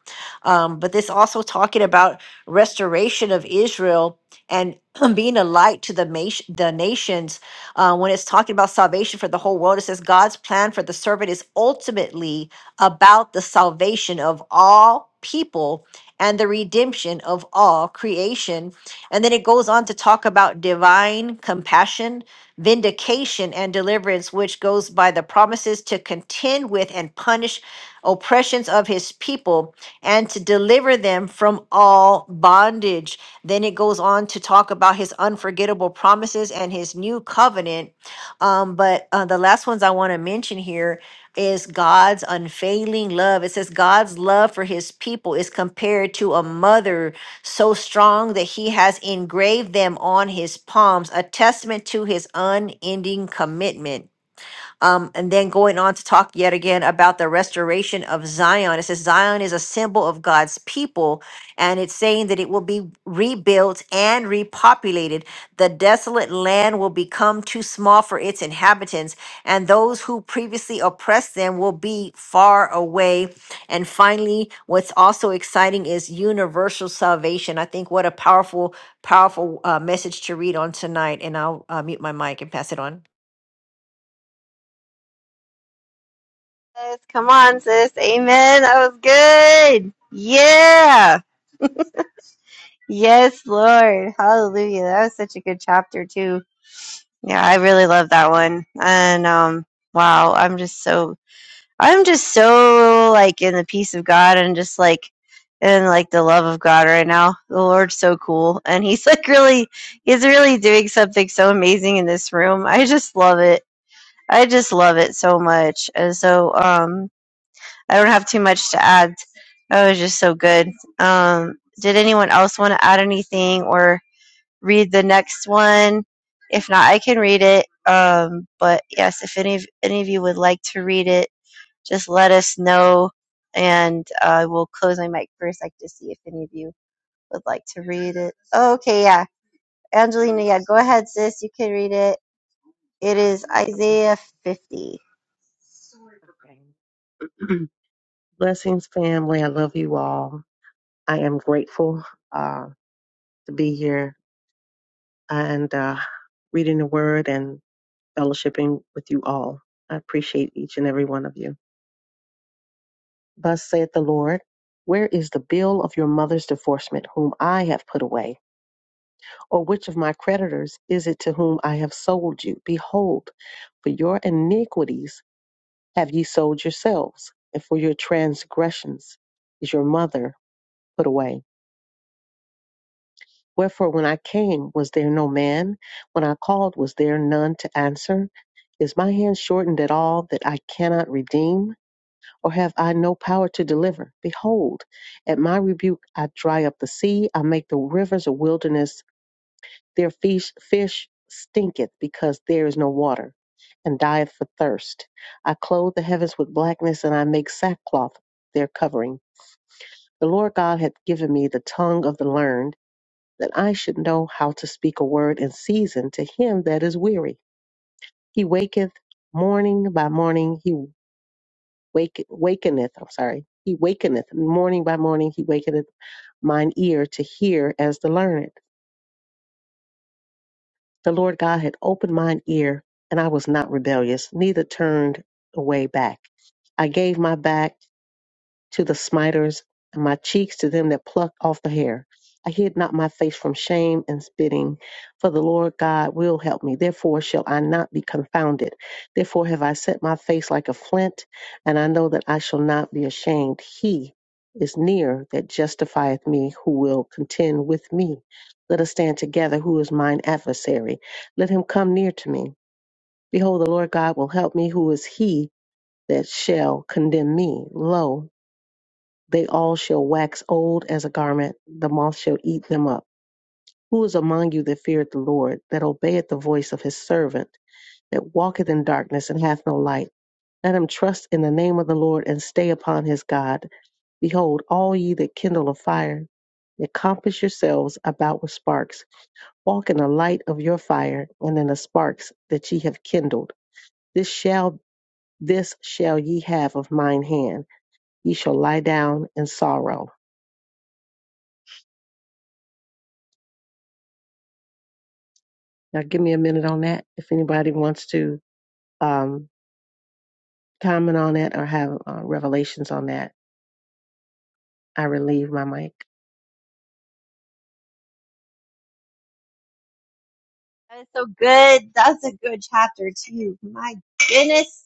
Um, but this also talking about restoration of Israel and being a light to the nation, the nations. Uh, when it's talking about salvation for the whole world, it says God's plan for the servant is ultimately about the salvation of all people and the redemption of all creation. And then it goes on to talk about divine compassion vindication and deliverance, which goes by the promises to contend with and punish oppressions of his people and to deliver them from all bondage. Then it goes on to talk about his unforgettable promises and his new covenant. Um, but uh, the last ones I want to mention here is God's unfailing love. It says God's love for his people is compared to a mother so strong that he has engraved them on his palms, a testament to his unending commitment. Um, and then going on to talk yet again about the restoration of Zion. It says Zion is a symbol of God's people, and it's saying that it will be rebuilt and repopulated. The desolate land will become too small for its inhabitants, and those who previously oppressed them will be far away. And finally, what's also exciting is universal salvation. I think what a powerful, powerful uh, message to read on tonight. And I'll uh, mute my mic and pass it on. Sis, come on, sis. Amen. That was good. Yeah. Yes, Lord. Hallelujah. That was such a good chapter, too. Yeah, I really love that one. And um wow, I'm just so I'm just so like in the peace of God and just like in like the love of God right now. The Lord's so cool and he's like really he's really doing something so amazing in this room. I just love it. I just love it so much. And so um I don't have too much to add. That was just so good. Um did anyone else want to add anything or read the next one. If not, I can read it. Um, but yes, if any of, any of you would like to read it, just let us know, and I uh, will close my mic for a sec to see if any of you would like to read it. Oh, okay, yeah, Angelina, yeah, go ahead, sis. You can read it. It is Okay. Isaiah 50. Okay. Blessings, family. I love you all. I am grateful uh, to be here and uh, reading the word and fellowshipping with you all. I appreciate each and every one of you. Thus saith the Lord Where is the bill of your mother's divorcement, whom I have put away? Or which of my creditors is it to whom I have sold you? Behold, for your iniquities have ye sold yourselves, and for your transgressions is your mother put away. Wherefore, when I came, was there no man? When I called, was there none to answer? Is my hand shortened at all that I cannot redeem? Or have I no power to deliver? Behold, at my rebuke I dry up the sea, I make the rivers a wilderness. Their fish, fish stinketh because there is no water, and dieth for thirst. I clothe the heavens with blackness, and I make sackcloth their covering. The Lord God hath given me the tongue of the learned that I should know how to speak a word in season to him that is weary. He waketh morning by morning, he wake, wakeneth, I'm sorry, he wakeneth morning by morning, he wakeneth mine ear to hear as the learned. The Lord God had opened mine ear, and I was not rebellious, neither turned away back. I gave my back to the smiters, and my cheeks to them that pluck off the hair. I hid not my face from shame and spitting, for the Lord God will help me. Therefore shall I not be confounded. Therefore have I set my face like a flint, and I know that I shall not be ashamed. He is near that justifieth me, who will contend with me. Let us stand together, who is mine adversary. Let him come near to me. Behold, the Lord God will help me, who is he that shall condemn me. Lo, they all shall wax old as a garment, the moth shall eat them up. Who is among you that feareth the Lord, that obeyeth the voice of his servant, that walketh in darkness and hath no light? Let him trust in the name of the Lord and stay upon his God. Behold, all ye that kindle a fire, accomplish yourselves about with sparks. Walk in the light of your fire and in the sparks that ye have kindled. This shall this shall ye have of mine hand. Ye shall lie down in sorrow Now, give me a minute on that. If anybody wants to um, comment on that or have uh, revelations on that, I relieve my mic. That is so good. That's a good chapter too. My goodness.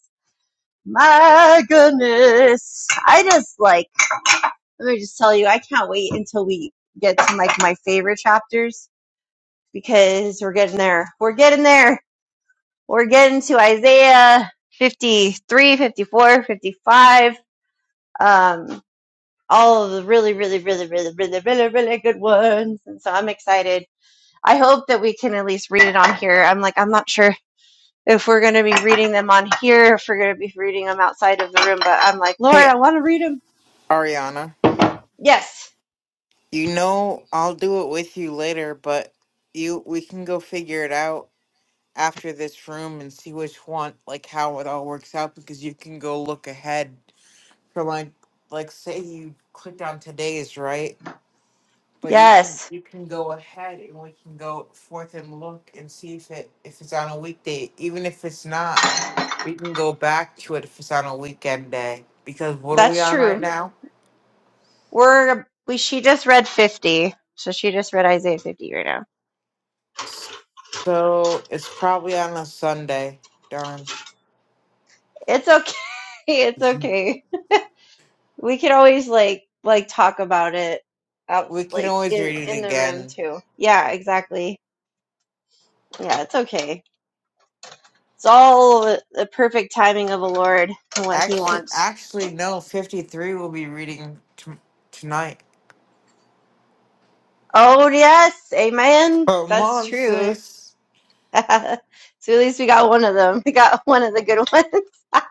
My goodness. I just like. Let me just tell you, I can't wait until we get to like my favorite chapters because we're getting there. We're getting there. We're getting to Isaiah 53, 54, 55. Um, all of the really, really, really, really, really, really, really good ones. And so I'm excited. I hope that we can at least read it on here. I'm like, I'm not sure if we're going to be reading them on here, if we're going to be reading them outside of the room, but I'm like, Lord, Hey, I want to read them. Ariana, Yes. you know I'll do it with you later, but you we can go figure it out after this room and see which one, like how it all works out because you can go look ahead for like like say you clicked on today's, right? But you can Yes. you can go ahead and we can go forth and look and see if it if it's on a weekday, even if it's not. We can go back to it if it's on a weekend day because what are we That's on true. right now? We're we she just read 50. So she just read Isaiah 50 right now. So it's probably on a Sunday. Darn. It's okay. It's okay. We could always like like talk about it out We can like always in read it in the room again. too. Yeah, exactly. Yeah, it's okay. It's all the the perfect timing of the Lord and what he Actually, wants. actually, no. Fifty-three will be reading t- tonight. Oh, yes. Amen. Come That's on, true. sis. so at least we got one of them. We got one of the good ones.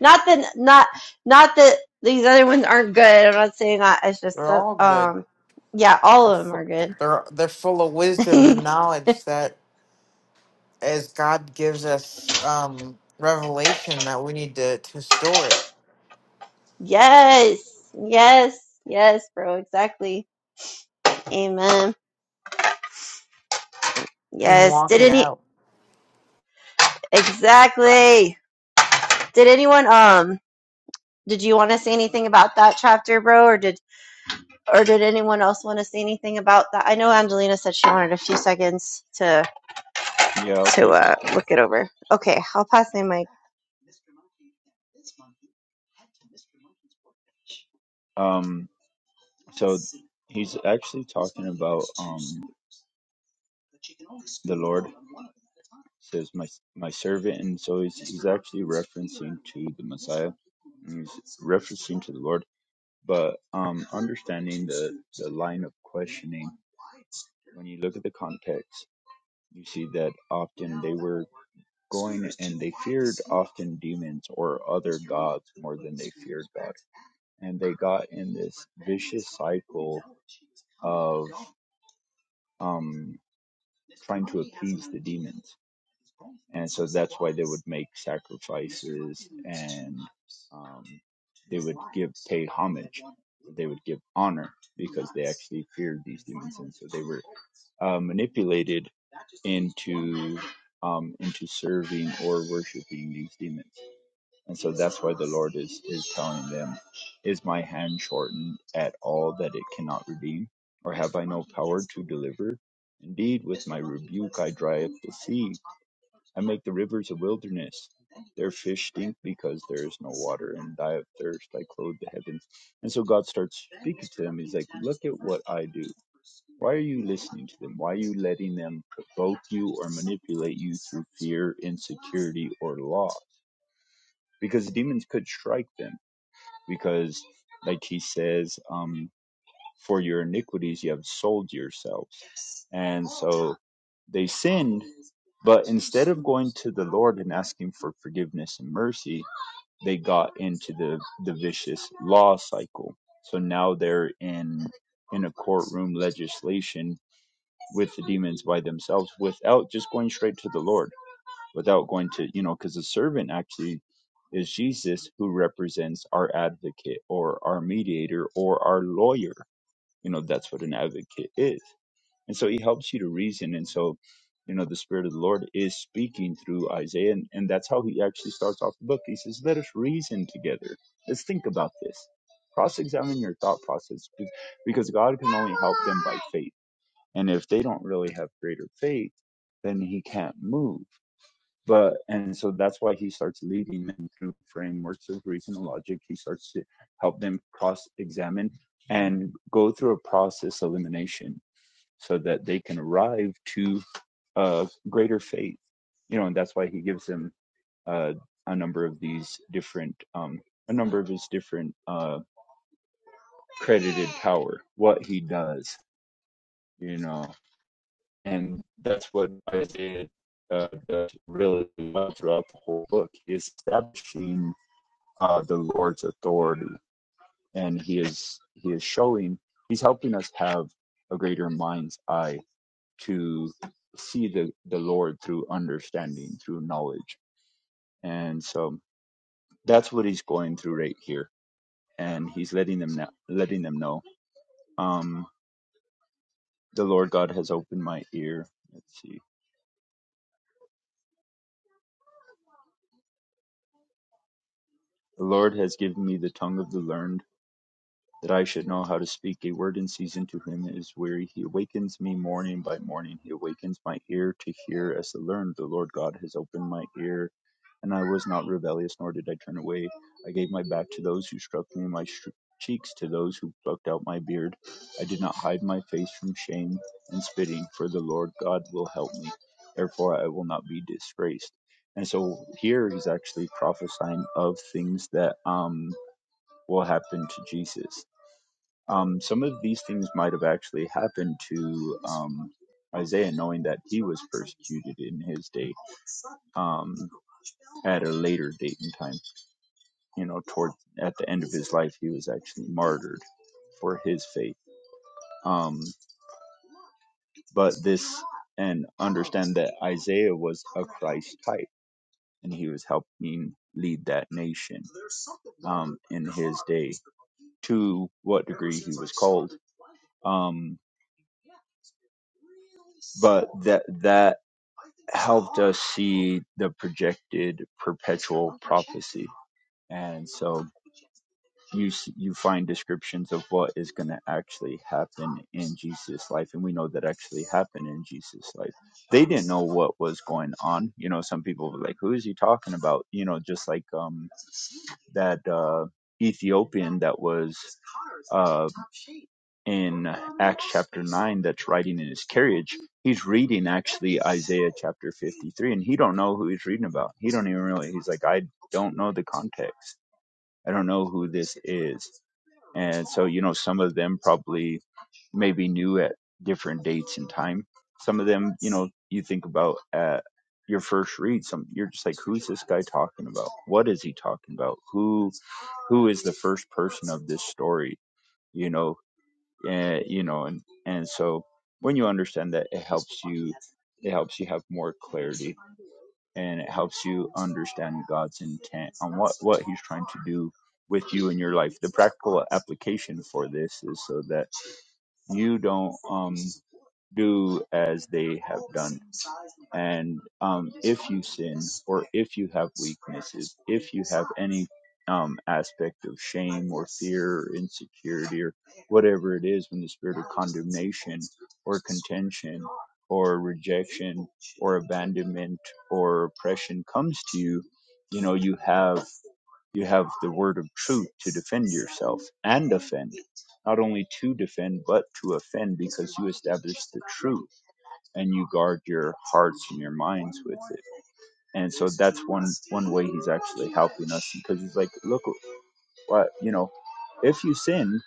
not that not not that these other ones aren't good. I'm not saying that. It's just They're some- all good. um yeah, all They're of them are full. good. They're they're full of wisdom and knowledge that, as God gives us um revelation, that we need to to store it yes. Yes. Yes, bro. Exactly. Amen. and Yes. walk Did it any out. exactly. Did anyone um did you want to say anything about that chapter, bro, or did or did anyone else want to say anything about that? I know Angelina said she wanted a few seconds to yeah i'll say to uh, something look it over. Okay, I'll pass And my with mic. that, Mr. Monkey and Ms. Monkey head to Mr. Monkey's workbench. Um, so he's actually talking about um the Lord says my my servant, and so he's he's actually referencing to the Messiah. and He's referencing to the Lord, but um, understanding the the line of questioning when you look at the context, you see that often they were going, and they feared often demons or other gods more than they feared God. And they got in this vicious cycle of um, trying to appease the demons. And so that's why they would make sacrifices and um, they would give pay homage. They would give honor because they actually feared these demons, and so they were uh, manipulated into um, into serving or worshiping these demons. And so that's why the Lord is, is telling them, Is my hand shortened at all that it cannot redeem? Or have I no power to deliver? Indeed, with my rebuke I dry up the sea, I make the rivers a wilderness. Their fish stink because there is no water and die of thirst. I clothe the heavens. And so God starts speaking to them. He's like, Look at what I do. Why are you listening to them? Why are you letting them provoke you or manipulate you through fear, insecurity, or loss? Because demons could strike them because like he says um, for your iniquities you have sold yourselves and so they sinned but instead of going to the lord and asking for forgiveness and mercy they got into the the vicious law cycle so now they're in in a courtroom legislation with the demons by themselves without just going straight to the lord without going to you know because the servant actually is jesus who represents our advocate or our mediator or our lawyer you know that's what an advocate is and so he helps you to reason and so you know the spirit of the lord is speaking through isaiah and, and that's how he actually starts off the book he says let us reason together let's think about this cross-examine your thought process be- because god can only help them by faith and if they don't really have greater faith then he can't move but and so that's why he starts leading them through frameworks of reason and logic he starts to help them cross examine and go through a process of elimination so that they can arrive to uh, greater faith you know and that's why he gives them uh, a number of these different um, a number of his different uh, credited power what he does you know and that's what isaiah uh, does really well throughout the whole book is establishing uh, the Lord's authority, and he is he is showing he's helping us have a greater mind's eye to see the the Lord through understanding, through knowledge, and so that's what he's going through right here, and he's letting them know, letting them know. Um, the Lord God has opened my ear. Let's see. The Lord has given me the tongue of the learned that I should know how to speak a word in season to him that is weary. He awakens me morning by morning. He awakens my ear to hear as to learn. The Lord God has opened my ear, and I was not rebellious, nor did I turn away. I gave my back to those who struck me, my sh- cheeks to those who plucked out my beard. I did not hide my face from shame and spitting, for the Lord God will help me. Therefore, I will not be disgraced. And so here he's actually prophesying of things that um, will happen to Jesus um, some of these things might have actually happened to um, Isaiah, knowing that he was persecuted in his day um, at a later date in time. You know, toward at the end of his life, he was actually martyred for his faith. Um, but this, and understand that Isaiah was a Christ type, and he was helping lead that nation um, in his day. To what degree he was called. Um, But that that helped us see the projected perpetual prophecy, and so you s- you find descriptions of what is going to actually happen in Jesus' life, and we know that actually happened in Jesus' life. They didn't know what was going on. You know, some people were like, "Who is he talking about?" You know, just like um that uh, Ethiopian that was uh, in Acts chapter 9 that's riding in his carriage, he's reading actually Isaiah chapter 53 and he don't know who he's reading about. He don't even really he's like I don't know the context. I don't know who this is. And so, you know, some of them probably maybe knew at different dates and time. Some of them, you know, you think about at your first read, some you're just like, who's this guy talking about? What is he talking about? Who who is the first person of this story? You know, uh, you know and and so when you understand that it helps you it helps you have more clarity and it helps you understand god's intent on what what he's trying to do with you in your life the practical application for this is so that you don't um do as they have done and um, if you sin or if you have weaknesses if you have any um, aspect of shame or fear or insecurity or whatever it is when the spirit of condemnation or contention or rejection or abandonment or oppression comes to you you know you have you have the word of truth to defend yourself and offend not only to defend but to offend because you establish the truth and you guard your hearts and your minds with it. And so that's one one way he's actually helping us because he's like, look, what you know, if you sin,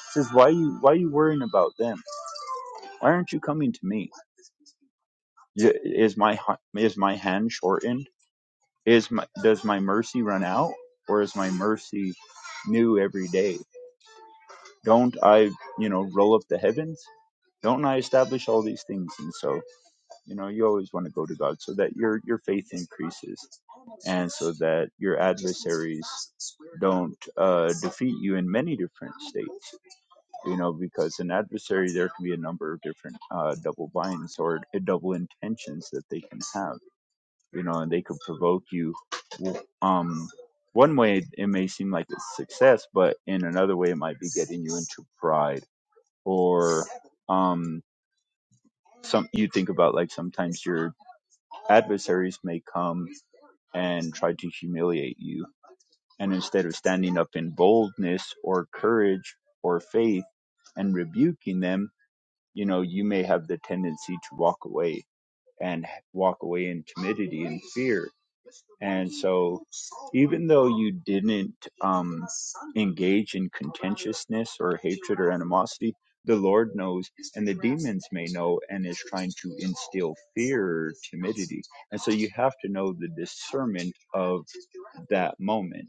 he says why are you why are you worrying about them? Why aren't you coming to me? Is my is my hand shortened? Is my does my mercy run out, or is my mercy new every day? Don't I you know roll up the heavens? Don't I establish all these things? And so you know you always want to go to God so that your your faith increases and so that your adversaries don't uh, defeat you in many different states. You know, because an adversary, there can be a number of different uh, double binds or double intentions that they can have. You know, and they could provoke you. Um, one way it may seem like it's success, but in another way, it might be getting you into pride or um, some. You think about like sometimes your adversaries may come and try to humiliate you And instead of standing up in boldness or courage or faith and rebuking them, you know, you may have the tendency to walk away and walk away in timidity and fear. And so, even though you didn't um, engage in contentiousness or hatred or animosity, the Lord knows, and the demons may know, and is trying to instill fear or timidity. And so, you have to know the discernment of that moment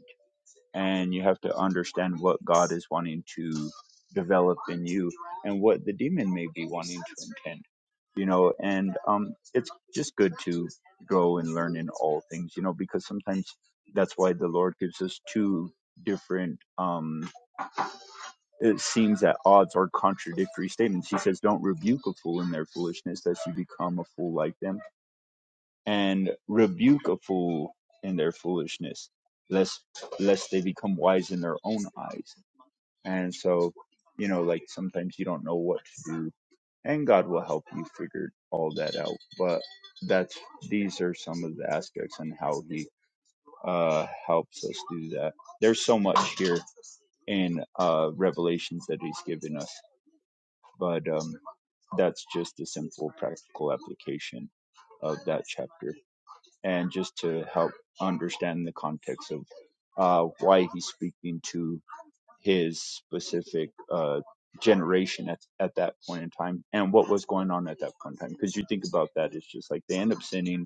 and you have to understand what God is wanting to develop in you and what the demon may be wanting to intend. You know, and um, it's just good to grow and learn in all things, you know, because sometimes that's why the Lord gives us two different um it seems at odds or contradictory statements he says don't rebuke a fool in their foolishness lest you become a fool like them and rebuke a fool in their foolishness lest lest they become wise in their own eyes and so, you know, like sometimes you don't know what to do, and God will help you figure all that out. But that's these are some of the aspects and how He uh, helps us do that. There's so much here in uh, Revelations that He's given us, but um, that's just a simple practical application of that chapter, and just to help understand the context of uh, why He's speaking to his specific uh, generation at, at that point in time and what was going on at that point in time. Because you think about that, it's just like they end up sinning,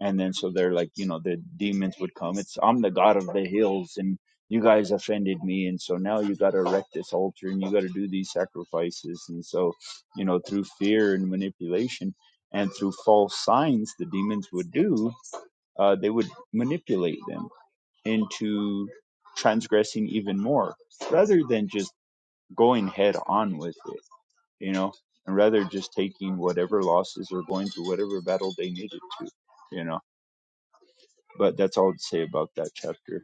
and then so they're like, you know, the demons would come. It's I'm the god of the hills, and you guys offended me, and so now you got to erect this altar and you got to do these sacrifices, and so you know through fear and manipulation. And through false signs, the demons would do, uh, they would manipulate them into transgressing even more rather than just going head on with it, you know, and rather just taking whatever losses or going to whatever battle they needed to, you know. But that's all to say about that chapter.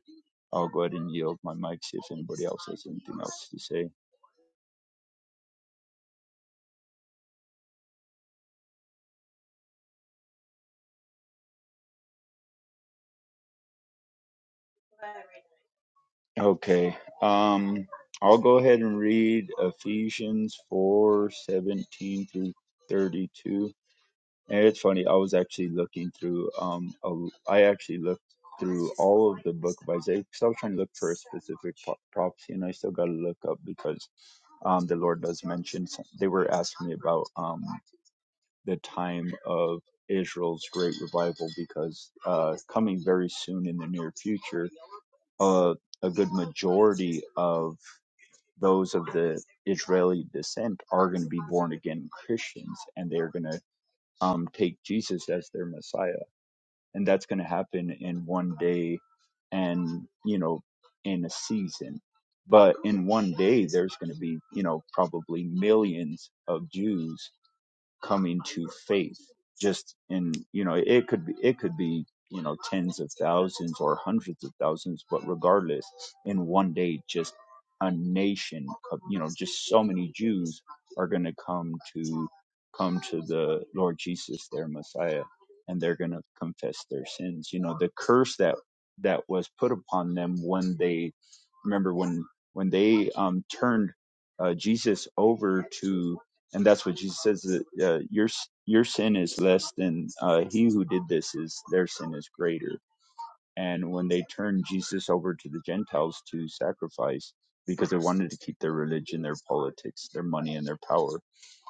I'll go ahead and yield my mic, see if anybody else has anything else to say. Okay. Um I'll go ahead and read Ephesians four seventeen through 32 And it's funny, I was actually looking through, um, a- I actually looked through all of the book of Isaiah because I was trying to look for a specific pro- prophecy, and I still got to look up because um, the Lord does mention some, they were asking me about um, the time of Israel's great revival because uh, coming very soon in the near future, uh, a good majority of those of the Israeli descent are going to be born again Christians and they're going to um, take Jesus as their Messiah and that's going to happen in one day and you know in a season but in one day there's going to be you know probably millions of jews coming to faith just in you know it could be it could be you know tens of thousands or hundreds of thousands but regardless in one day just a nation you know just so many jews are going to come to come to the lord jesus their messiah and they're going to confess their sins you know the curse that that was put upon them when they remember when when they um turned uh, jesus over to and that's what Jesus says. that, Uh, your your sin is less than uh, he who did this is their sin is greater. And when they turned Jesus over to the Gentiles to sacrifice, because they wanted to keep their religion, their politics, their money, and their power,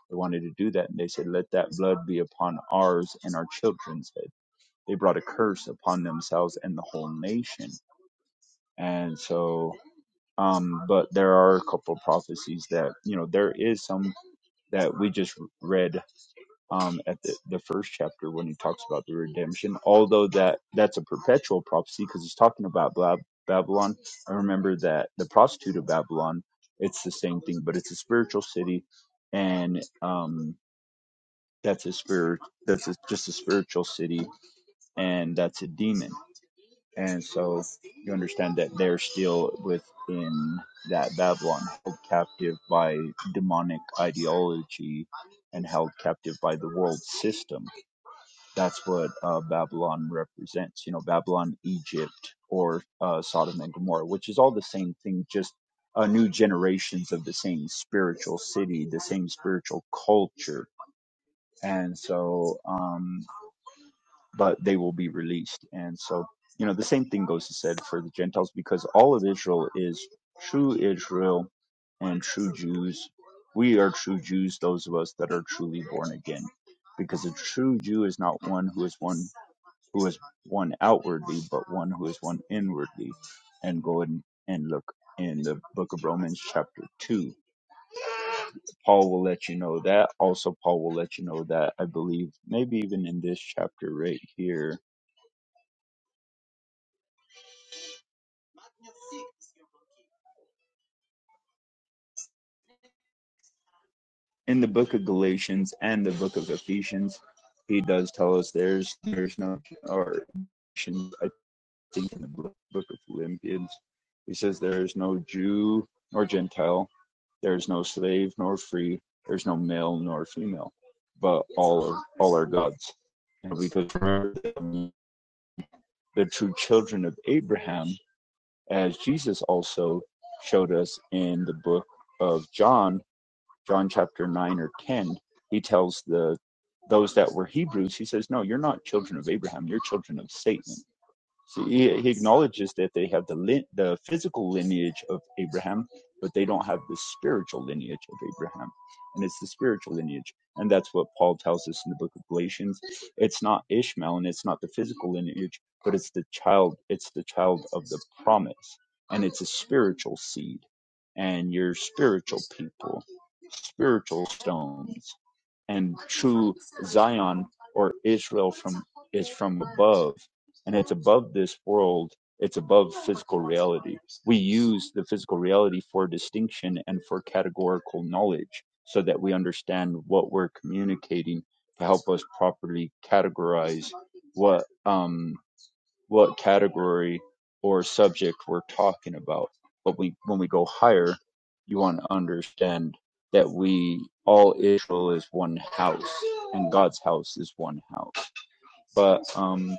they wanted to do that, and they said, "Let that blood be upon ours and our children's head." They brought a curse upon themselves and the whole nation. And so, um, but there are a couple of prophecies that you know there is some that we just read um, at the, the first chapter when he talks about the redemption. Although that that's a perpetual prophecy because he's talking about Bla- Babylon. I remember that the prostitute of Babylon. It's the same thing, but it's a spiritual city, and um, that's a spirit. That's a, just a spiritual city, and that's a demon. And so you understand that they're still within that Babylon, held captive by demonic ideology, and held captive by the world system that's what uh, Babylon represents. You know, Babylon, Egypt, or uh, Sodom and Gomorrah, which is all the same thing, just uh, new generations of the same spiritual city, the same spiritual culture. And so, um, but they will be released. And so, you know, the same thing goes to said for the Gentiles because all of Israel is true Israel and true Jews. We are true Jews, those of us that are truly born again. Because a true Jew is not one who is one who is one outwardly, but one who is one inwardly. And go and, and look in the book of Romans, chapter 2. Paul will let you know that. Also, Paul will let you know that, I believe, maybe even in this chapter right here, in the book of Galatians and the book of Ephesians, he does tell us there's there's no or I think in the book of Philippians, he says there is no Jew or Gentile, There's no slave nor free. There's no male nor female, but all are, all are God's. And because we're the true children of Abraham, as Jesus also showed us in the book of John, John chapter 9 or 10, he tells the those that were Hebrews, he says, No, you're not children of Abraham, you're children of Satan so he, he acknowledges that they have the the physical lineage of Abraham, but they don't have the spiritual lineage of Abraham, and it's the spiritual lineage, and that's what Paul tells us in the book of Galatians. It's not Ishmael, and it's not the physical lineage, but it's the child. It's the child of the promise, and it's a spiritual seed, and you're spiritual people, spiritual stones and true Zion or Israel from is from above, and it's above this world. It's above physical reality. We use the physical reality for distinction and for categorical knowledge, so that we understand what we're communicating to help us properly categorize what um what category or subject we're talking about. But we, when we go higher, you want to understand that we all Israel is one house, and God's house is one house. But um,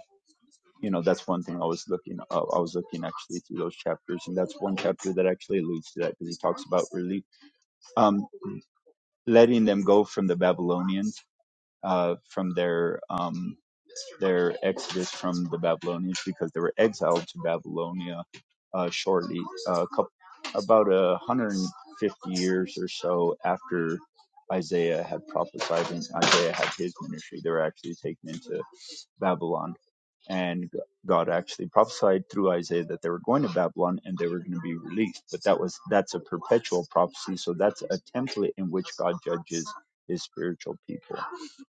you know that's one thing I was looking up. I was looking actually through those chapters, and that's one chapter that actually alludes to that because he talks about really um, letting them go from the Babylonians, uh, from their um, their exodus from the Babylonians because they were exiled to Babylonia uh, shortly, uh, couple, about a 150 years or so after Isaiah had prophesied and Isaiah had his ministry. They were actually taken into Babylon and God actually prophesied through Isaiah that they were going to Babylon and they were going to be released. But that was that's a perpetual prophecy, so that's a template in which God judges His spiritual people,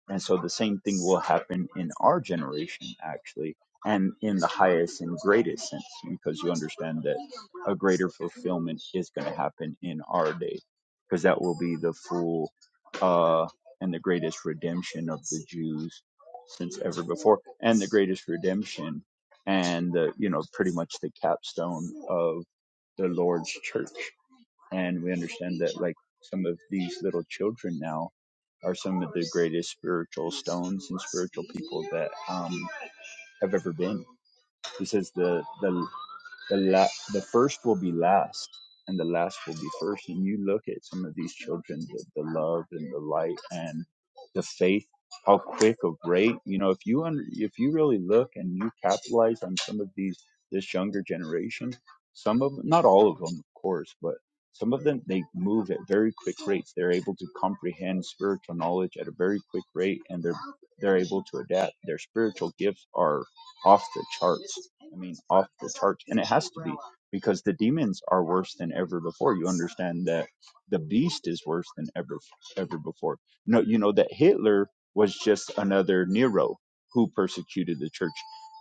and so the same thing will happen in our generation actually, and in the highest and greatest sense, because you understand that a greater fulfillment is going to happen in our day, because that will be the full uh, and the greatest redemption of the Jews since ever before and the greatest redemption and the you know pretty much the capstone of the lord's church and we understand that like some of these little children now are some of the greatest spiritual stones and spiritual people that um, have ever been. He says the the the la- the first will be last and the last will be first and you look at some of these children the, the love and the light and the faith how quick of rate you know if you under, if you really look and you capitalize on some of these this younger generation some of not all of them of course but some of them they move at very quick rates they're able to comprehend spiritual knowledge at a very quick rate and they're they're able to adapt their spiritual gifts are off the charts I mean, off the charts. And it has to be because the demons are worse than ever before. You understand that the beast is worse than ever, ever before. No, you know that Hitler was just another Nero who persecuted the church.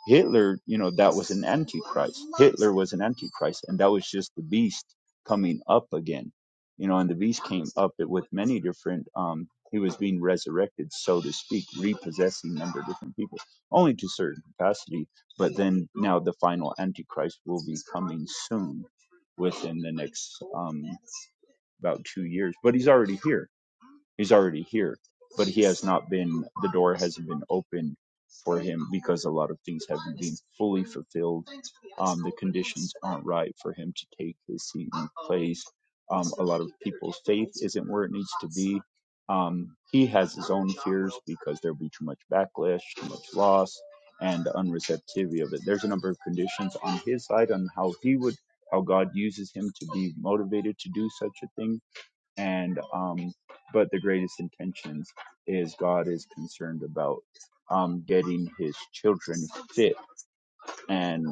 Hitler, you know, that was an antichrist. Hitler was an antichrist, and that was just the beast coming up again. You know, and the beast came up with many different. Um, he was being resurrected, so to speak, repossessing a number of different people, only to a certain capacity but then now the final Antichrist will be coming soon, within the next um, about two years. But he's already here. He's already here. But he has not been. The door hasn't been opened for him because a lot of things haven't been fully fulfilled um, the conditions aren't right for him to take his seat in place. Um, a lot of people's faith isn't where it needs to be. Um, he has his own fears because there'll be too much backlash, too much loss, and the unreceptivity of it. There's a number of conditions on his side on how he would, how God uses him to be motivated to do such a thing. And, um, but the greatest intentions is God is concerned about um, getting his children fit and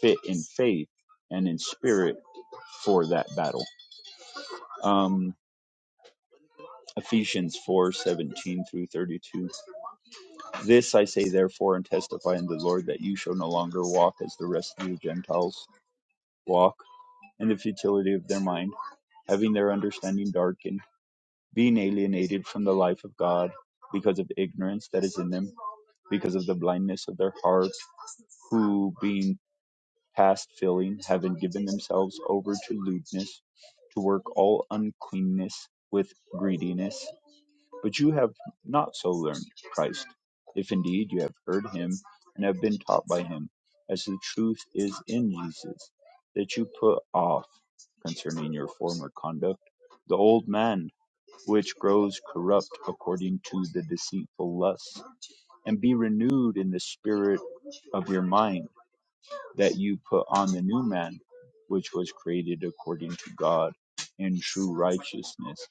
fit in faith and in spirit for that battle. Um, Ephesians four seventeen through 32. This I say, therefore, and testify in the Lord that you shall no longer walk as the rest of the Gentiles walk, in the futility of their mind, having their understanding darkened, being alienated from the life of God because of ignorance that is in them, because of the blindness of their heart, who being past filling, having given themselves over to lewdness, to work all uncleanness with greediness. But you have not so learned Christ, if indeed you have heard him and have been taught by him, as the truth is in Jesus, that you put off concerning your former conduct the old man which grows corrupt according to the deceitful lusts, and be renewed in the spirit of your mind that you put on the new man, which was created according to God in true righteousness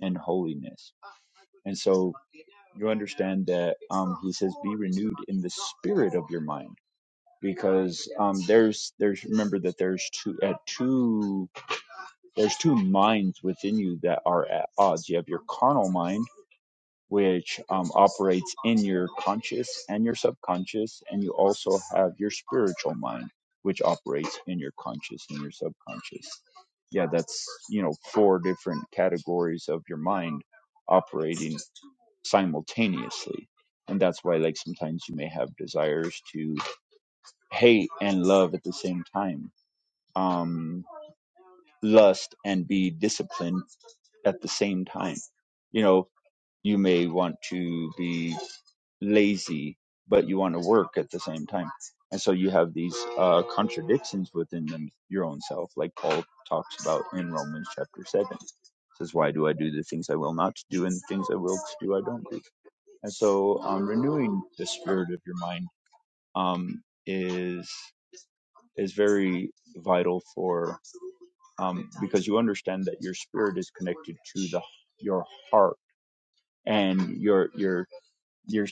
and holiness. And so you understand that um, he says, be renewed in the spirit of your mind because um, there's there's remember that there's two at two there's two minds within you that are at odds you have your carnal mind which um, operates in your conscious and your subconscious, and you also have your spiritual mind, which operates in your conscious and your subconscious. Yeah, that's you know four different categories of your mind operating simultaneously, and that's why like sometimes you may have desires to hate and love at the same time, um, lust and be disciplined at the same time. You know, you may want to be lazy, but you want to work at the same time. And so you have these uh, contradictions within them, your own self, like Paul talks about in Romans chapter 7. says, Why do I do the things I will not do and the things I will do I don't do? And so um, renewing the spirit of your mind um, is is very vital for um, because you understand that your spirit is connected to the your heart and your your your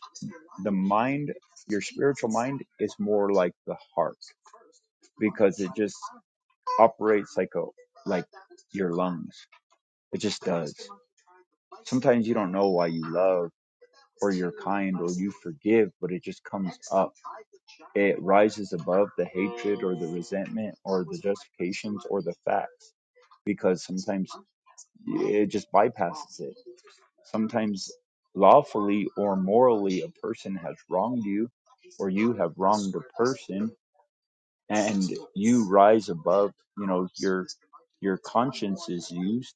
the mind your spiritual mind is more like the heart because it just operates like a like your lungs it just does sometimes you don't know why you love or you're kind or you forgive but it just comes up it rises above the hatred or the resentment or the justifications or the facts because sometimes it just bypasses it Sometimes lawfully or morally a person has wronged you or you have wronged a person and you rise above, you know, your your conscience is used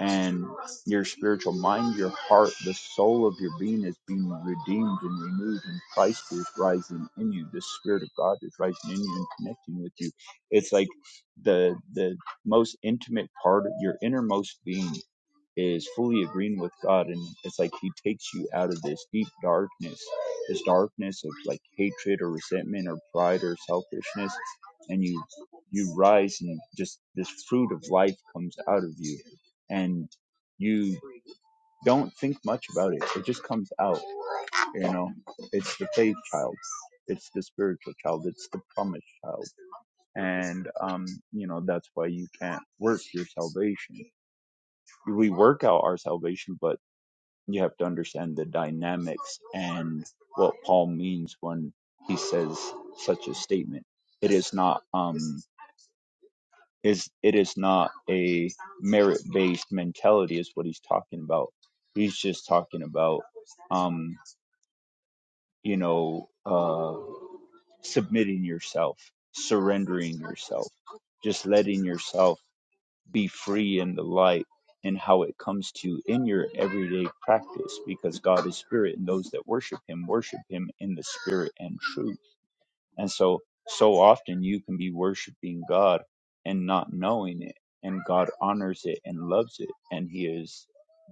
and your spiritual mind, your heart, the soul of your being is being redeemed and renewed, and Christ is rising in you. The Spirit of God is rising in you and connecting with you. It's like the the most intimate part of your innermost being is fully agreeing with God, and it's like He takes you out of this deep darkness, this darkness of like hatred or resentment or pride or selfishness, and you you rise and just this fruit of life comes out of you, and you don't think much about it. It just comes out. You know, it's the faith child, it's the spiritual child, it's the promised child, and um, you know that's why you can't work your salvation we work out our salvation, but you have to understand the dynamics and what Paul means when he says such a statement. It is not um is it is not a merit based mentality is what he's talking about. He's just talking about um you know uh submitting yourself, surrendering yourself, just letting yourself be free in the light and how it comes to in your everyday practice because God is spirit and those that worship him worship him in the spirit and truth and so, so often you can be worshiping God and not knowing it, and God honors it and loves it, and He is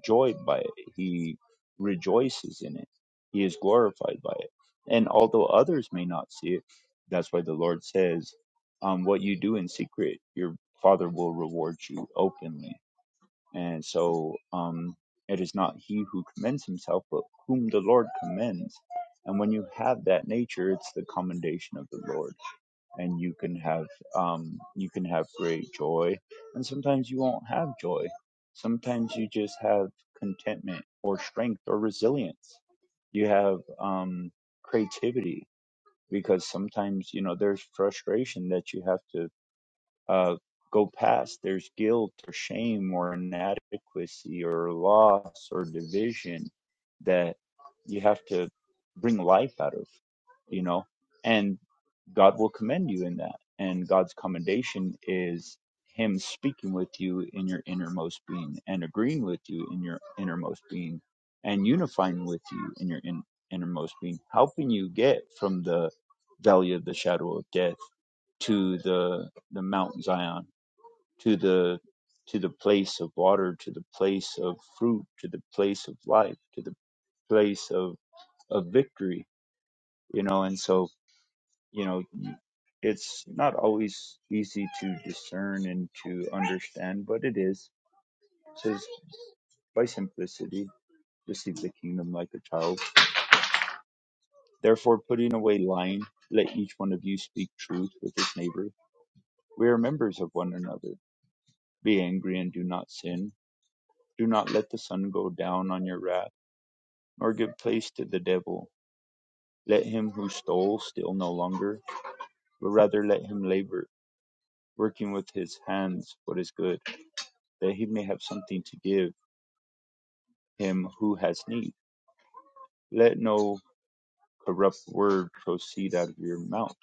joyed by it. He rejoices in it. He is glorified by it. And although others may not see it, that's why the Lord says, um, "What you do in secret, your Father will reward you openly." And so um, it is not he who commends himself, but whom the Lord commends. And when you have that nature, it's the commendation of the Lord, and you can have um, you can have great joy. And sometimes you won't have joy. Sometimes you just have contentment or strength or resilience. You have um, creativity because sometimes you know there's frustration that you have to uh, go past. There's guilt or shame or inadequacy or loss or division that you have to bring life out of, you know? and. God will commend you in that. And God's commendation is Him speaking with you in your innermost being and agreeing with you in your innermost being and unifying with you in your in, innermost being, helping you get from the valley of the shadow of death to the the Mount Zion, to the to the place of water, to the place of fruit, to the place of life, to the place of, of victory, you know, and so you know it's not always easy to discern and to understand but it is it says by simplicity receive the kingdom like a child therefore putting away lying let each one of you speak truth with his neighbor we are members of one another be angry and do not sin do not let the sun go down on your wrath nor give place to the devil let him who stole steal no longer but rather let him labor working with his hands what is good that he may have something to give him who has need. Let no corrupt word proceed out of your mouth,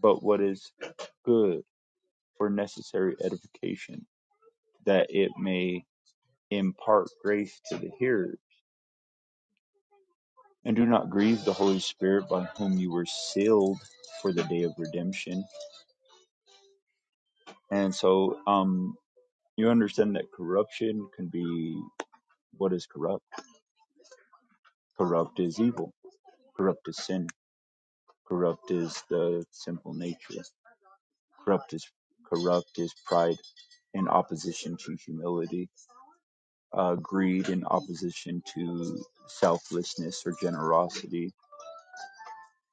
but what is good for necessary edification, that it may impart grace to the hearer. And do not grieve the Holy Spirit by whom you were sealed for the day of redemption. And so, um, you understand that corruption can be what is corrupt? Corrupt is evil. Corrupt is sin. Corrupt is the sinful nature. corrupt is corrupt is pride in opposition to humility, uh, greed in opposition to selflessness or generosity,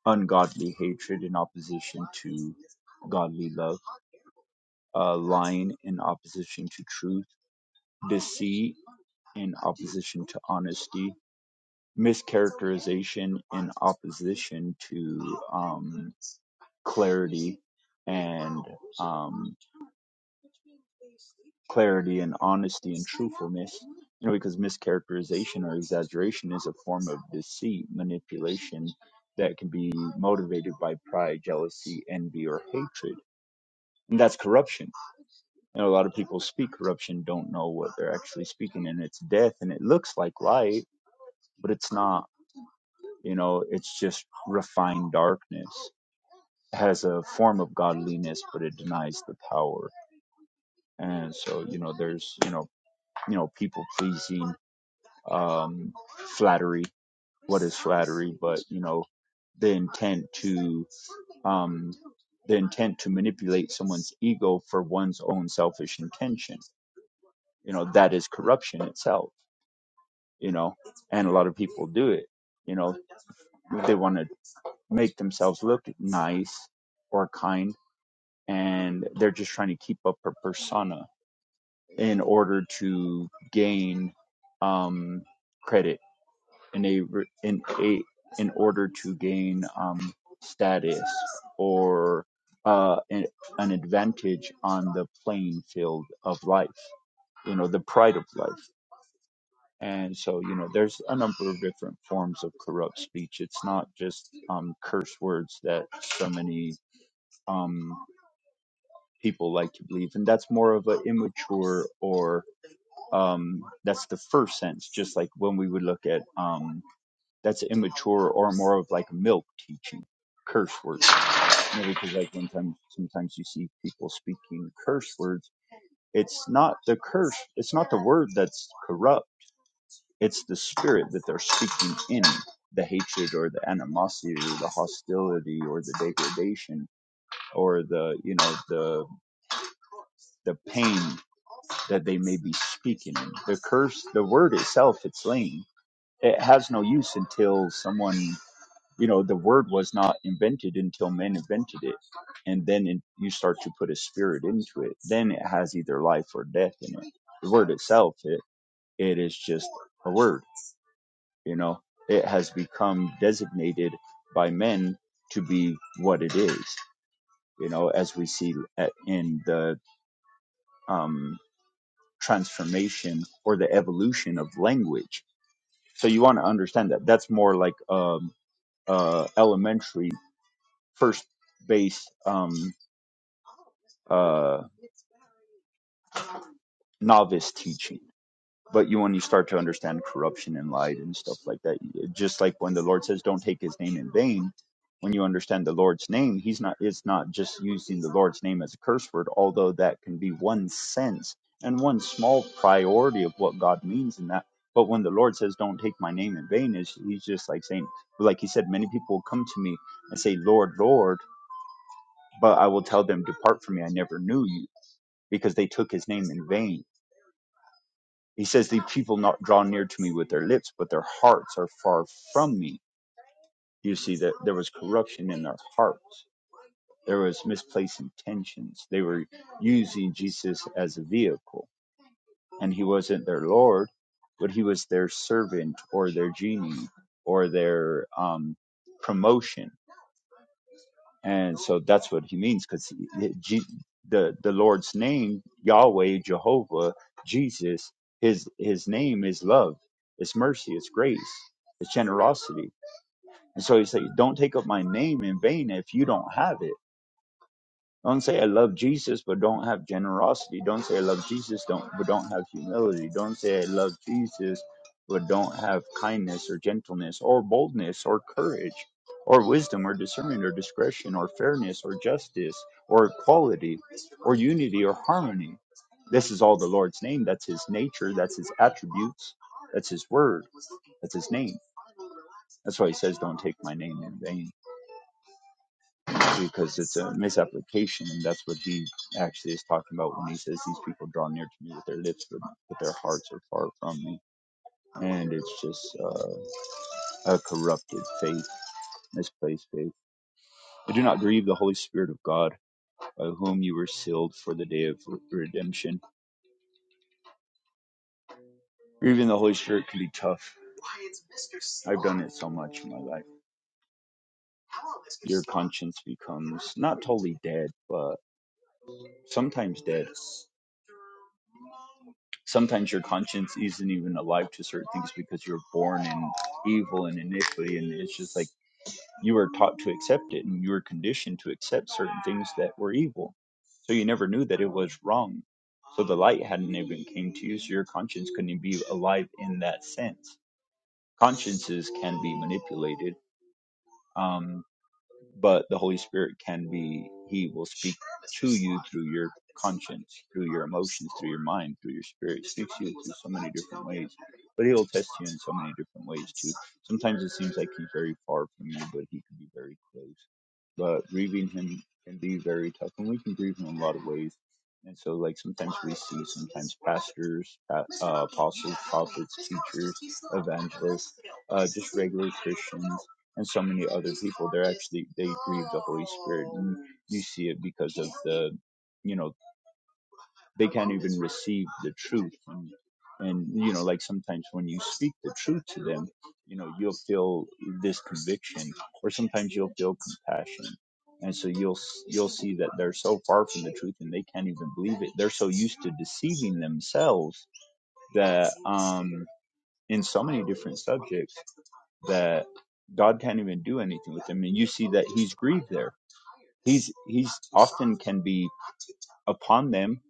ungodly hatred in opposition to godly love, uh, lying in opposition to truth, deceit in opposition to honesty, mischaracterization in opposition to um, clarity and um, clarity and honesty and truthfulness. You know, because mischaracterization or exaggeration is a form of deceit, manipulation that can be motivated by pride, jealousy, envy, or hatred. And that's corruption. You know, a lot of people speak corruption, don't know what they're actually speaking, and it's death, and it looks like light, but it's not. You know, it's just refined darkness. It has a form of godliness, but it denies the power. And so, you know, there's, you know, you know, people pleasing, um, flattery. What is flattery? But, you know, the intent to, um, the intent to manipulate someone's ego for one's own selfish intention. You know, that is corruption itself, you know, and a lot of people do it. You know, they want to make themselves look nice or kind, and they're just trying to keep up a persona in order to gain um, credit in a re- in a in order to gain um, status or uh, an, an advantage on the playing field of life, you know, the pride of life. And so, you know, there's a number of different forms of corrupt speech. It's not just um, curse words that so many um, people like to believe, and that's more of an immature or um, that's the first sense. Just like when we would look at um, that's immature or more of like milk teaching curse words you know, because like one time sometimes you see people speaking curse words it's not the curse it's not the word that's corrupt it's the spirit that they're speaking in the hatred or the animosity or the hostility or the degradation or the you know the the pain that they may be speaking in the curse the word itself it's lame it has no use until someone you know the word was not invented until men invented it and then in, you start to put a spirit into it then it has either life or death in it the word itself it, it is just a word you know it has become designated by men to be what it is you know as we see at, in the um, transformation or the evolution of language so you want to understand that that's more like um, uh, elementary first base um, uh, novice teaching. But you, when you start to understand corruption and light and stuff like that, just like when the Lord says, "Don't take His name in vain," when you understand the Lord's name, He's not. It's not just using the Lord's name as a curse word, although that can be one sense and one small priority of what God means in that. But when the Lord says, "Don't take my name in vain," is He's just like saying, like He said, many people will come to me and say, "Lord, Lord," but I will tell them, "Depart from me, I never knew you," because they took His name in vain He says, The people not draw near to me with their lips, but their hearts are far from me. You see that there was corruption in their hearts. There was misplaced intentions. They were using Jesus as a vehicle. And he wasn't their Lord, but he was their servant or their genie or their um, promotion and so that's what he means because the the lord's name yahweh jehovah jesus his his name is love it's mercy it's grace it's generosity and so he said, don't take up my name in vain if you don't have it don't say I love Jesus but don't have generosity. Don't say I love Jesus don't but don't have humility. Don't say I love Jesus but don't have kindness or gentleness or boldness or courage or wisdom or discernment or discretion or fairness or justice or equality or unity or harmony. This is all the Lord's name. That's his nature. That's his attributes. That's his word. That's his name. That's why he says, Don't take my name in vain because it's a misapplication, and that's what he actually is talking about when he says these people draw near to me with their lips, but, but their hearts are far from me. And it's just uh, a corrupted faith, misplaced faith. I do not grieve the Holy Spirit of God, by whom you were sealed for the day of redemption. Grieving the Holy Spirit can be tough. I've done it so much in my life. Your conscience becomes not totally dead, but sometimes dead sometimes your conscience isn't even alive to certain things because you're born in evil and iniquity and it's just like you were taught to accept it and you were conditioned to accept certain things that were evil so you never knew that it was wrong so the light hadn't even came to you so your conscience couldn't be alive in that sense consciences can be manipulated Um, but the Holy Spirit can be, He will speak to you through your conscience, through your emotions, through your mind, through your spirit. He speaks to you through so many different ways, but He'll test you in so many different ways too. Sometimes it seems like He's very far from you, but He can be very close. But grieving Him can be very tough, and we can grieve Him in a lot of ways. And so, like sometimes we see sometimes pastors, uh, apostles, prophets, teachers, evangelists, uh, just regular Christians and so many other people they're actually they grieve the holy spirit and you see it because of the you know they can't even receive the truth and and you know like sometimes when you speak the truth to them you know you'll feel this conviction or sometimes you'll feel compassion and so you'll you'll see that they're so far from the truth and they can't even believe it they're so used to deceiving themselves that um in so many different subjects that God can't even do anything with them, And you see that he's grieved there. He's he's often can be upon them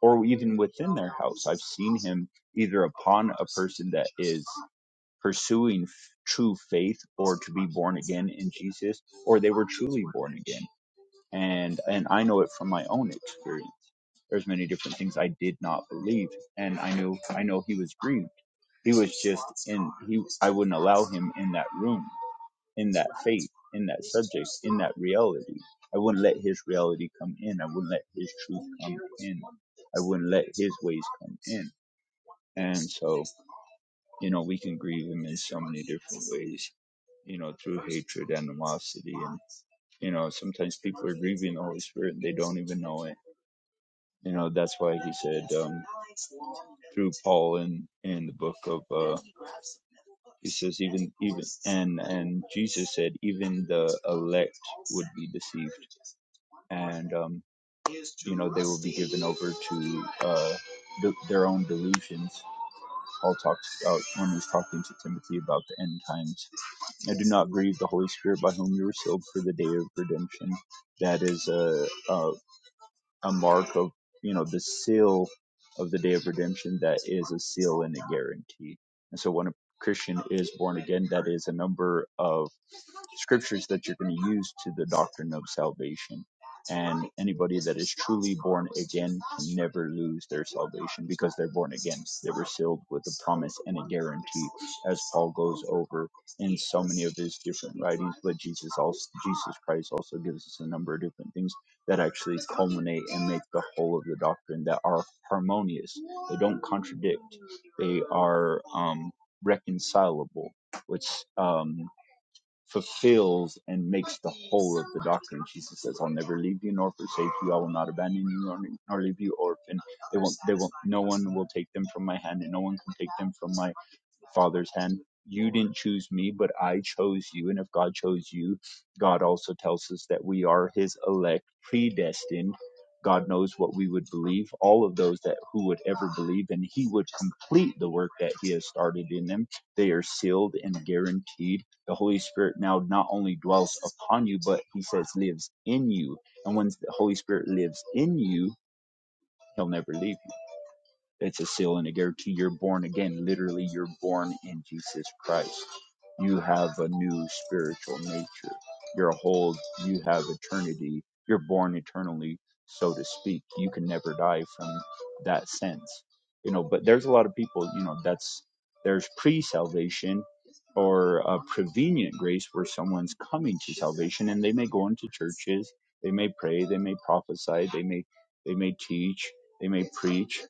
or even within their house. I've seen him either upon a person that is pursuing f- true faith or to be born again in Jesus, or they were truly born again. And and I know it from my own experience. There's many different things I did not believe, and I knew I know he was grieved. He was just in he. I wouldn't allow him in that room in that faith, in that subject, in that reality. I wouldn't let his reality come in. I wouldn't let his truth come in. I wouldn't let his ways come in. And so, you know, we can grieve him in so many different ways, you know, through hatred, animosity. And, you know, sometimes people are grieving the Holy Spirit and they don't even know it. You know, that's why he said um, through Paul in, in the book of, uh, he says, even, even, and, and Jesus said, even the elect would be deceived. And, um, you know they will be given over to uh, de- their own delusions. Paul talks about when he's talking to Timothy about the end times. I do not grieve the Holy Spirit by whom you were sealed for the day of redemption. That is a a, a mark of you know the seal of the day of redemption. That is a seal and a guarantee. And so when a Christian is born again, that is a number of scriptures that you're going to use to the doctrine of salvation. And anybody that is truly born again can never lose their salvation because they're born again. They were sealed with a promise and a guarantee, as Paul goes over in so many of his different writings. But Jesus also, Jesus Christ also gives us a number of different things that actually culminate and make the whole of the doctrine that are harmonious. They don't contradict. They are um, reconcilable. Which um fulfills and makes the whole of the doctrine. Jesus says, "I'll never leave you nor forsake you. I will not abandon you nor, nor leave you orphan. They won't. They won't. No one will take them from my hand, and no one can take them from my Father's hand. You didn't choose me, but I chose you. And if God chose you, God also tells us that we are his elect, predestined. God knows what we would believe, all of those that who would ever believe, and he would complete the work that he has started in them. They are sealed and guaranteed. The Holy Spirit now not only dwells upon you, but he says lives in you. And when the Holy Spirit lives in you, he'll never leave you. It's a seal and a guarantee you're born again. Literally, you're born in Jesus Christ. You have a new spiritual nature. You're whole. You have eternity. You're born eternally, so to speak. You can never die from that sense. You know, but there's a lot of people, you know, that's there's pre salvation or a prevenient grace where someone's coming to salvation and they may go into churches, they may pray, they may prophesy, they may they may teach, they may preach,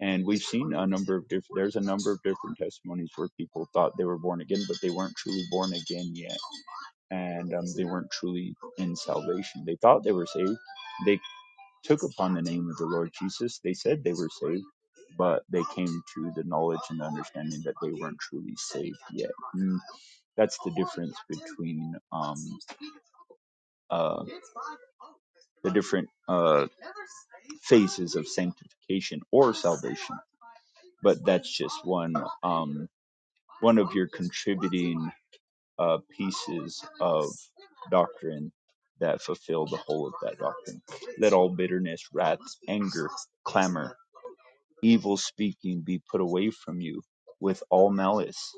and we've seen a number of different, there's a number of different testimonies where people thought they were born again, but they weren't truly born again yet. And um, they weren't truly in salvation. They thought they were saved. They took upon the name of the Lord Jesus. They said they were saved, but they came to the knowledge and understanding that they weren't truly saved yet. And that's the difference between um, uh, the different uh, phases of sanctification or salvation. But that's just one. Um, one of your contributing uh, pieces of doctrine that fulfill the whole of that doctrine. Let all bitterness, wrath, anger, clamor, evil speaking be put away from you with all malice,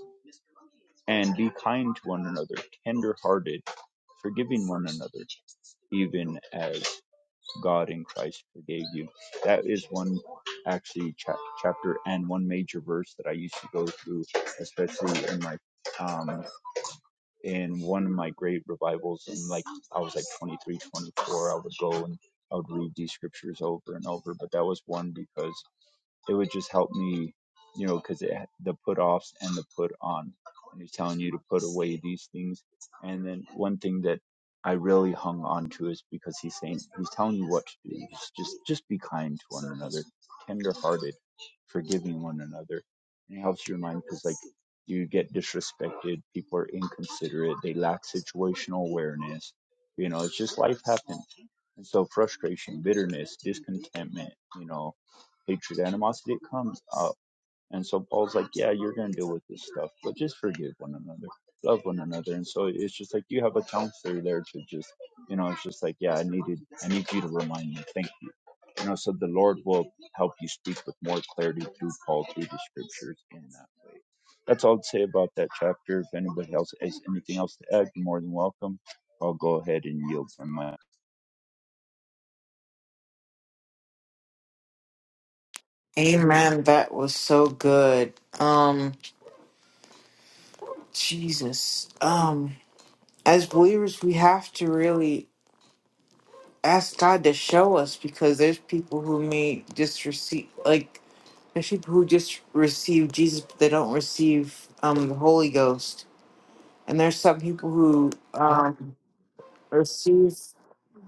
and be kind to one another, tender hearted, forgiving one another, even as God in Christ forgave you. That is one actually chap chapter and one major verse that I used to go through, especially in my um, in one of my great revivals and like i was like 23 24 i would go and i would read these scriptures over and over but that was one because it would just help me you know because the put offs and the put on and he's telling you to put away these things and then one thing that i really hung on to is because he's saying he's telling you what to do he's just just be kind to one another tender hearted forgiving one another and it helps your mind because like you get disrespected. People are inconsiderate. They lack situational awareness. You know, it's just life happens. And so frustration, bitterness, discontentment, you know, hatred, animosity, it comes. Uh, and so Paul's like, yeah, you're going to deal with this stuff, but just forgive one another, love one another. And so it's just like you have a counselor there to just, you know, it's just like, yeah, I needed, I need you to remind me. Thank you. You know, so the Lord will help you speak with more clarity through Paul, through the scriptures in that way. That's all I'd say about that chapter. If anybody else has anything else to add, you're more than welcome. I'll go ahead and yield from my Amen. That was so good. Um, Jesus. Um, as believers, we have to really ask God to show us because there's people who may just receive, like, there's people who just receive Jesus, but they don't receive um the Holy Ghost, and there's some people who um receive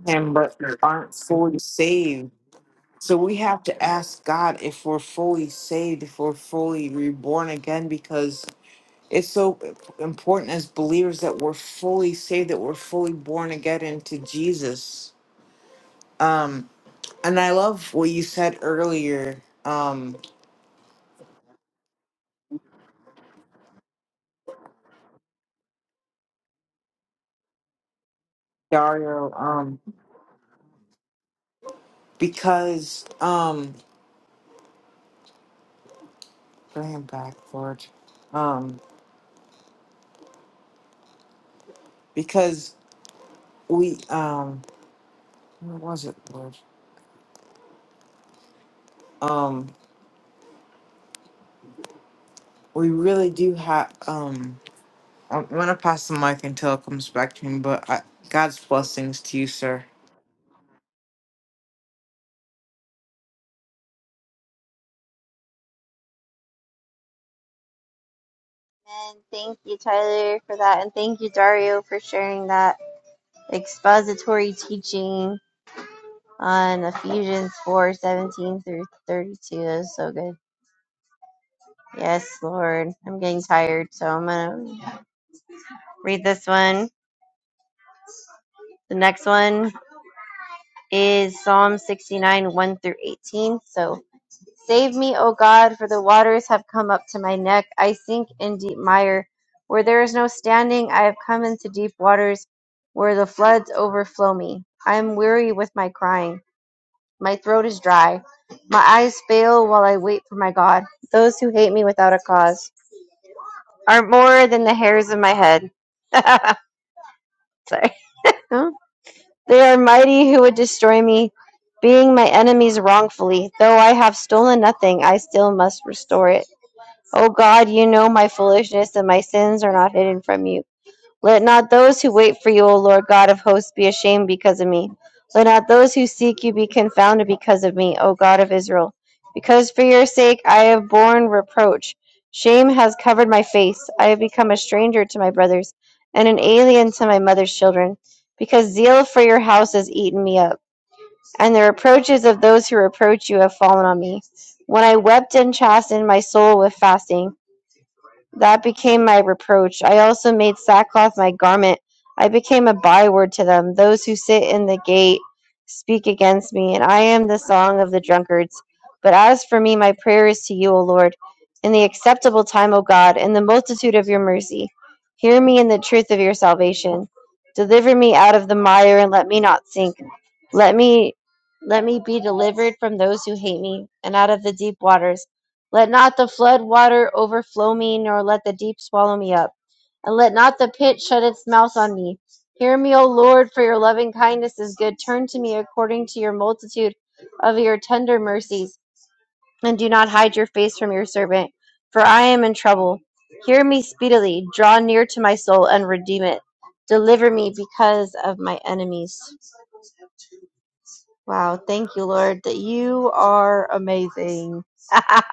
Him but aren't fully saved. So we have to ask God if we're fully saved, if we're fully reborn again, because it's so important as believers that we're fully saved, that we're fully born again into Jesus. Um, and I love what you said earlier, um, Dario, um, because um, bring him back, Lord, um, because we, um, where was it, Lord? Um, we really do have. Um, I'm gonna pass the mic until it comes back to me, but I, God's blessings to you, sir. And thank you, Tyler, for that, and thank you, Dario, for sharing that expository teaching on Ephesians four seventeen through thirty-two. That was so good. Yes, Lord, I'm getting tired, so I'm gonna read this one. The next one is Psalm sixty-nine one through eighteen. So Save me, O God, for the waters have come up to my neck. I sink in deep mire. Where there is no standing, I have come into deep waters where the floods overflow me. I am weary with my crying. My throat is dry. My eyes fail while I wait for my God. Those who hate me without a cause are more than the hairs of my head. Sorry. Huh? They are mighty who would destroy me, being my enemies wrongfully. Though I have stolen nothing, I still must restore it. O God, you know my foolishness, and my sins are not hidden from you. Let not those who wait for you, O Lord God of hosts, be ashamed because of me. Let not those who seek you be confounded because of me, O God of Israel. Because for your sake I have borne reproach. Shame has covered my face. I have become a stranger to my brothers, and an alien to my mother's children. Because zeal for your house has eaten me up, and the reproaches of those who reproach you have fallen on me. When I wept and chastened my soul with fasting, that became my reproach. I also made sackcloth my garment. I became a byword to them. Those who sit in the gate speak against me, and I am the song of the drunkards. But as for me, my prayer is to you, O Lord, in the acceptable time, O God, in the multitude of your mercy. Hear me in the truth of your salvation. Deliver me out of the mire and let me not sink. Let me let me be delivered from those who hate me and out of the deep waters let not the flood water overflow me, nor let the deep swallow me up. And let not the pit shut its mouth on me. Hear me, O Lord, for your loving kindness is good. Turn to me according to your multitude of your tender mercies, and do not hide your face from your servant, for I am in trouble. Hear me speedily, draw near to my soul, and redeem it. Deliver me because of my enemies. Wow, thank you, Lord, that you are amazing.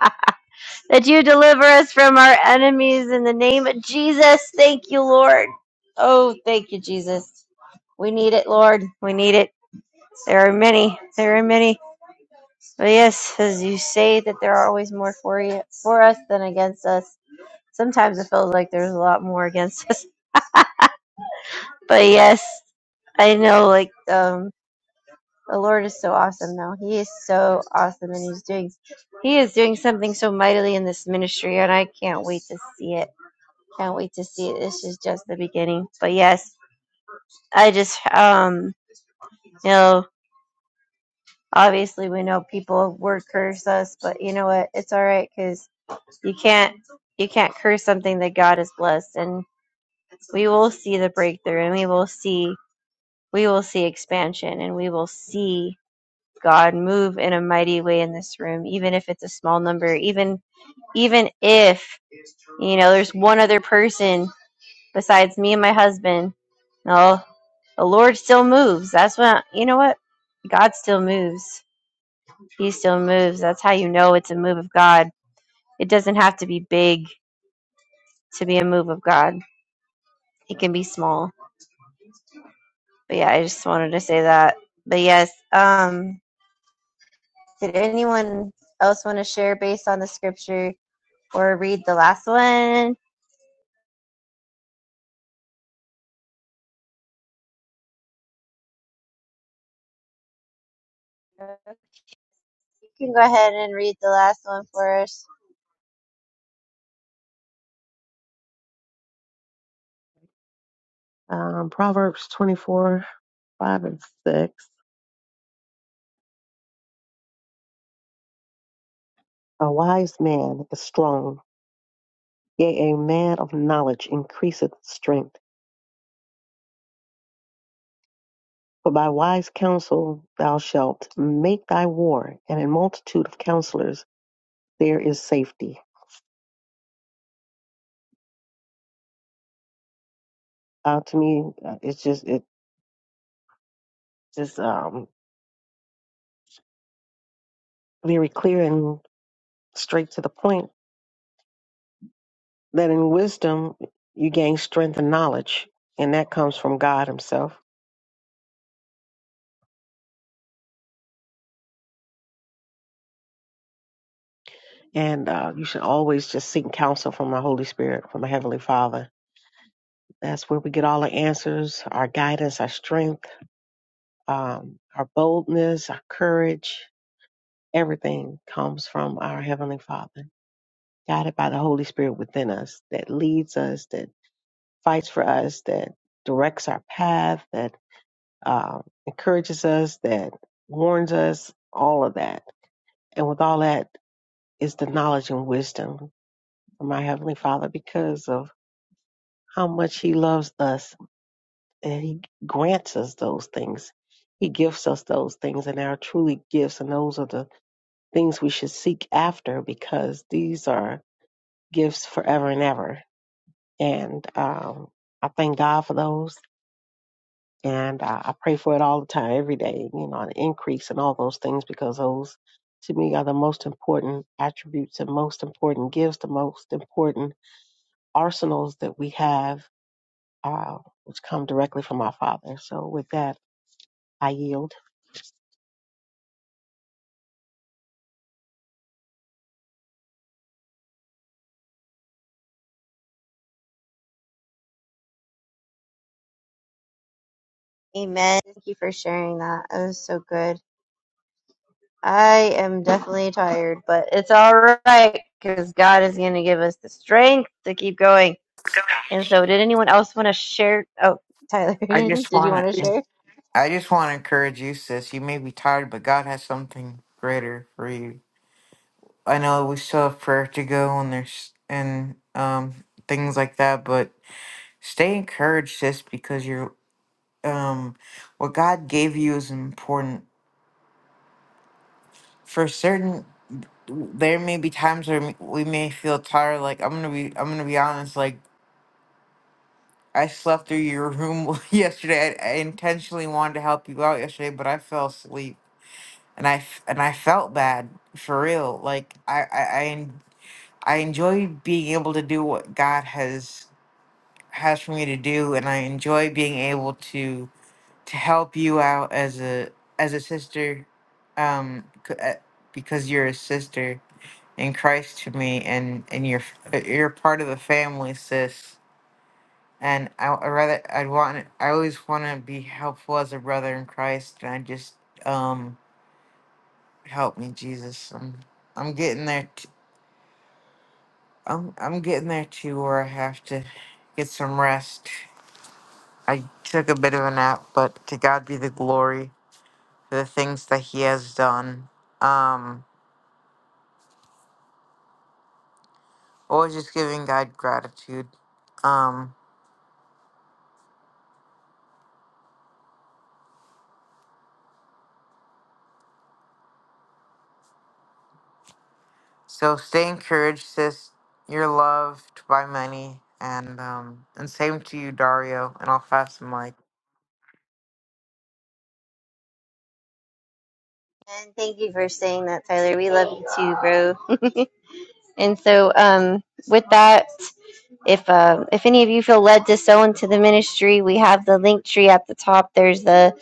that you deliver us from our enemies in the name of Jesus. Thank you, Lord. Oh, thank you, Jesus. We need it, Lord. We need it. There are many. There are many. But yes, as you say, that there are always more for you, for us than against us. Sometimes it feels like there's a lot more against us. But yes, I know. Like um, the Lord is so awesome now. He is so awesome, and He's doing, He is doing something so mightily in this ministry, and I can't wait to see it. Can't wait to see it. This is just the beginning. But yes, I just um you know obviously we know people word curse us, but you know what? It's all right because you can't you can't curse something that God has blessed, and we will see the breakthrough, and we will see we will see expansion, and we will see God move in a mighty way in this room, even if it's a small number, even even if you know there's one other person besides me and my husband. No, the Lord still moves. That's what you know what? God still moves. He still moves. That's how you know it's a move of God. It doesn't have to be big to be a move of God. It can be small. But yeah, I just wanted to say that. But yes, um did anyone else want to share based on the scripture or read the last one? You can go ahead and read the last one for us. Um, Proverbs 24, 5 and 6. A wise man is strong, yea, a man of knowledge increaseth strength. For by wise counsel thou shalt make thy war, and in multitude of counselors there is safety. Uh, to me, uh, it's just it just um, very clear and straight to the point that in wisdom you gain strength and knowledge, and that comes from God Himself. And uh, you should always just seek counsel from the Holy Spirit, from the Heavenly Father. That's where we get all the answers, our guidance, our strength, um, our boldness, our courage. Everything comes from our Heavenly Father, guided by the Holy Spirit within us, that leads us, that fights for us, that directs our path, that uh, encourages us, that warns us, all of that And with all that is the knowledge and wisdom of my Heavenly Father because of how much He loves us and He grants us those things. He gifts us those things, and they are truly gifts, and those are the things we should seek after because these are gifts forever and ever. And um, I thank God for those, and I, I pray for it all the time, every day, you know, an increase and all those things because those to me are the most important attributes, the most important gifts, the most important arsenals that we have, uh, which come directly from our Father. So, with that, I yield. Amen. Thank you for sharing that. It was so good. I am definitely tired, but it's all right because God is going to give us the strength to keep going. And so, did anyone else want to share? Oh, Tyler, I just did you want want to to share? I just want to encourage you, sis. You may be tired, but God has something greater for you. I know we still have prayer to go and there's and um things like that, but stay encouraged, sis, because you're um what God gave you is important. For certain, there may be times where we may feel tired. Like I'm gonna be, I'm gonna be honest. Like I slept through your room yesterday. I, I intentionally wanted to help you out yesterday, but I fell asleep and I f- and I felt bad for real. Like I I I, en- I enjoy being able to do what God has has for me to do, and I enjoy being able to to help you out as a as a sister, um, c- uh, because you're a sister in Christ to me, and and you're f- uh, you're part of the family, sis. And I, I rather I'd want I always want to be helpful as a brother in Christ, and I just um help me, Jesus. I'm I'm getting there. T- I'm I'm getting there too, where I have to get some rest. I took a bit of a nap, but to God be the glory for the things that He has done. Um, always just giving God gratitude. Um, so stay encouraged, sis. You're loved by many, and um, and same to you, Dario. And I'll fast the mic. And thank you for saying that, Tyler. We love you too, bro. And so, um, with that, if uh, if any of you feel led to sow into the ministry, we have the link tree at the top. There's the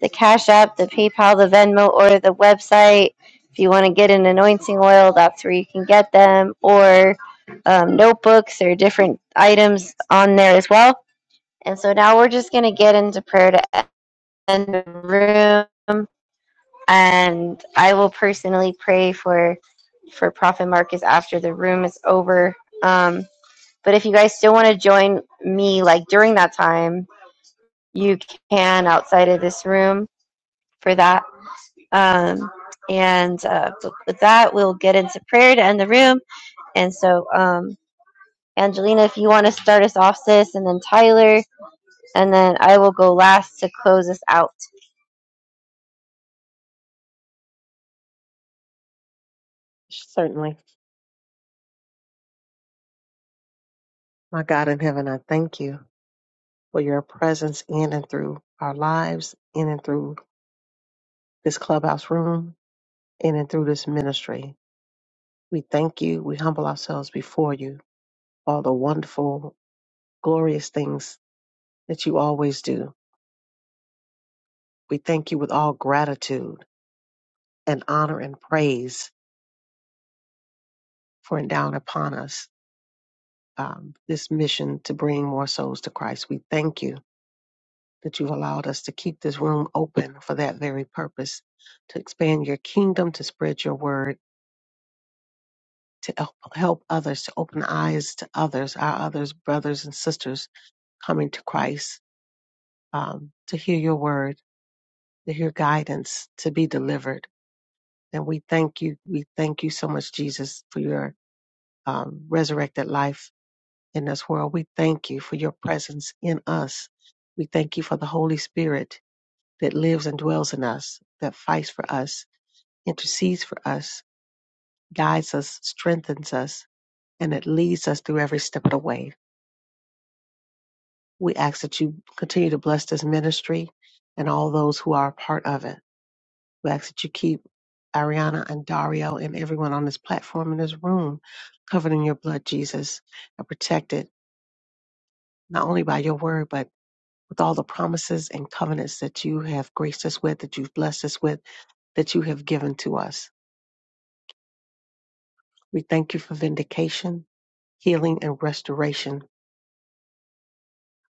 the Cash App, the PayPal, the Venmo, or the website. If you want to get an anointing oil, that's where you can get them, or um, notebooks or different items on there as well. And so now we're just going to get into prayer to end the room and I will personally pray for for Prophet Marcus after the room is over. Um, but if you guys still want to join me, like during that time, you can outside of this room for that. Um, and uh, with that, we'll get into prayer to end the room. And so, um, Angelina, if you want to start us off, sis, and then Tyler, and then I will go last to close us out. Certainly, my God in heaven, I thank you for your presence in and through our lives, in and through this clubhouse room, in and through this ministry. We thank you. We humble ourselves before you for all the wonderful, glorious things that you always do. We thank you with all gratitude and honor and praise for endowing upon us um, this mission to bring more souls to Christ. We thank you that you've allowed us to keep this room open for that very purpose to expand your kingdom, to spread your word, to help, help others, to open eyes to others, our others, brothers and sisters coming to Christ, um, to hear your word, to hear guidance, to be delivered. And we thank you. We thank you so much, Jesus, for your um, resurrected life in this world. We thank you for your presence in us. We thank you for the Holy Spirit that lives and dwells in us, that fights for us, intercedes for us, guides us, strengthens us, and it leads us through every step of the way. We ask that you continue to bless this ministry and all those who are a part of it. We ask that you keep Ariana and Dario and everyone on this platform in this room covered in your blood, Jesus, and protected not only by your word, but with all the promises and covenants that you have graced us with, that you've blessed us with, that you have given to us. We thank you for vindication, healing, and restoration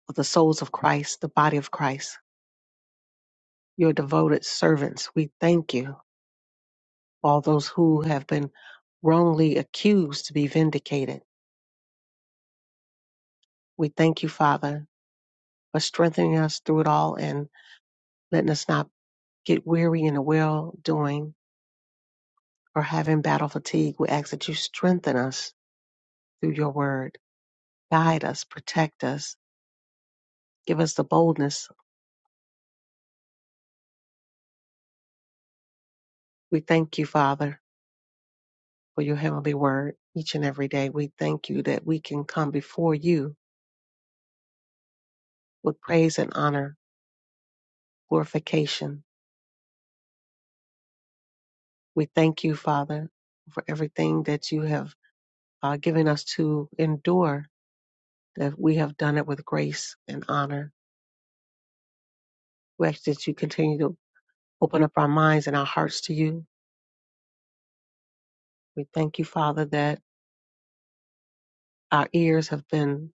of the souls of Christ, the body of Christ, your devoted servants. We thank you for all those who have been wrongly accused to be vindicated. We thank you, Father, for strengthening us through it all and letting us not get weary in the well doing or having battle fatigue. We ask that you strengthen us through your word Guide us, protect us, give us the boldness. We thank you, Father, for your heavenly word each and every day. We thank you that we can come before you with praise and honor, glorification. We thank you, Father, for everything that you have uh, given us to endure, that we have done it with grace and honor. We ask that you continue to open up our minds and our hearts to you. We thank you, Father, that our ears have been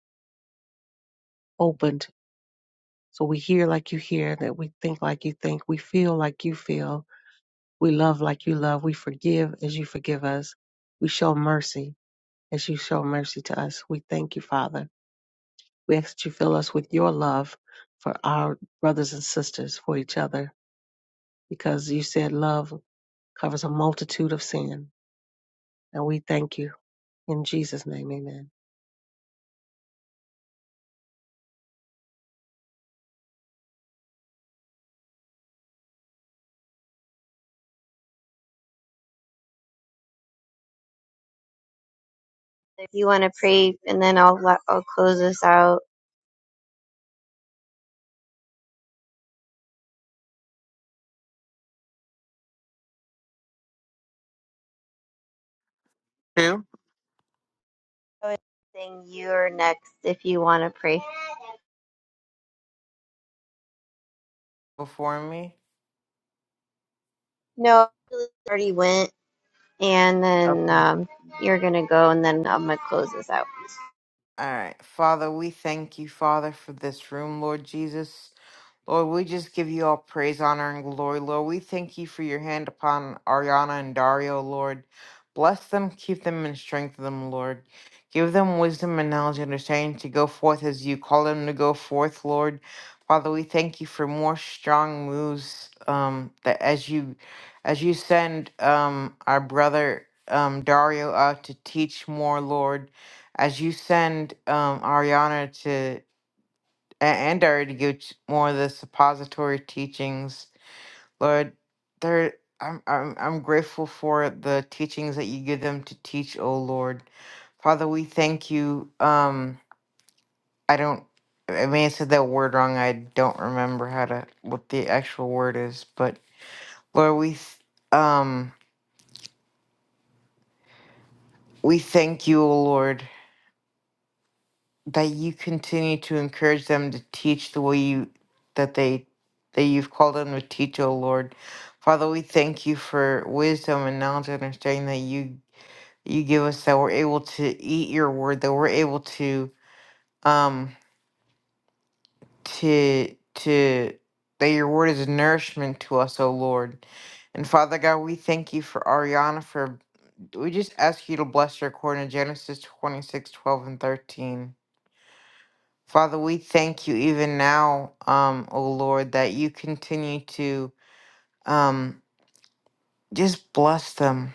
opened So we hear like you hear, that we think like you think, we feel like you feel, we love like you love, we forgive as you forgive us, we show mercy as you show mercy to us. We thank you, Father. We ask that you fill us with your love for our brothers and sisters, for each other, because you said love covers a multitude of sin. And we thank you. In Jesus' name, amen. If you want to pray, and then I'll I'll close us out. Who I would sing you're next if you want to pray. before me? No, I really already went, and then Okay. um, you're going to go, and then I'm going to close this out. All right. Father, we thank you, Father, for this room, Lord Jesus. Lord, we just give you all praise, honor, and glory, Lord. We thank you for your hand upon Ariana and Dario, Lord. Bless them, keep them, and strengthen them, Lord. Give them wisdom and knowledge and understanding to go forth as you call them to go forth, Lord. Father, we thank you for more strong moves um, that as you as you send um, our brother um, Dario out to teach more, Lord. As you send um, Ariana a- and our to give ch- more of the suppository teachings. Lord, there I'm I'm I'm grateful for the teachings that you give them to teach, O Lord. Father, we thank you. Um I don't I may have said that word wrong. I don't remember how to what the actual word is, but Lord, we th- um we thank you, O Lord, that you continue to encourage them to teach the way you that they that you've called them to teach, O Lord. Father, we thank you for wisdom and knowledge and understanding that you you give us that we're able to eat your word, that we're able to um to to that your word is nourishment to us, O Lord. And Father God, we thank you for Ariana for we just ask you to bless her according to Genesis twenty six, twelve and thirteen. Father, we thank you even now, um, O Lord, that you continue to um, just bless them.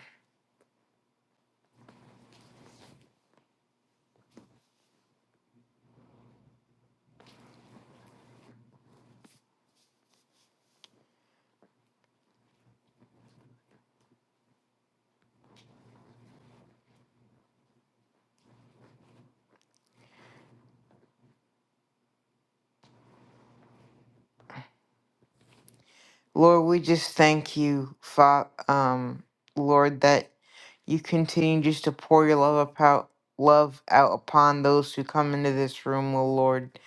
Lord, we just thank you, Fa- um, Lord, that you continue just to pour your love up out, love out upon those who come into this room, O Lord.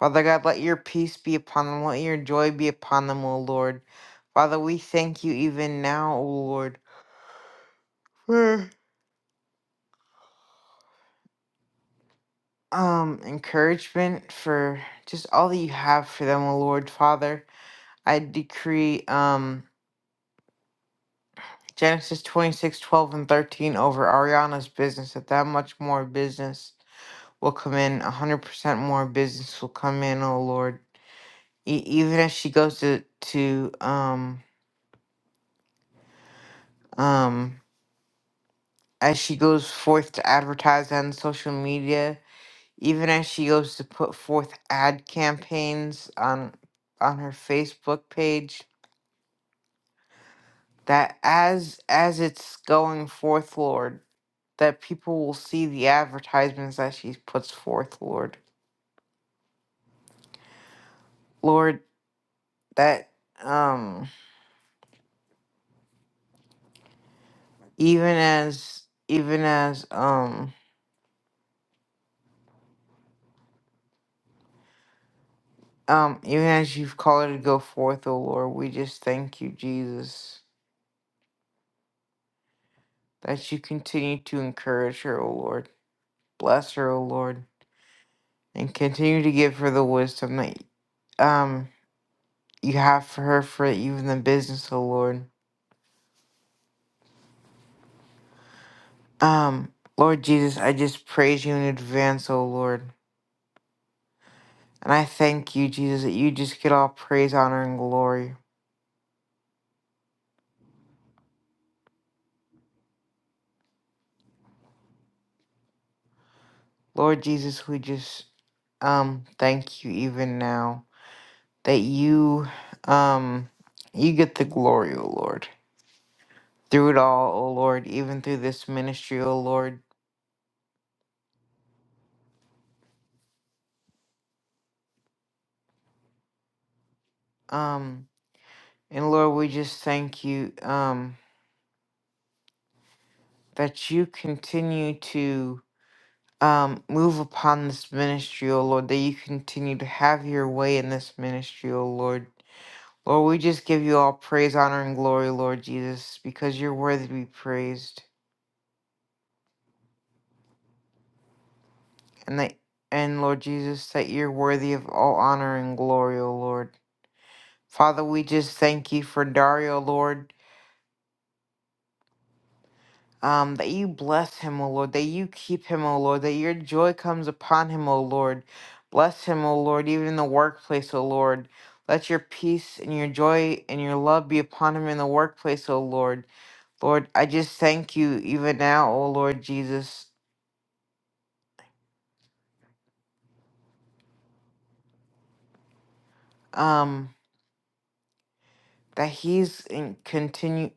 Father God, let your peace be upon them, let your joy be upon them, O Lord. Father, we thank you even now, O Lord. um encouragement for just all that you have for them, O Lord Father. I decree um Genesis 26 12 and 13 over Ariana's business, that that much more business will come in, 100% more business will come in, O Lord. E- even as she goes to, to um, um, as she goes forth to advertise on social media, even as she goes to put forth ad campaigns on, on her Facebook page, that as as it's going forth, Lord, that people will see the advertisements that she puts forth, Lord. Lord, that um even as even as um um even as you've called her to go forth, O Lord, we just thank you, Jesus, that you continue to encourage her, O Lord. Bless her, O Lord, and continue to give her the wisdom that um you have for her for even the business, O Lord. Um, Lord Jesus, I just praise you in advance, O Lord. And I thank you, Jesus, that you just get all praise, honor, and glory. Lord Jesus, we just um thank you even now that you um you get the glory, O Lord. Through it all, O Lord, even through this ministry, O Lord. Um and Lord, we just thank you um that you continue to um, move upon this ministry, O Lord, that you continue to have your way in this ministry, O Lord. Lord, we just give you all praise, honor, and glory, Lord Jesus, because you're worthy to be praised. And that and Lord Jesus, that you're worthy of all honor and glory, O Lord. Father, we just thank you for Dario, Lord. Um, that you bless him, O Lord, that you keep him, O Lord, that your joy comes upon him, O Lord. Bless him, O Lord, even in the workplace, O Lord. Let your peace and your joy and your love be upon him in the workplace, O Lord. Lord, I just thank you even now, O Lord Jesus, um, that he's in continue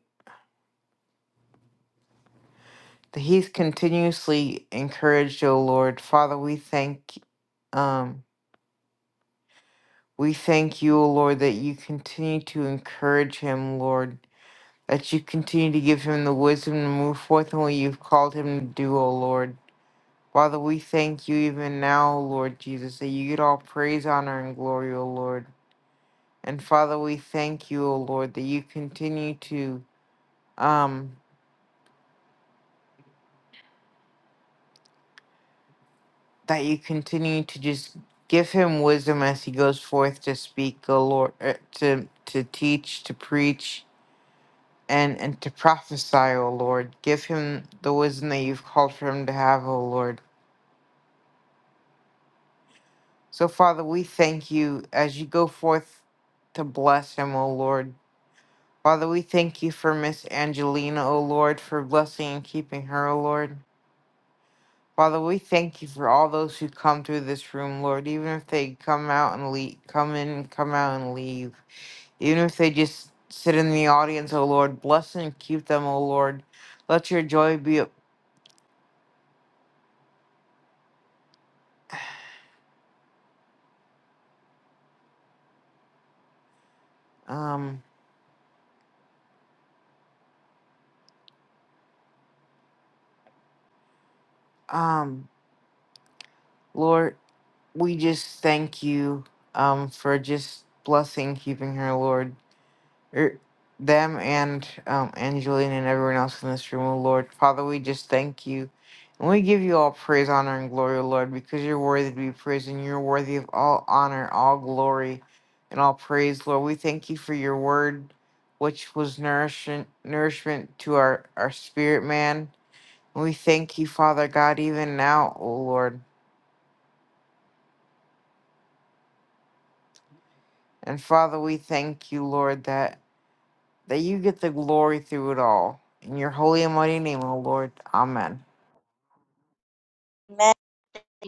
that he's continuously encouraged, O Lord. Father, we thank um we thank you, O Lord, that you continue to encourage him, Lord. that you continue to give him the wisdom to move forth in what you've called him to do, O Lord. Father, we thank you even now, O Lord Jesus, that you get all praise, honor, and glory, O Lord. And Father, we thank you, O Lord, that you continue to, um, that you continue to just give him wisdom as he goes forth to speak, O Lord, uh, to to teach, to preach, and and to prophesy, O Lord. Give him the wisdom that you've called for him to have, O Lord. So, Father, we thank you as you go forth to bless him, O Lord. Father, we thank you for Miss Angelina, O Lord, for blessing and keeping her, O Lord. Father, we thank you for all those who come through this room, Lord, even if they come out and leave, come in and come out and leave, even if they just sit in the audience, O Lord, bless and keep them, O Lord. Let your joy be, um, um, Lord. we just thank you um for just blessing keeping her lord er, them and um angeline and everyone else in this room oh lord father we just thank you and we give you all praise honor and glory O lord because you're worthy to be praised and you're worthy of all honor all glory and all praise lord we thank you for your word which was nourishment nourishment to our our spirit man and we thank you father god even now O lord And Father, we thank you, Lord, that, that you get the glory through it all. In your holy and mighty name, O Lord. Amen. Amen.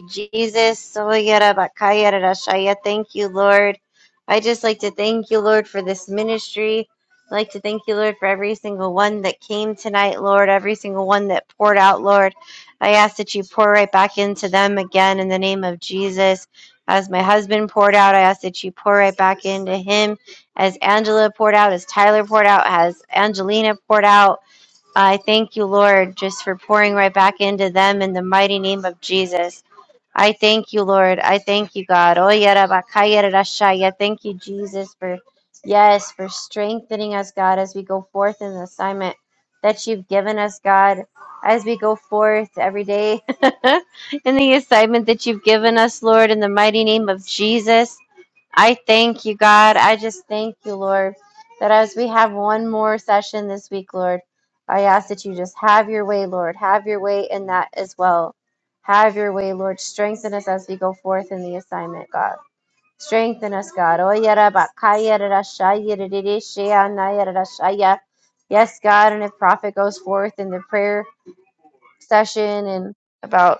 Jesus, Soyera Bakayera Rashaya. Thank you, Lord. I just like to thank you, Lord, for this ministry. I'd like to thank you, Lord, for every single one that came tonight, Lord, every single one that poured out, Lord. I ask that you pour right back into them again in the name of Jesus. As my husband poured out, I ask that you pour right back into him. As Angela poured out, as Tyler poured out, as Angelina poured out, I thank you, Lord, just for pouring right back into them in the mighty name of Jesus. I thank you, Lord. I thank you, God. Oh, yada ba ka yada da sha. Yeah, Thank you, Jesus, for yes, for strengthening us, God, as we go forth in the assignment that you've given us, God, as we go forth every day in the assignment that you've given us, Lord, in the mighty name of Jesus. I thank you, God. I just thank you, Lord, that as we have one more session this week, Lord, I ask that you just have your way, Lord. Have your way in that as well. Have your way, Lord. Strengthen us as we go forth in the assignment, God. Strengthen us, God. Oh, yada ba ka yada da sha yada di di shi ya na yada da sha ya. Yes, God. And if prophet goes forth in the prayer session in about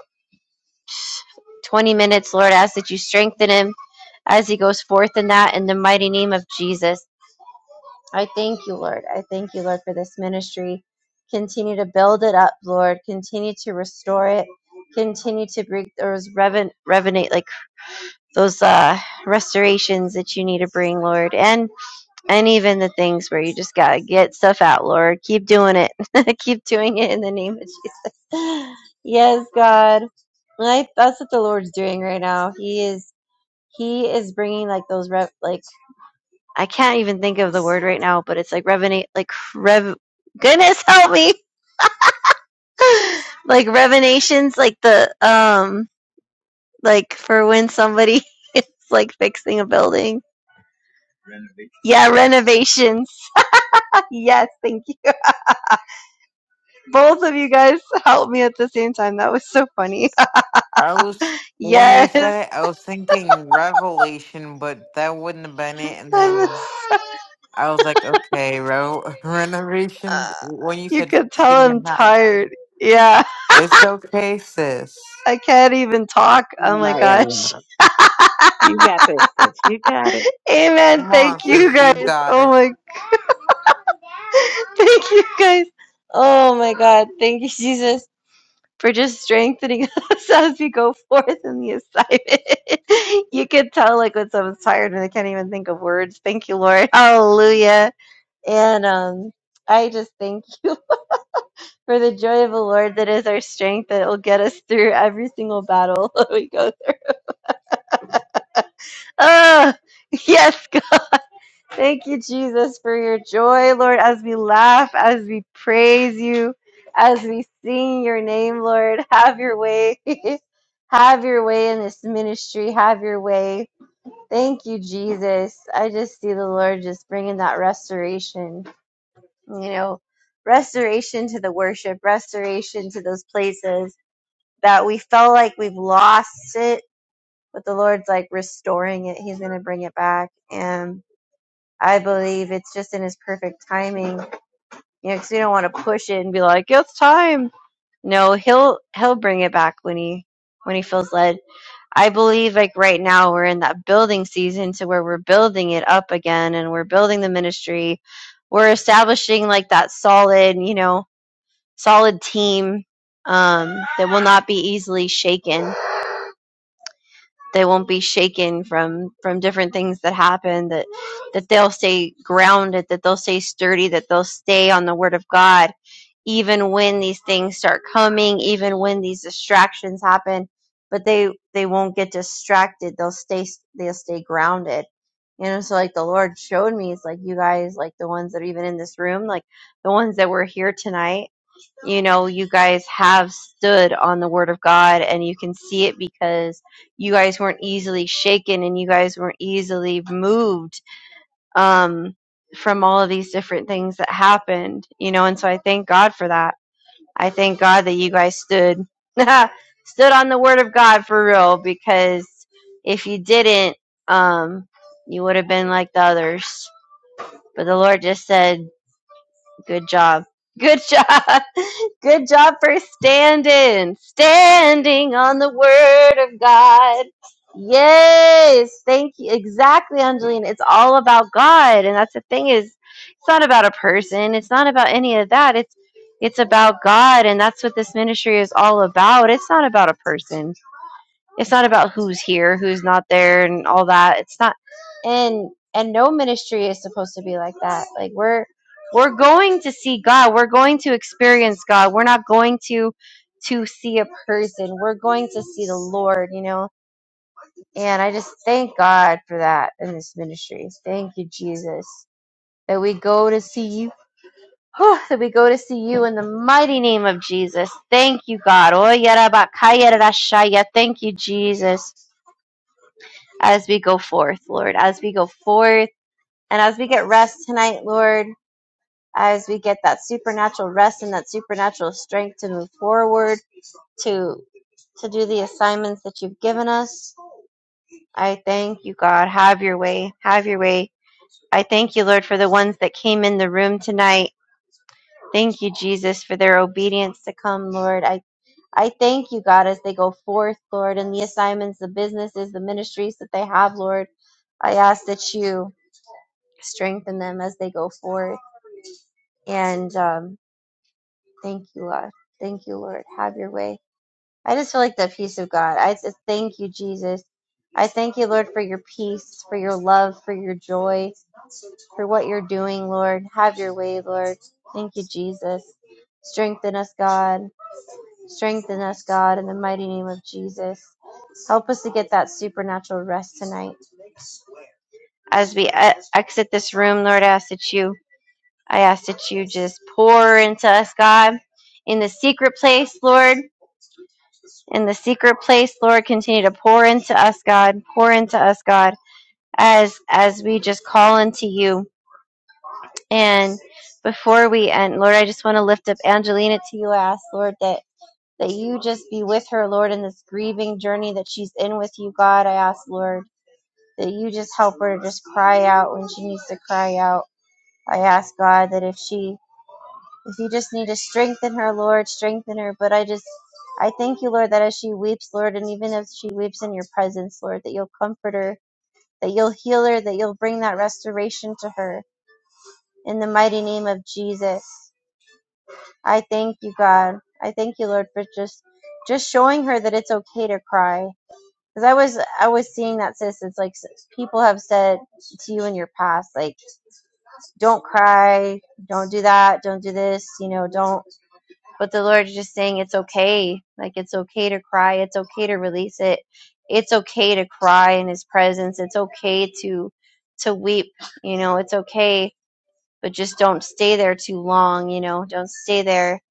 20 minutes, Lord, I ask that you strengthen him as he goes forth in that in the mighty name of Jesus. I thank you, Lord. I thank you, Lord, for this ministry. Continue to build it up, Lord. Continue to restore it. Continue to bring those reven- revenate like those uh restorations that you need to bring, Lord, and and even the things where you just gotta get stuff out, Lord. Keep doing it. Keep doing it in the name of Jesus. Yes, God. And I, that's what the Lord's doing right now. He is He is bringing like those rev like I can't even think of the word right now, but it's like revenate, like rev. Goodness help me, like revenations, like the um, like for when somebody is like fixing a building. Yeah, renovations. yes, thank you. Both of you guys helped me at the same time. That was so funny. I was when you yes, said it, I was thinking revelation, but that wouldn't have been it. And I'm then so- I was like, okay, re- renovations. When you you said could tell fixing and I'm not, tired. Yeah, it's okay, sis. I can't even talk. Oh All my right, gosh. Ariana. You got this, sis. You got it. Amen. Come Thank on, you sis, you guys. got Oh it. my thank you guys. Oh my God. Thank you, Jesus, for just strengthening us as we go forth in the assignment. you can tell like when someone's tired and they can't even think of words. Thank you, Lord. Hallelujah. And um I just thank you for the joy of the Lord that is our strength that will get us through every single battle that we go through. Ah, yes, Thank you, Jesus, for your joy, Lord, as we laugh, as we praise you, as we sing your name, Lord. Have your way. Have your way in this ministry. Have your way. Thank you, Jesus. I just see the Lord just bringing that restoration, you know, restoration to the worship, restoration to those places that we felt like we've lost it, but the Lord's like restoring it. He's going to bring it back. and. I believe it's just in his perfect timing. You know, because we don't want to push it and be like, it's time. No, he'll he'll bring it back when he when he feels led. I believe like right now we're in that building season to where we're building it up again and we're building the ministry. We're establishing like that solid, you know, solid team um, that will not be easily shaken they won't be shaken from from different things that happen that that they'll stay grounded that they'll stay sturdy that they'll stay on the word of god even when these things start coming even when these distractions happen but they they won't get distracted they'll stay they'll stay grounded you know so like the lord showed me it's like you guys like the ones that are even in this room like the ones that were here tonight you know you guys have stood on the word of god and you can see it because you guys weren't easily shaken and you guys weren't easily moved um from all of these different things that happened you know and so i thank god for that i thank god that you guys stood stood on the word of god for real because if you didn't um you would have been like the others but the lord just said Good job. Good job. Good job for standing. Standing on the word of God. Yes. Thank you. Exactly, Angeline. It's all about God. And that's the thing is it's not about a person. It's not about any of that. It's it's about God and that's what this ministry is all about. It's not about a person it's not about who's here, who's not there, and all that. It's not, and and no ministry is supposed to be like that. Like we're we're going to see God. We're going to experience God. We're not going to to see a person. We're going to see the Lord. You know, and I just thank God for that in this ministry. Thank you, Jesus, that we go to see you. Whew, that we go to see you in the mighty name of Jesus. Thank you, God. Oh, yarabakayarashaya. Thank you, Jesus as we go forth, Lord, as we go forth and as we get rest tonight, Lord, as we get that supernatural rest and that supernatural strength to move forward to to do the assignments that you've given us. I thank you, God. Have your way. Have your way. I thank you, Lord, for the ones that came in the room tonight. Thank you, Jesus, for their obedience to come, Lord. I I thank you, God, as they go forth, Lord, in the assignments, the businesses, the ministries that they have, Lord. I ask that you strengthen them as they go forward. And um, thank you, Lord. Thank you, Lord. Have your way. I just feel like the peace of God. I just thank you, Jesus. I thank you, Lord, for your peace, for your love, for your joy, for what you're doing, Lord. Have your way, Lord. Thank you, Jesus. Strengthen us, God. Strengthen us, God, in the mighty name of Jesus. Help us to get that supernatural rest tonight. As we e- exit this room, Lord, I ask that you I ask that you just pour into us, God, in the secret place, Lord. In the secret place, Lord, continue to pour into us, God. Pour into us, God, as as we just call into you. And before we end, Lord, I just want to lift up Angelina to you. I ask, Lord, that that you just be with her, Lord, in this grieving journey that she's in with you, God. I ask, Lord, that you just help her to just cry out when she needs to cry out. I ask God that if she If you just need to strengthen her, Lord, strengthen her. But I just, I thank you, Lord, that as she weeps, Lord, and even if she weeps in your presence, Lord, that you'll comfort her, that you'll heal her, that you'll bring that restoration to her in the mighty name of Jesus. I thank you, God. I thank you, Lord, for just, just showing her that it's okay to cry. Because I was, I was seeing that, sis. It's like people have said to you in your past, like, don't cry, don't do that, don't do this, you know, don't but the Lord is just saying it's okay. Like it's okay to cry. It's okay to release it. It's okay to cry in His presence. It's okay to to weep. You know, it's okay, but just don't stay there too long. You know, don't stay there.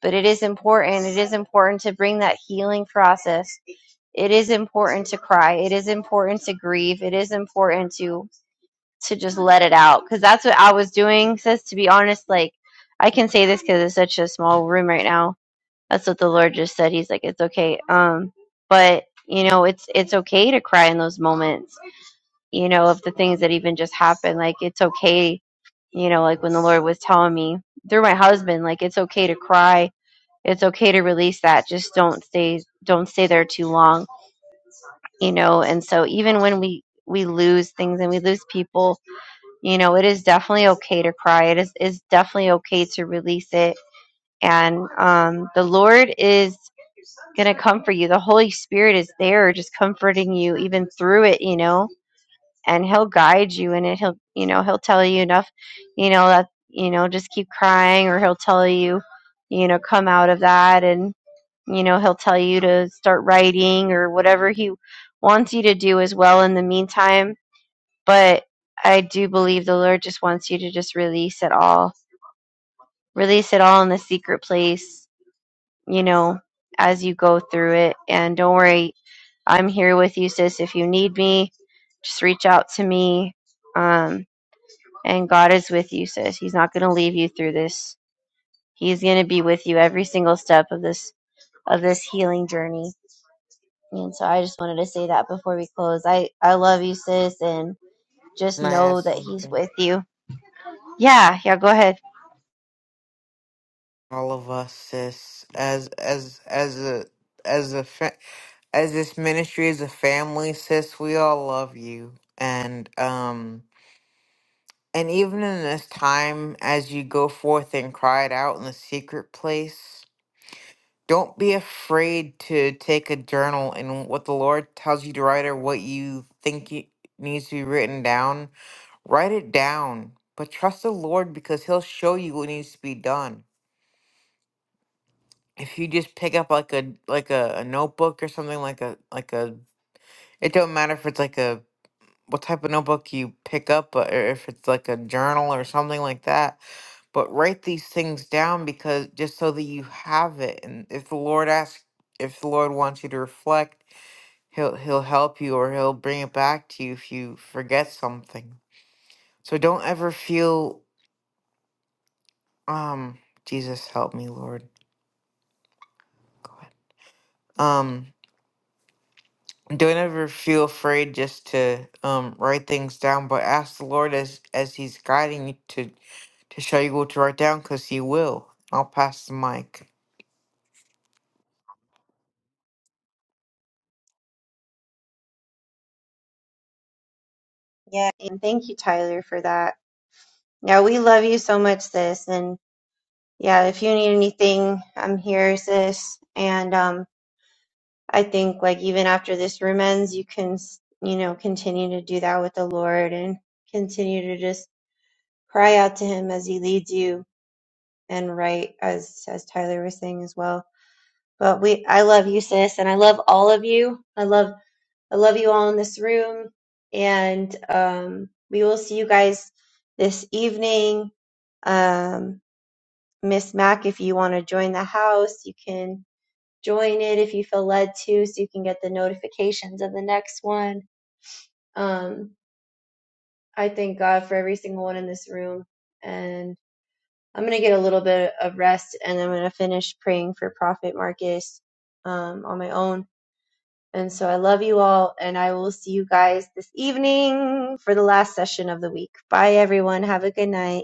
But it is important. It is important to bring that healing process. It is important to cry. It is important to grieve. It is important to to just let it out because that's what I was doing. Sis, to be honest, like I can say this because it's such a small room right now that's what the Lord just said. He's like, it's okay. Um, but you know, it's it's okay to cry in those moments. You know, of the things that even just happened. Like it's okay. You know, like when the Lord was telling me through my husband, like it's okay to cry. It's okay to release that. Just don't stay don't stay there too long. You know, and so even when we we lose things and we lose people, you know, it is definitely okay to cry. It is is definitely okay to release it and um, the Lord is going to comfort you. The Holy Spirit is there just comforting you even through it, you know, and he'll guide you in it. He'll, you know, he'll tell you enough, you know, that, you know, just keep crying or he'll tell you, you know, come out of that and, you know, he'll tell you to start writing or whatever he wants you to do as well in the meantime. But I do believe the Lord just wants you to just release it all. Release it all in the secret place you know, as you go through it. And don't worry, I'm here with you, sis. If you need me, just reach out to me. Um, and God is with you, sis. He's not going to leave you through this. He's going to be with you every single step of this of this healing journey. And so I just wanted to say that before we close. I I love you, sis, and just Can I add know that He's something? with you. Yeah, yeah. Go ahead. All of us, sis, as as as a as a fa- as this ministry is a family, sis, we all love you. And um and even in this time as you go forth and cry it out in the secret place, don't be afraid to take a journal and what the Lord tells you to write or what you think you, needs to be written down, write it down. But trust the Lord because he'll show you what needs to be done. If you just pick up like a like a, a notebook or something like a like a it don't matter if it's like a what type of notebook you pick up uh, or if it's like a journal or something like that but write these things down because just so that you have it and if the lord asks if the lord wants you to reflect he'll he'll help you or he'll bring it back to you if you forget something so don't ever feel um jesus help me lord Go ahead, um. don't ever feel afraid just to um write things down but ask the lord as as he's guiding you to to show you what to write down because he will i'll pass the mic Yeah, and thank you, Tyler, for that. Yeah, we love you so much, sis, and Yeah, if you need anything, I'm here, sis. And um, I think like even after this room ends, you can s- you know continue to do that with the Lord and continue to just cry out to Him as He leads you and right as as Tyler was saying as well. But we, I love you, sis, and I love all of you. I love I love you all in this room, and um, we will see you guys this evening. Um, Miss Mac, if you want to join the house, you can join it if you feel led to so you can get the notifications of the next one. Um, I thank God for every single one in this room. And I'm going to get a little bit of rest and I'm going to finish praying for Prophet Marcus um, on my own. And so I love you all and I will see you guys this evening for the last session of the week. Bye, everyone. Have a good night.